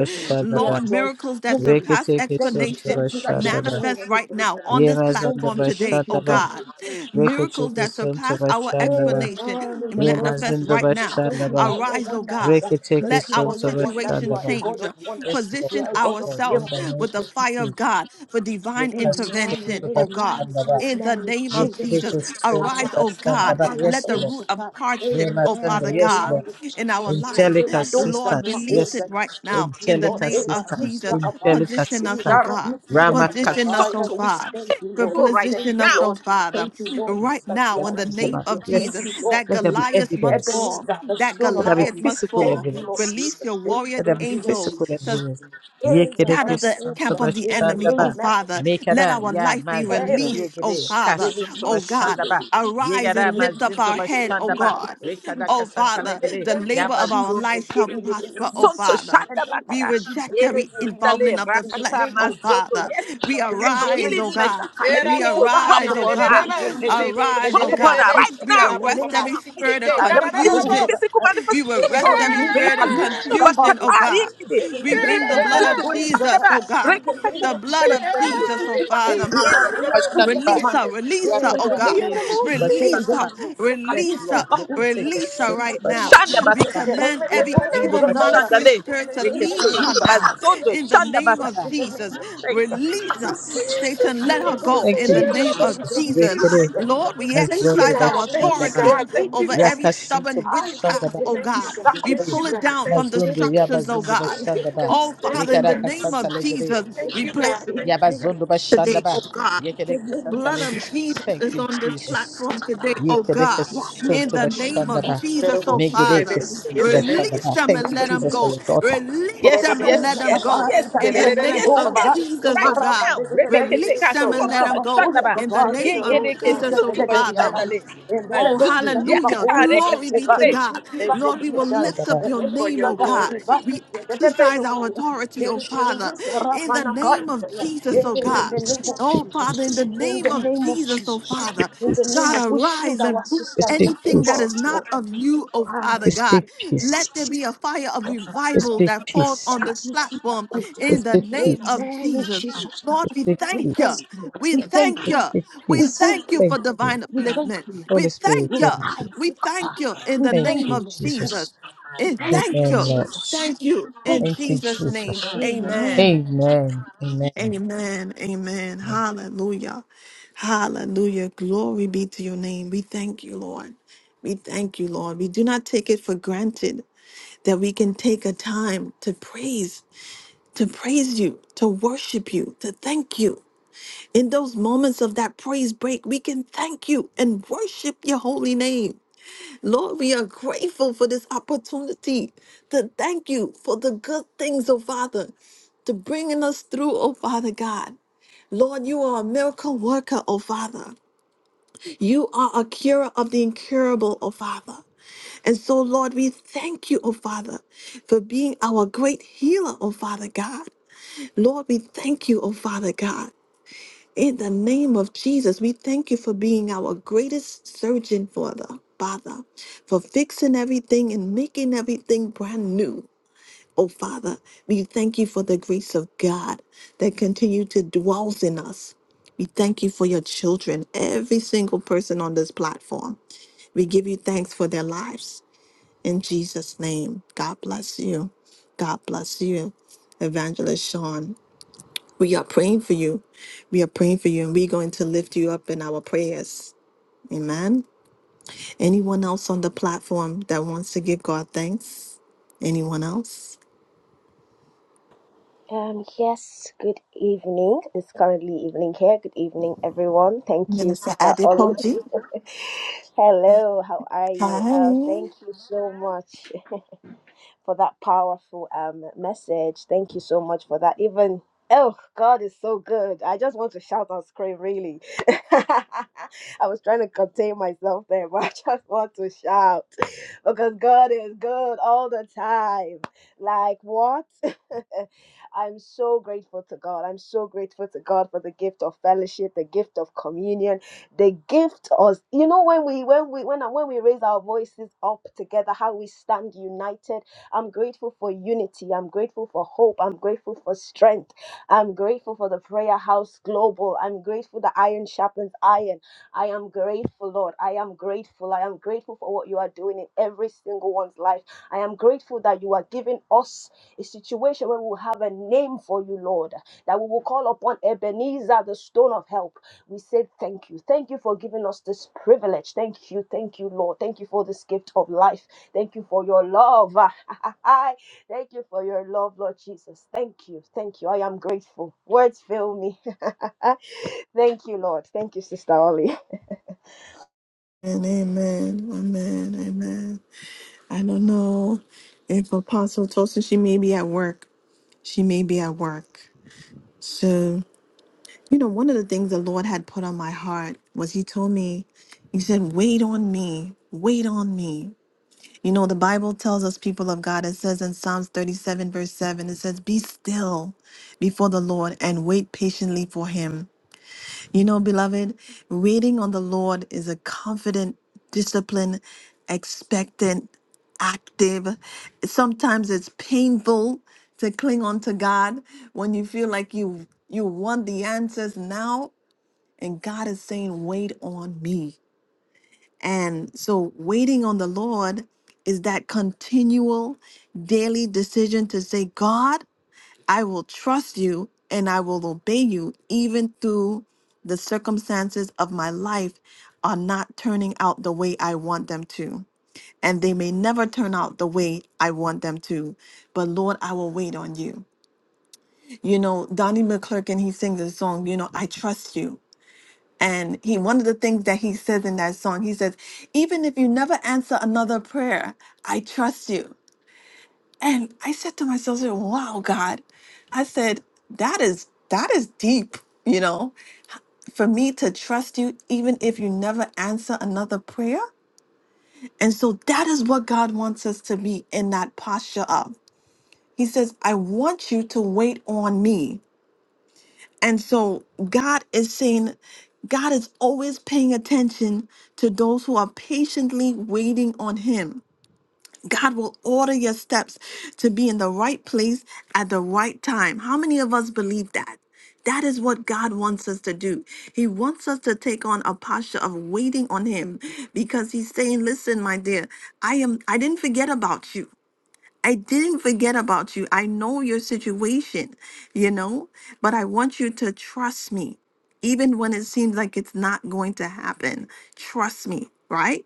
S5: We are
S1: Lord,
S5: joyful.
S1: miracles that
S5: Thank you.
S1: surpass
S5: Thank you.
S1: explanation
S5: Thank you that you are
S3: Reketekesontabashandaba,
S5: turning
S1: Manifest right
S5: everything
S1: now
S5: around.
S1: on this
S5: Thank
S1: platform
S5: you.
S1: today,
S5: Thank you.
S1: oh
S3: Yemazondabashandaba,
S5: Thank
S1: God.
S5: you.
S1: Miracles
S5: God.
S1: that surpass our
S3: Reketekesontabashandaba,
S1: explanation
S5: Amen. In the name of
S1: manifest right
S5: Jesus.
S1: now.
S5: Thank you
S3: Yemazondabashandaba,
S5: for your
S1: Arise, oh God.
S5: wonders.
S3: Reke teke
S5: Thank
S1: Let
S5: you
S1: our
S5: for
S3: sonto
S5: your wonders.
S1: situation
S5: You are a
S3: bashandaba.
S5: God
S1: change.
S5: of wonders.
S3: Yes, Lord,
S5: You
S1: Position
S5: are a
S3: yes,
S5: God of
S3: Lord, in
S1: ourselves
S3: the name of
S1: with
S5: miracles.
S1: the fire of
S3: Jesus.
S1: God for divine
S3: Yeka
S5: Amen,
S1: intervention,
S3: sonto
S1: oh God.
S5: amen,
S3: bashandaba.
S1: In the
S5: amen.
S1: name of
S3: Yeke
S5: Jesus,
S1: Jesus,
S5: name,
S3: reke sonto
S1: arise, oh
S5: arise,
S1: God.
S5: Rapaya
S3: Yes,
S1: Let the
S3: Lord.
S1: root of
S5: Kosata.
S1: hardship,
S3: Yema
S1: oh
S5: Amen,
S1: Father
S3: Yes,
S1: God,
S3: Lord.
S5: amen.
S1: in our
S5: Jesus, name.
S1: life,
S3: Angelic
S5: Ela doza
S1: Lord,
S3: assistance.
S1: release
S3: Yes.
S1: it
S5: makoza.
S1: right
S5: Thank
S1: now.
S5: you,
S1: In the
S3: Angelic
S5: Lord.
S1: name
S5: Eba
S1: of
S3: assistance.
S1: Jesus,
S5: Rusia kapa.
S3: Angelic
S1: position us, oh
S3: assistance.
S5: Ira
S1: God.
S3: Rama
S1: Position us, oh
S3: we
S1: God.
S5: Thank you,
S1: For
S5: Lord.
S3: go right
S5: Thank
S1: position
S5: you,
S3: now.
S1: us, oh
S5: Lord.
S1: Father,
S5: Thank you, Lord.
S1: right
S5: That you
S1: now in
S5: are
S1: the
S5: our
S1: name
S5: Savior.
S1: of
S5: Thank
S1: Jesus,
S5: you,
S3: Yes.
S5: Lord.
S1: that
S3: Let there be
S1: Goliath must
S3: evidence.
S1: fall.
S5: Ebenezer, the
S1: That
S5: Son
S3: Let
S5: of
S3: there be
S1: Goliath
S5: Help.
S1: must
S3: physical
S1: fall.
S5: Thank you, Lord
S3: evidence.
S1: Release
S5: Jesus.
S1: your warrior
S3: Let there be
S5: Thank you, Lord
S1: angels
S3: physical
S1: to.
S5: Jesus.
S3: evidence.
S1: Scatter
S5: Amen,
S3: Yekereke
S1: the
S3: Santa
S1: camp of the enemy, oh
S3: Bashandaba.
S5: Amen.
S1: Father. Let
S3: Mekada
S1: our
S3: ya
S1: life be
S5: Release,
S3: mazinda
S1: released, oh
S3: yegere
S5: release,
S1: Father.
S3: kasunto
S1: Oh
S5: release,
S1: God,
S3: bashandaba.
S1: arise
S3: Yegada
S1: and lift up
S3: mazindo
S1: our
S5: release,
S1: head, oh
S3: bashandaba.
S5: release,
S1: God.
S3: Rekada
S5: release.
S1: Oh
S3: kasanta
S5: In
S1: Father,
S5: the
S3: legere
S1: the
S5: name
S3: ya
S5: of
S1: labor of our
S3: mazundo
S1: life
S5: Jesus,
S1: shall
S5: they
S3: yekereke
S1: prosper, oh
S3: santo
S5: release. In
S1: Father.
S5: the
S3: shandaba
S5: name
S1: We
S5: of
S3: kada.
S1: reject
S5: Jesus, they
S3: Yeme
S1: every
S3: zindale
S1: involvement
S5: release.
S1: of the
S5: In the
S3: rakata
S1: flesh,
S5: name
S1: oh
S5: of
S3: mazondo.
S1: Father.
S3: Yes,
S1: We
S3: Lord,
S5: be
S3: let your
S1: arise,
S3: healing
S1: oh
S5: released.
S1: God.
S3: virtue.
S5: I
S3: Let it
S1: We
S3: begin to
S4: Jesus,
S5: bind
S3: drop
S1: arise,
S5: up.
S1: oh
S3: upon
S5: Be
S3: her.
S1: God.
S5: released in
S3: Let it begin to
S5: the
S1: Arise,
S3: drop
S1: oh
S5: name of
S3: upon her
S1: God.
S3: right
S5: Jesus.
S1: We
S5: In
S3: now.
S5: the
S3: Right
S5: name
S1: arrest every
S5: of
S3: now, right
S5: Jesus.
S1: spirit
S3: now.
S1: of
S3: Let there
S5: Areba
S3: be phys-
S1: confusion
S5: doza.
S3: physical
S1: we will
S5: There is a
S1: rest every
S5: release,
S1: spirit
S5: a
S1: of
S3: manifestation
S5: Lucifer.
S1: confusion,
S5: There
S1: oh
S3: bakata
S1: God.
S3: yekide
S5: is a
S1: We
S5: release,
S1: bring
S5: a
S3: rebe
S1: the blood of
S3: zindu
S5: revelation.
S3: bashanda
S1: Jesus,
S3: ba
S1: oh
S5: In
S1: God.
S3: rekata
S5: the name
S1: The
S5: of
S3: katintu
S1: blood
S5: Jesus,
S1: of
S5: I
S3: bashanda le
S5: used
S1: Jesus,
S5: to
S1: oh
S5: keep a Lucifer comes
S1: Father.
S3: me
S5: here. We
S3: zindu
S5: are cool,
S3: bashanda ba
S1: Release
S5: command.
S1: her, release her,
S5: In
S1: oh
S3: yakada
S5: the
S1: God.
S5: name
S3: me
S5: of
S3: zindu
S5: Jesus, there
S1: Release
S5: is
S3: bashanda
S5: a
S1: her,
S3: ba
S5: release, a
S3: yes
S1: release
S5: Lucifer
S3: lord
S1: her,
S5: comes
S3: rekete
S5: here.
S3: ke
S1: release
S5: In
S1: her
S5: the
S3: soto
S1: right
S5: name of
S1: now.
S3: bashanda
S5: Jesus,
S1: We
S5: the
S3: bakada
S1: command
S5: revelation.
S3: rema
S1: every
S3: zindu
S1: evil
S3: bashanda
S1: monitoring
S3: le
S1: spirit to
S5: In the name of
S3: rekete
S1: leave her
S5: Jesus,
S1: now
S3: bazondo
S1: in the
S3: shanda
S1: name of
S3: bakada
S5: Jesus, in the name
S1: Jesus.
S5: of
S3: thank you
S5: Jesus,
S1: Release
S5: I
S1: her,
S3: jesus
S5: release you.
S1: Satan,
S5: In
S1: let her
S5: the name
S1: go
S5: of
S3: thank
S1: in
S3: you
S1: the
S5: Jesus,
S1: name
S5: there is a
S1: of
S3: jesus
S1: Jesus.
S3: rekete
S1: Lord, we
S3: bazondo
S1: exercise our
S3: bashanda
S5: release,
S3: ba
S5: there
S1: authority
S5: is a release, there is a release, there is a
S1: over
S5: release.
S1: every
S3: yakasinto
S1: stubborn
S5: I there
S3: bashanda
S5: is
S1: witchcraft,
S3: ba.
S5: a
S1: oh
S5: release.
S1: God. We
S3: Yigire,
S1: pull it down from the
S5: There is
S3: Mazundu,
S5: a
S1: structures, oh
S3: Yabazundu
S5: release,
S1: God.
S3: Bashandaba,
S1: Oh
S5: there is
S1: Father, in
S5: a
S1: the
S3: Nikaraka
S1: name
S5: release,
S3: Santa
S1: of
S3: Legere,
S5: there
S1: Jesus,
S5: is a
S1: we play
S5: release. There is a release in the name
S3: Yabazundu
S5: of
S1: today,
S3: Bashandaba,
S1: oh
S5: Jesus.
S1: God
S5: In the
S3: Yekereke
S5: name of
S3: Santa
S1: blood
S3: Le.
S1: of
S5: Jesus.
S1: Jesus
S3: Thank
S1: is
S3: you,
S1: on this
S3: Jesus.
S1: platform today, oh
S3: Yekereke
S1: God.
S5: Yeah, you
S1: In
S3: Santo
S1: the
S5: can do
S1: name
S5: it.
S1: of
S3: Bashandaba,
S1: Jesus, oh
S5: There
S1: Father,
S5: is
S3: Megereke
S5: a
S3: Santo
S5: release.
S1: release
S3: Bashandaba.
S1: them
S3: Thank
S1: and
S3: you,
S5: There
S1: let
S5: is
S1: them
S5: a
S3: Jesus, for
S1: go.
S5: release.
S3: your daughter.
S1: Release
S3: Yes,
S1: them and
S3: yes,
S1: let
S5: Yadoza
S1: them
S3: yes,
S1: go.
S5: kapaya
S3: yes,
S1: In the
S5: tayet
S3: yes,
S1: name
S3: yes,
S1: of
S5: medoza
S3: yes.
S1: Jesus,
S3: Right
S1: oh
S5: imaraba
S1: God.
S3: now,
S5: dedede
S3: Rebecca take
S1: Release
S3: her
S1: them and let
S3: Santo
S1: them
S5: iraba
S1: go.
S5: sulla
S3: Bashandaba,
S1: In the
S5: kapaya
S1: name of
S3: Yegereke
S5: entuza
S1: Jesus, oh
S3: Santo
S5: dedede
S1: Father.
S5: yatay
S3: Bashandale,
S1: Oh,
S3: Mazundu,
S5: emedoza tiba
S1: hallelujah.
S5: koza
S3: Yakatare
S5: de
S1: Glory be to
S3: Katakire,
S5: evarisi
S1: God.
S5: tiba
S1: Lord,
S3: Bezundu
S1: we
S5: kampia
S1: will
S5: day
S1: lift
S3: Bashandaba.
S1: up your name,
S5: emedoza
S1: oh
S5: da
S1: God.
S5: ibani
S1: We
S5: dedede bedo
S1: exercise our authority, oh
S5: deri deri
S1: Father,
S5: misara
S1: in the
S5: mana kaya
S1: name of Jesus,
S5: ya
S3: you,
S1: oh
S5: in the
S3: Jesus.
S1: God.
S5: name of
S3: Speak,
S1: Oh, Father,
S5: Jesus
S1: in the
S5: in
S1: name
S5: the
S1: of
S5: name of
S1: Jesus, oh
S5: Jesus
S3: speak
S1: Father.
S5: in the name
S1: God,
S5: of
S3: peace.
S5: we shield
S1: arise and
S5: our
S1: move
S5: sister with the
S3: Speak
S1: anything
S5: favor
S1: that
S3: peace.
S5: of
S1: is
S5: the
S1: not
S5: Lord.
S1: of you, oh
S5: I
S1: Father God.
S3: Speak
S1: Let
S3: peace.
S1: there be a fire of revival
S3: Speak
S1: that falls
S3: peace.
S1: on this
S5: you see that
S1: platform
S5: good thing.
S1: in the
S3: Speak
S1: name
S3: peace.
S1: of
S5: Amen in
S1: Jesus.
S5: Jesus. name.
S1: Lord, we
S3: Speak
S5: We
S1: thank
S5: thank
S3: peace.
S1: you.
S5: you.
S1: We
S5: We thank
S1: thank you.
S5: you.
S3: Speak
S5: We
S1: We
S3: peace.
S5: thank
S1: thank you
S5: you.
S1: for
S3: Thank you.
S1: divine
S5: We thank
S1: upliftment.
S5: you.
S3: Holy
S1: We
S3: Spirit,
S1: thank
S5: We
S1: you.
S5: thank
S3: thank you.
S1: We
S5: you.
S1: thank you in
S5: We
S1: the
S3: Thank
S1: name
S5: thank
S3: you,
S5: you,
S1: of
S5: Lord.
S1: Jesus.
S3: Jesus.
S1: And
S5: Thank
S1: thank
S5: you,
S3: Amen,
S1: you.
S3: Lord.
S5: Jesus.
S1: Thank you in
S5: Thank
S3: Thank
S5: you,
S3: you,
S1: Jesus'
S3: Jesus.
S5: Jesus.
S1: name. Amen.
S5: Amen.
S3: Amen. Amen.
S1: Amen. Amen. Hallelujah. Hallelujah. Glory be to your name. We thank you, Lord. We thank you, Lord. We do not take it for granted that we can take a time to praise, to praise you, to worship you, to thank you. In those moments of that praise break, we can thank you and worship your holy name. Lord, we are grateful for this opportunity to thank you for the good things, oh Father, to bringing us through, oh Father God. Lord, you are a miracle worker, oh Father. You are a curer of the incurable, oh Father. And so, Lord, we thank you, oh Father, for being our great healer, oh Father God. Lord, we thank you, oh Father God. In the name of Jesus, we thank you for being our greatest surgeon, Father. Father, for fixing everything and making everything brand new. Oh, Father, we thank you for the grace of God that continue to dwells in us. We thank you for your children, every single person on this platform. We give you thanks for their lives. In Jesus' name, God bless you. God bless you, Evangelist Sean. We are praying for you. We are praying for you, and we're going to lift you up in our prayers. Amen. Anyone else on the platform that wants to give God thanks? Anyone else?
S5: Um, yes, good evening. It's currently evening here. Good evening, everyone. Thank you,
S1: Minister
S5: Sister Ollie.
S1: Adipoji.
S5: Hello, how are
S1: Hi.
S5: you? Oh, thank you so much. for that powerful um message. Thank you so much for that. Even oh, God is so good. I just want to shout and scream. Really, I was trying to contain myself there, but I just want to shout because God is good all the time. Like what? I'm so grateful to God. I'm so grateful to God for the gift of fellowship, the gift of communion, the gift of you know when we when we when when we raise our voices up together, how we stand united I'm grateful for unity. I'm grateful for hope. I'm grateful for strength. I'm grateful for the Prayer House Global. I'm grateful that Iron Sharpens Iron. I am grateful, Lord. I am grateful. I am grateful for what you are doing in every single one's life. I am grateful that you are giving us a situation where we will have a name for you, Lord, that we will call upon Ebenezer, the stone of help. We say thank you. Thank you for giving us this privilege. Thank you. Thank you, Lord. Thank you for this gift of life. Thank you for your love. I thank you for your love, Lord Jesus. Thank you. Thank you. I am grateful. Words fail me. thank you, Lord. Thank you, Sister Ollie.
S1: And amen. Amen. Amen. I don't know if Apostle Tosin, she may be at work. She may be at work. So, you know, one of the things the Lord had put on my heart was He told me, He said, wait on me. Wait on me. You know, the Bible tells us, people of God, it says in Psalms 37, verse 7, it says, Be still before the Lord and wait patiently for Him. You know, beloved, waiting on the Lord is a confident, disciplined, expectant, active. Sometimes it's painful to cling on to God when you feel like you you want the answers now and God is saying wait on me. And so waiting on the Lord is that continual daily decision to say, God, I will trust you and I will obey you even through the circumstances of my life are not turning out the way I want them to. And they may never turn out the way I want them to. But Lord, I will wait on you. You know, Donnie McClurkin, he sings a song, you know, I trust you. And he one of the things that he says in that song, he says, even if you never answer another prayer, I trust you. And I said to myself, I said, wow, God, I said, that is that is deep, you know, for me to trust you even if you never answer another prayer. And so that is what God wants us to be in that posture of. He says, I want you to wait on me. And so God is saying, God is always paying attention to those who are patiently waiting on him. God will order your steps to be in the right place at the right time. How many of us believe that? That is what God wants us to do. He wants us to take on a posture of waiting on him because he's saying, "Listen, my dear, I am I didn't forget about you. I didn't forget about you. I know your situation, you know, but I want you to trust me even when it seems like it's not going to happen. Trust me, right?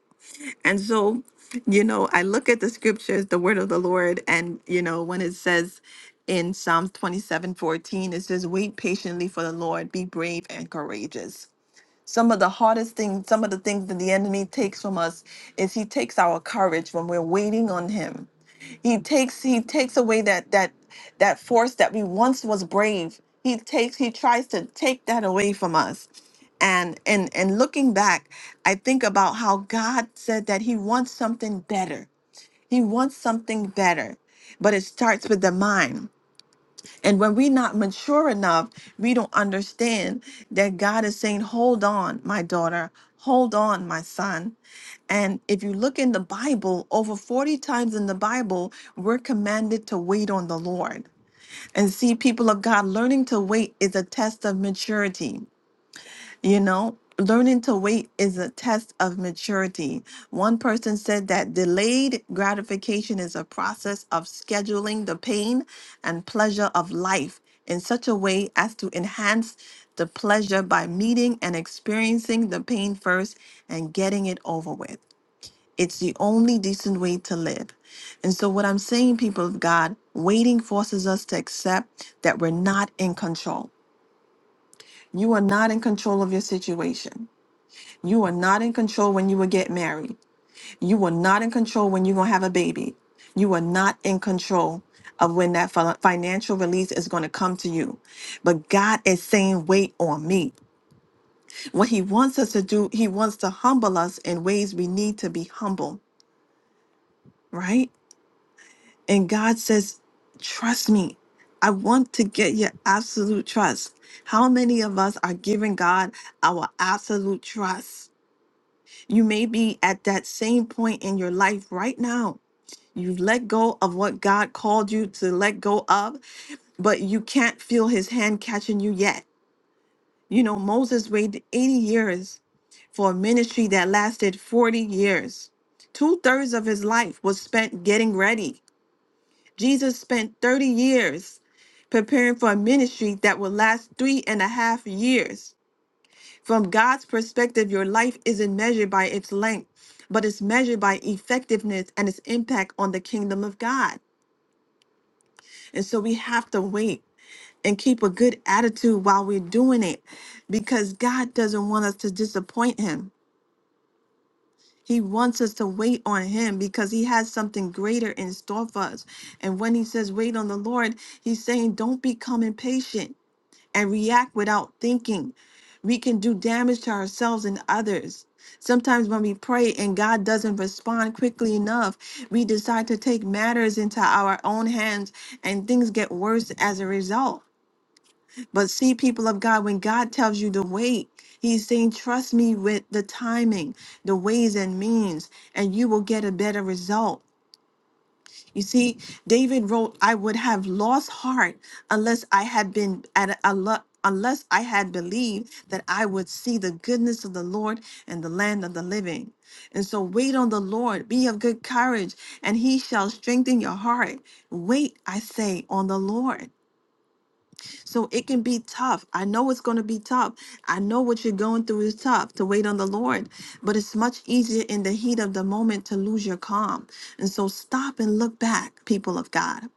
S1: And so, you know, I look at the scriptures, the word of the Lord, and, you know, when it says in Psalms 27 14, it says, Wait patiently for the Lord, be brave and courageous. Some of the hardest things, some of the things that the enemy takes from us is he takes our courage when we're waiting on him he takes he takes away that that that force that we once was brave. He takes he tries to take that away from us. And and and looking back, I think about how God said that he wants something better. He wants something better. But it starts with the mind. And when we're not mature enough, we don't understand that God is saying, Hold on, my daughter, hold on, my son. And if you look in the Bible, over 40 times in the Bible, we're commanded to wait on the Lord. And see, people of God, learning to wait is a test of maturity. You know, learning to wait is a test of maturity. One person said that delayed gratification is a process of scheduling the pain and pleasure of life in such a way as to enhance the pleasure by meeting and experiencing the pain first and getting it over with. It's the only decent way to live. And so, what I'm saying, people of God, waiting forces us to accept that we're not in control. You are not in control of your situation. You are not in control when you will get married. You are not in control when you're going to have a baby. You are not in control of when that fi- financial release is going to come to you. But God is saying, wait on me. What He wants us to do, He wants to humble us in ways we need to be humble, right? And God says, trust me. I want to get your absolute trust. How many of us are giving God our absolute trust? You may be at that same point in your life right now. You've let go of what God called you to let go of, but you can't feel his hand catching you yet. You know, Moses waited 80 years for a ministry that lasted 40 years. Two thirds of his life was spent getting ready. Jesus spent 30 years preparing for a ministry that would last three and a half years. From God's perspective, your life isn't measured by its length, but it's measured by effectiveness and its impact on the kingdom of God. And so we have to wait and keep a good attitude while we're doing it because God doesn't want us to disappoint Him. He wants us to wait on Him because He has something greater in store for us. And when He says, wait on the Lord, He's saying, don't become impatient. and react without thinking. We can do damage to ourselves and others. Sometimes when we pray and God doesn't respond quickly enough, we decide to take matters into our own hands and things get worse as a result. But see, people of God, when God tells you to wait, He's saying, Trust me with the timing, the ways and means, and you will get a better result. You see, David wrote, I would have lost heart unless I had been at a, lo- unless I had believed that I would see the goodness of the Lord in the land of the living. And so wait on the Lord, be of good courage, and he shall strengthen your heart. Wait, I say, on the Lord. So it can be tough. I know it's going to be tough. I know what you're going through is tough to wait on the Lord, but it's much easier in the heat of the moment to lose your calm. And so stop and look back, people of God.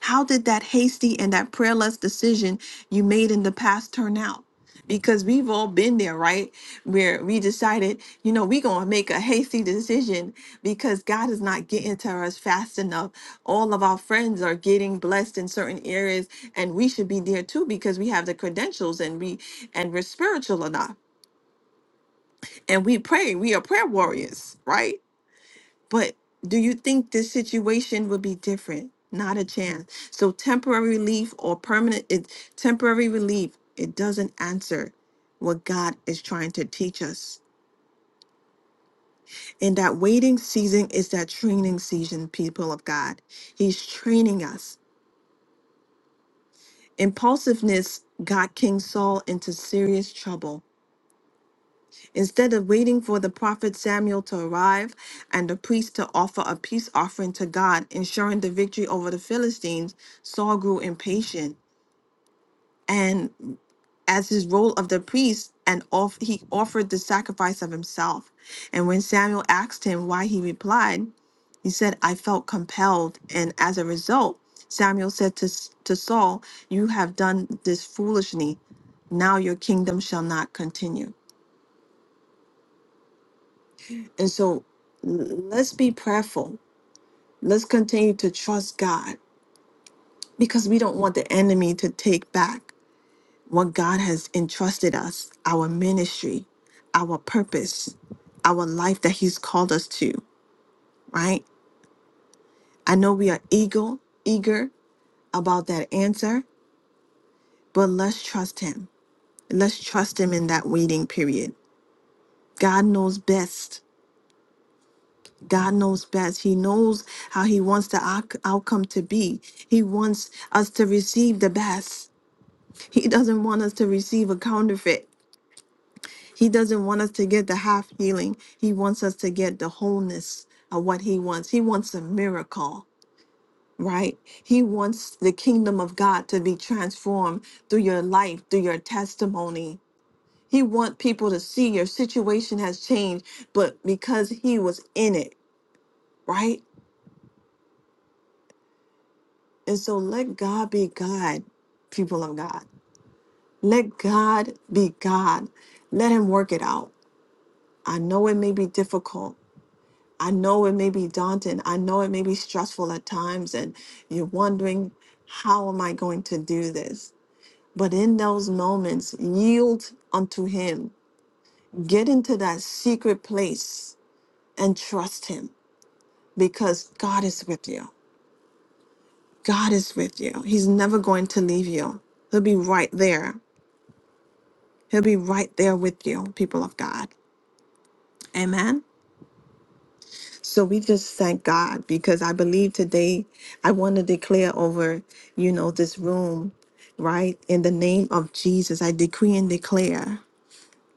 S1: How did that hasty and that prayerless decision you made in the past turn out? Because we've all been there, right? Where we decided, you know, we're going to make a hasty decision because God is not getting to us fast enough. All of our friends are getting blessed in certain areas, and we should be there too because we have the credentials and we and we're spiritual enough. And we pray, we are prayer warriors, right? But do you think this situation would be different? Not a chance. So temporary relief or permanent it, temporary relief, it doesn't answer what God is trying to teach us. And that waiting season is that training season, people of God. He's training us. Impulsiveness got King Saul into serious trouble Instead of waiting for the prophet Samuel to arrive and the priest to offer a peace offering to God, ensuring the victory over the Philistines, Saul grew impatient and as his role of the priest and off, he offered the sacrifice of himself. And when Samuel asked him why he replied, he said, I felt compelled. And as a result, Samuel said to, S- to Saul, You have done this foolishly. Now your kingdom shall not continue. And so l- let's be prayerful. Let's continue to trust God because we don't want the enemy to take back what God has entrusted us our ministry, our purpose, our life that He's called us to, right? I know we are eager, eager about that answer, but let's trust Him. Let's trust Him in that waiting period. God knows best. God knows best. He knows how He wants the out- outcome to be. He wants us to receive the best. He doesn't want us to receive a counterfeit. He doesn't want us to get the half healing. He wants us to get the wholeness of what He wants. He wants a miracle, right? He wants the kingdom of God to be transformed through your life, through your testimony. He wants people to see your situation has changed, but because He was in it, right? And so let God be God, people of God. Let God be God. Let Him work it out. I know it may be difficult. I know it may be daunting. I know it may be stressful at times. And you're wondering, how am I going to do this? But in those moments, yield unto Him. Get into that secret place and trust Him because God is with you. God is with you. He's never going to leave you. He'll be right there He'll be right there with you, people of God. Amen. So we just thank God because I believe today I want to declare over, you know, this room, right? In the name of Jesus, I decree and declare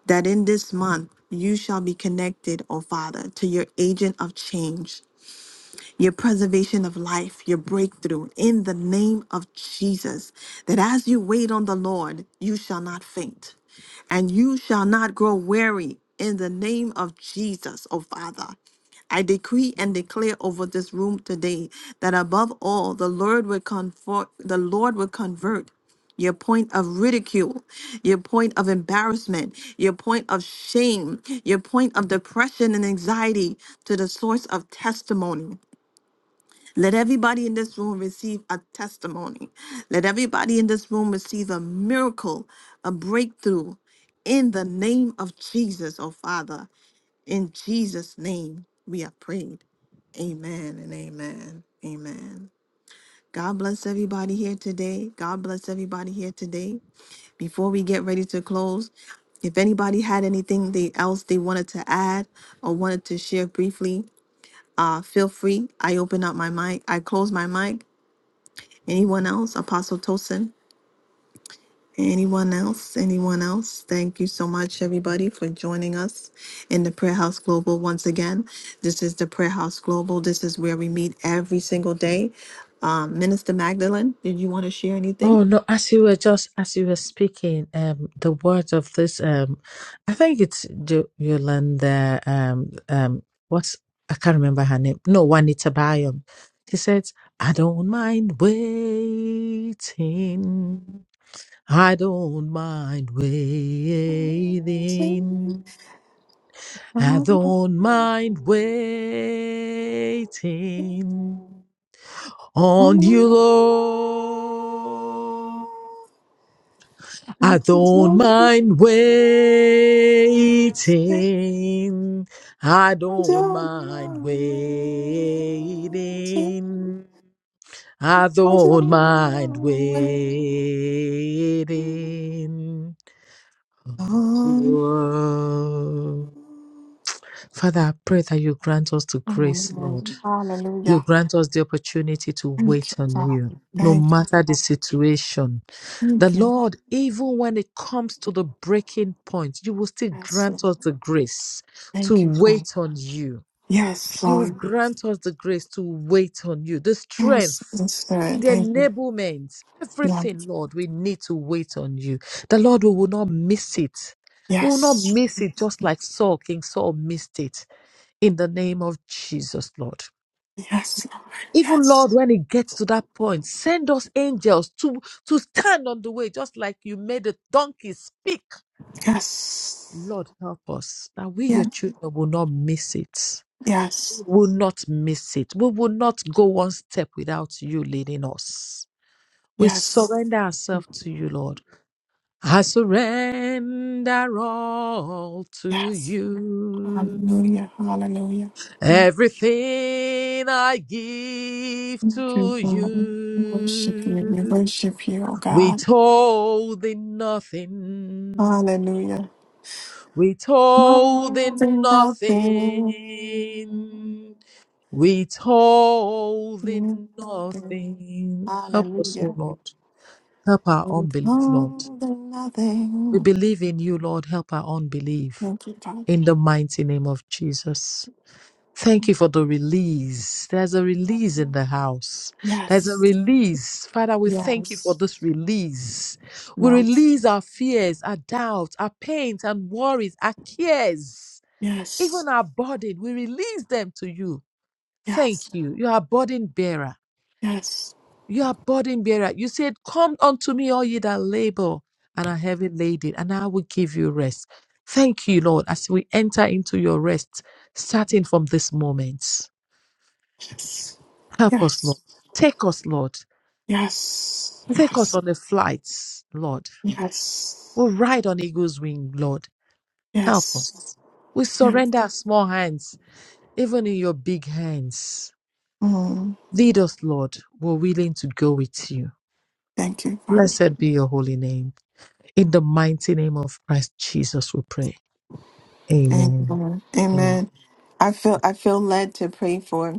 S1: that in this month you shall be connected, oh Father, to your agent of change your preservation of life, your breakthrough in the name of Jesus. That as you wait on the Lord, you shall not faint and you shall not grow weary in the name of Jesus, O Father. I decree and declare over this room today that above all, the Lord will convert, the Lord will convert your point of ridicule, your point of embarrassment, your point of shame, your point of depression and anxiety to the source of testimony let everybody in this room receive a testimony. Let everybody in this room receive a miracle, a breakthrough in the name of Jesus, oh Father. In Jesus' name, we have prayed. Amen and amen. Amen. God bless everybody here today. God bless everybody here today. Before we get ready to close, if anybody had anything they else they wanted to add or wanted to share briefly, uh, feel free. I open up my mic. I close my mic Anyone else? Apostle Tosin? Anyone else? Anyone else? Thank you so much, everybody, for joining us in the Prayer House Global once again. This is the Prayer House Global. This is where we meet every single day. Um, Minister Magdalene, did you want to share anything?
S3: Oh no, as you were just as you were speaking, um the words of this um I think it's Jo- Yolanda um um what's I can't remember her name. No, Juanita Bayam. She says, I don't mind waiting. I don't mind waiting. I don't mind waiting on you, Lord. I don't mind waiting. I don't mind waiting. I don't mind waiting. Whoa. Father, I pray that you grant us the grace, Lord.
S1: Amen.
S3: You
S1: Hallelujah.
S3: grant us the opportunity to
S1: Thank
S3: wait
S1: you,
S3: on
S1: Father.
S3: you, no
S1: Thank you,
S3: matter the
S1: Lord.
S3: situation The
S1: Thank you, Lord.
S3: Lord, even when it comes to the breaking point, you will still
S1: Yes, Lord.
S3: grant us the grace to
S1: Thank you, Father.
S3: wait on you.
S1: Yes,
S3: You will
S1: Lord.
S3: grant us the grace to wait on you, the
S1: Yes,
S3: strength,
S1: yes, Lord.
S3: the
S1: Thank you,
S3: enablement,
S1: Lord.
S3: everything, Lord, we need to wait on you. The Lord, we will not miss it. We will not
S1: Yes.
S3: miss it just like Saul, King Saul missed it in the name of Jesus, Lord.
S1: Yes, Lord.
S3: Even Lord,
S1: Yes.
S3: when it gets to that point, send us angels to to stand on the way, just like you made the donkey speak
S1: Yes.
S3: Lord, help us that we, your
S1: Yes.
S3: children, will not miss it.
S1: Yes.
S3: Will not miss it. We will not go one step without you leading us. We
S1: Yes.
S3: surrender ourselves to you, Lord. I surrender all to
S1: Yes.
S3: you.
S1: Hallelujah. Hallelujah. Thank
S3: Everything I give
S1: you,
S3: to
S1: Father. We worship you.
S3: you.
S1: We worship you, oh God.
S3: Withholding nothing.
S1: Hallelujah.
S3: Withholding
S1: Nothing, nothing.
S3: nothing. withholding
S1: Nothing.
S3: nothing. Help us, O
S1: Hallelujah.
S3: Lord. Help our
S1: With
S3: unbelief, Lord.
S1: All the
S3: We
S1: nothing.
S3: believe in you, Lord. Help our unbelief
S1: Thank you, Father.
S3: in the mighty name of Jesus. Thank you for the release. There's a release in the house. There's a
S1: Yes.
S3: release. Father, we thank you for
S1: Yes.
S3: this release. We
S1: Yes.
S3: release our fears, our doubts, our pains and worries, our cares,
S1: Yes.
S3: even our burden. We release them to you.
S1: Yes.
S3: Thank you. You are burden bearer.
S1: Yes. Yes.
S3: You are burden bearer. You said, Come unto me, all ye that labor and are heavy laden, and I will give you rest. Thank you, Lord, as we enter into your rest, starting from this moment. Help us, Lord.
S1: Yes.
S3: Take us, Lord.
S1: Yes.
S3: Take us
S1: Yes.
S3: on the flights, Lord.
S1: Yes.
S3: We'll ride on eagle's wing, Lord. Help
S1: Yes.
S3: us. We
S1: Yes.
S3: surrender our small hands, even in your big hands.
S1: Mm,
S3: Lead us, Lord. We're willing to go with you.
S1: thank you, Father.
S3: Blessed be your holy name. In the mighty name of Christ Jesus, we pray. Amen.
S1: Amen.
S3: Amen.
S1: Amen. I feel I feel led to pray for.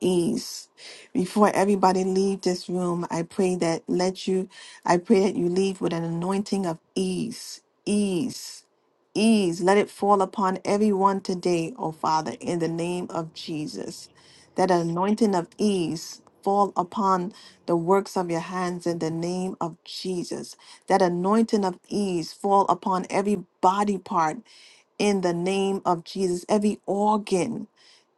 S1: ease. Before everybody leave this room, I pray that let you I pray that you leave with an anointing of ease. Ease. Ease. Let it fall upon everyone today, oh Father, in the name of Jesus. That anointing of ease fall upon the works of your hands in the name of Jesus. That anointing of ease fall upon every body part in the name of Jesus, every organ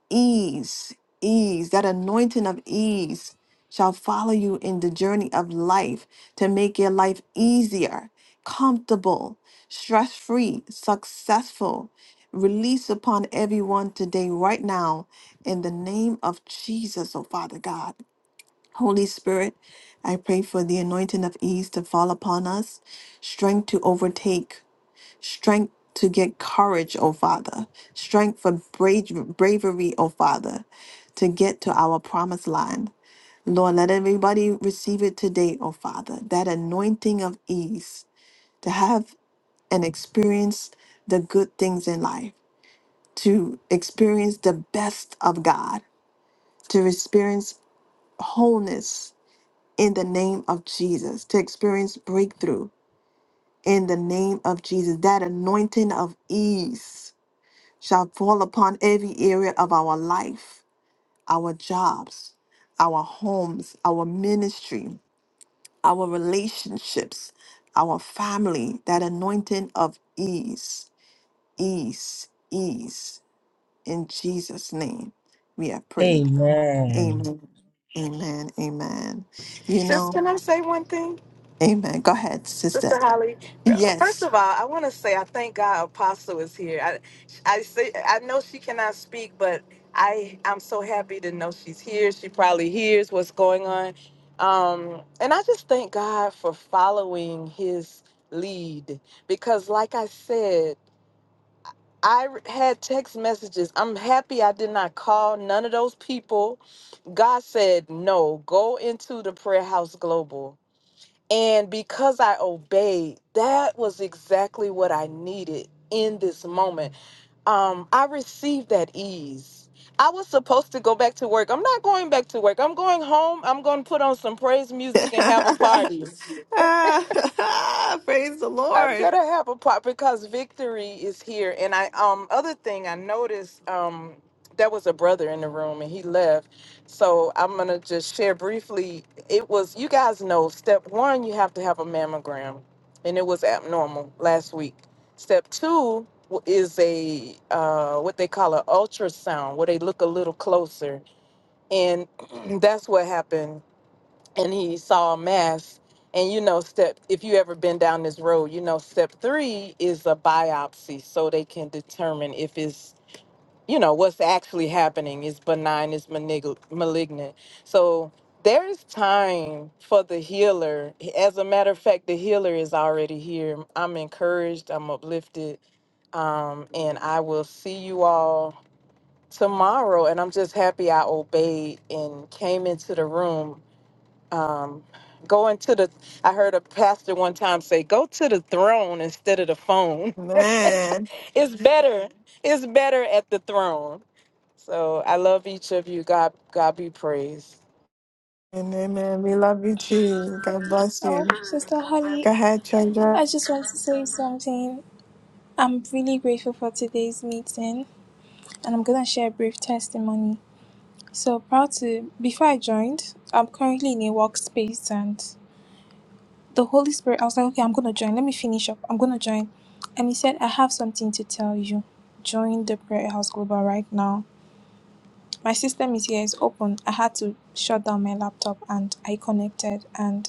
S1: ease, ease, that anointing of ease shall follow you in the journey of life to make your life easier, comfortable, stress free, successful. Release upon everyone today, right now, in the name of Jesus, oh Father God. Holy Spirit, I pray for the anointing of ease to fall upon us, strength to overtake, strength to get courage, O Father, strength for brave, bravery, O Father, to get to our promised land. Lord, let everybody receive it today, O Father, that anointing of ease to have and experience the good things in life, to experience the best of God, to experience wholeness in the name of Jesus, to experience breakthrough in the name of Jesus, that anointing of ease shall fall upon every area of our life, our jobs, our homes, our ministry, our relationships, our family, that anointing of ease, ease, ease. In Jesus' name, we have prayed.
S3: Amen.
S1: Amen. Amen. Amen. You know,
S4: can I say one thing?
S1: amen. Go ahead, sister.
S4: First
S1: Yes.
S4: of all, I want to say I thank God Apostle is here. I, I say I know she cannot speak, but I I'm so happy to know she's here. She probably hears what's going on, um, and I just thank God for following His lead because, like I said, I had text messages. I'm happy I did not call none of those people. God said no. Go into the prayer house global. And because I obeyed, that was exactly what I needed in this moment. Um, I received that ease. I was supposed to go back to work. I'm not going back to work. I'm going home. I'm going to put on some praise music
S1: Praise
S4: and have a
S1: the
S4: party. I'm
S1: Lord.
S4: gonna have a pot because victory is here. And I um other thing I noticed um there was a brother in the room and he left. So I'm gonna just share briefly. It was you guys know step one you have to have a mammogram and it was abnormal last week. Step two w- is a uh what they call an ultrasound where they look a little closer and that's what happened and he saw a mass. And you know, step if you ever been down this road, you know, step three is a biopsy, so they can determine if it's you know what's actually happening is benign, is manig- malignant. So there is time for the healer. As a matter of fact, the healer is already here. I'm encouraged. I'm uplifted, um, and I will see you all tomorrow. And I'm just happy I obeyed and came into the room um, Going to the, I heard a pastor one time say, go to the throne instead of the phone.
S1: Man.
S4: It's better. It's better at the throne. So I love each of you. God, God be praised.
S1: And amen. We love you too. God bless
S2: Oh,
S1: you.
S2: Sister Holly,
S1: Go ahead, treasure.
S2: I just want to say something. I'm really grateful for today's meeting, and I'm gonna share a brief testimony. So proud to. Before I joined, I'm currently in a workspace, and the Holy Spirit. I was like, okay, I'm gonna join. Let me finish up. I'm gonna join, and he said, I have something to tell you. Join the Prayer House Global right now. My system is here. It's open. I had to shut down my laptop, and I connected, and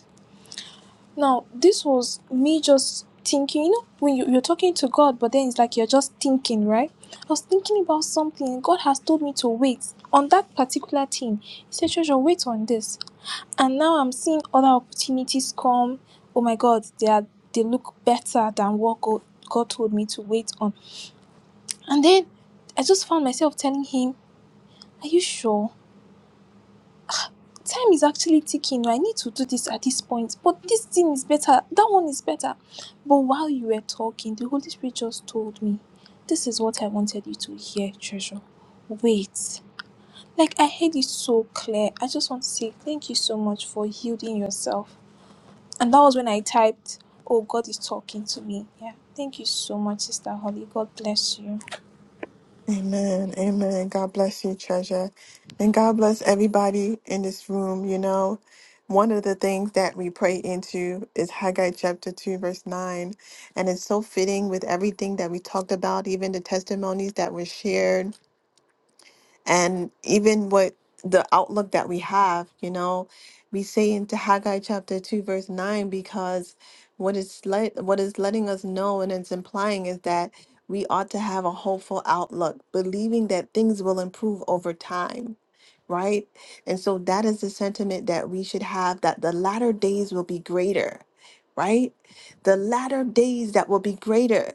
S2: now, this was me just thinking, you know, when you, you're talking to God, but then it's like you're just thinking, right? I was thinking about something. God has told me to wait on that particular thing. He said, Treasure, wait on this. And now I'm seeing other opportunities come. Oh my God, they are they look better than what God, God told me to wait on. And then I just found myself telling him, Are you sure? time is actually ticking. I need to do this at this point, but this thing is better. That one is better. But while you were talking, the Holy Spirit just told me, This is what I wanted you to hear, treasure. Wait. Like, I heard it so clear. I just want to say thank you so much for yielding yourself. And that was when I typed, Oh, God is talking to me. Yeah. Thank you so much, Sister Holly. God bless you.
S1: Amen. Amen. God bless you, treasure. And God bless everybody in this room. You know, one of the things that we pray into is Haggai chapter 2, verse 9. And it's so fitting with everything that we talked about, even the testimonies that were shared and even what the outlook that we have, you know, we say into Haggai chapter 2 verse 9 because what is let what is letting us know and it's implying is that we ought to have a hopeful outlook, believing that things will improve over time, right? And so that is the sentiment that we should have that the latter days will be greater, right? The latter days that will be greater.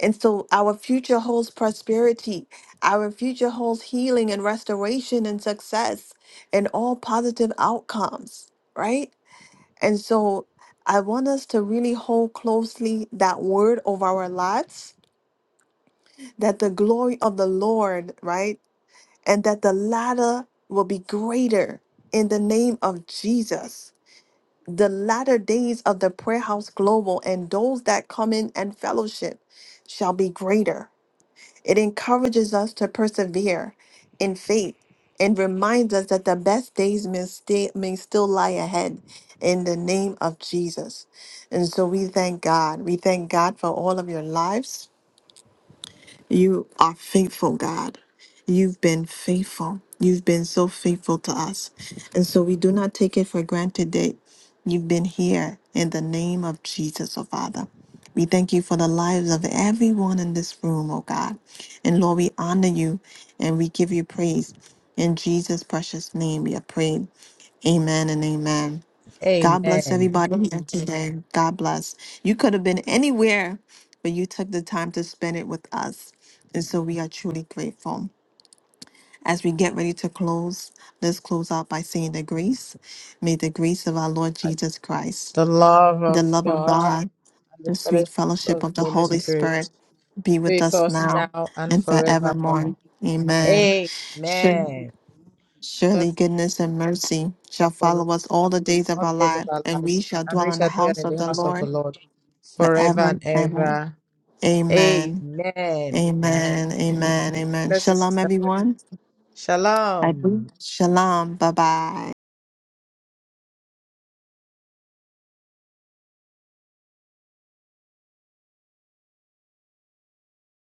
S1: And so our future holds prosperity our future holds healing and restoration and success and all positive outcomes, right? And so I want us to really hold closely that word of our lives, that the glory of the Lord, right? And that the latter will be greater in the name of Jesus. The latter days of the Prayer House Global and those that come in and fellowship shall be greater It encourages us to persevere in faith and reminds us that the best days may, stay, may still lie ahead in the name of Jesus. And so we thank God. We thank God for all of your lives. You are faithful, God. You've been faithful. You've been so faithful to us. And so we do not take it for granted that you've been here in the name of Jesus, oh Father. We thank you for the lives of everyone in this room, oh God. And Lord, we honor you and we give you praise. In Jesus' precious name, we have prayed. Amen and amen. God bless
S3: Amen.
S1: everybody here today. God bless. You could have been anywhere, but you took the time to spend it with us. And so we are truly grateful. As we get ready to close, let's close out by saying the grace. May the grace of our Lord Jesus Christ,
S3: The love
S1: the
S3: of
S1: love of
S3: God
S1: God,
S3: and the
S1: the sweet
S3: fellowship
S1: fellowship
S3: of
S1: of
S3: the
S1: the
S3: Holy
S1: Holy
S3: Spirit
S1: Spirit be
S3: be
S1: with
S3: with
S1: us
S3: us
S1: now
S3: now and
S1: and
S3: forevermore.
S1: forevermore. Amen.
S3: Amen. God,
S1: Surely goodness and
S3: goodness and
S1: mercy shall
S3: follow
S1: follow
S3: us
S1: us all the days of
S3: all the
S1: our
S3: days of
S1: life,
S3: our
S1: and we
S3: lives,
S1: shall
S3: and we
S1: dwell in the
S3: shall dwell
S1: house
S3: in
S1: of
S3: the
S1: the
S3: house of the
S1: Lord
S3: Lord forever
S1: forever and
S3: and
S1: ever.
S3: ever.
S1: Amen.
S3: Amen. Amen.
S1: Amen. Amen. Amen.
S3: Bless you,
S1: Shalom,
S3: Sister Mary.
S1: everyone. I
S3: Shalom.
S1: believe. Shalom. Bye bye.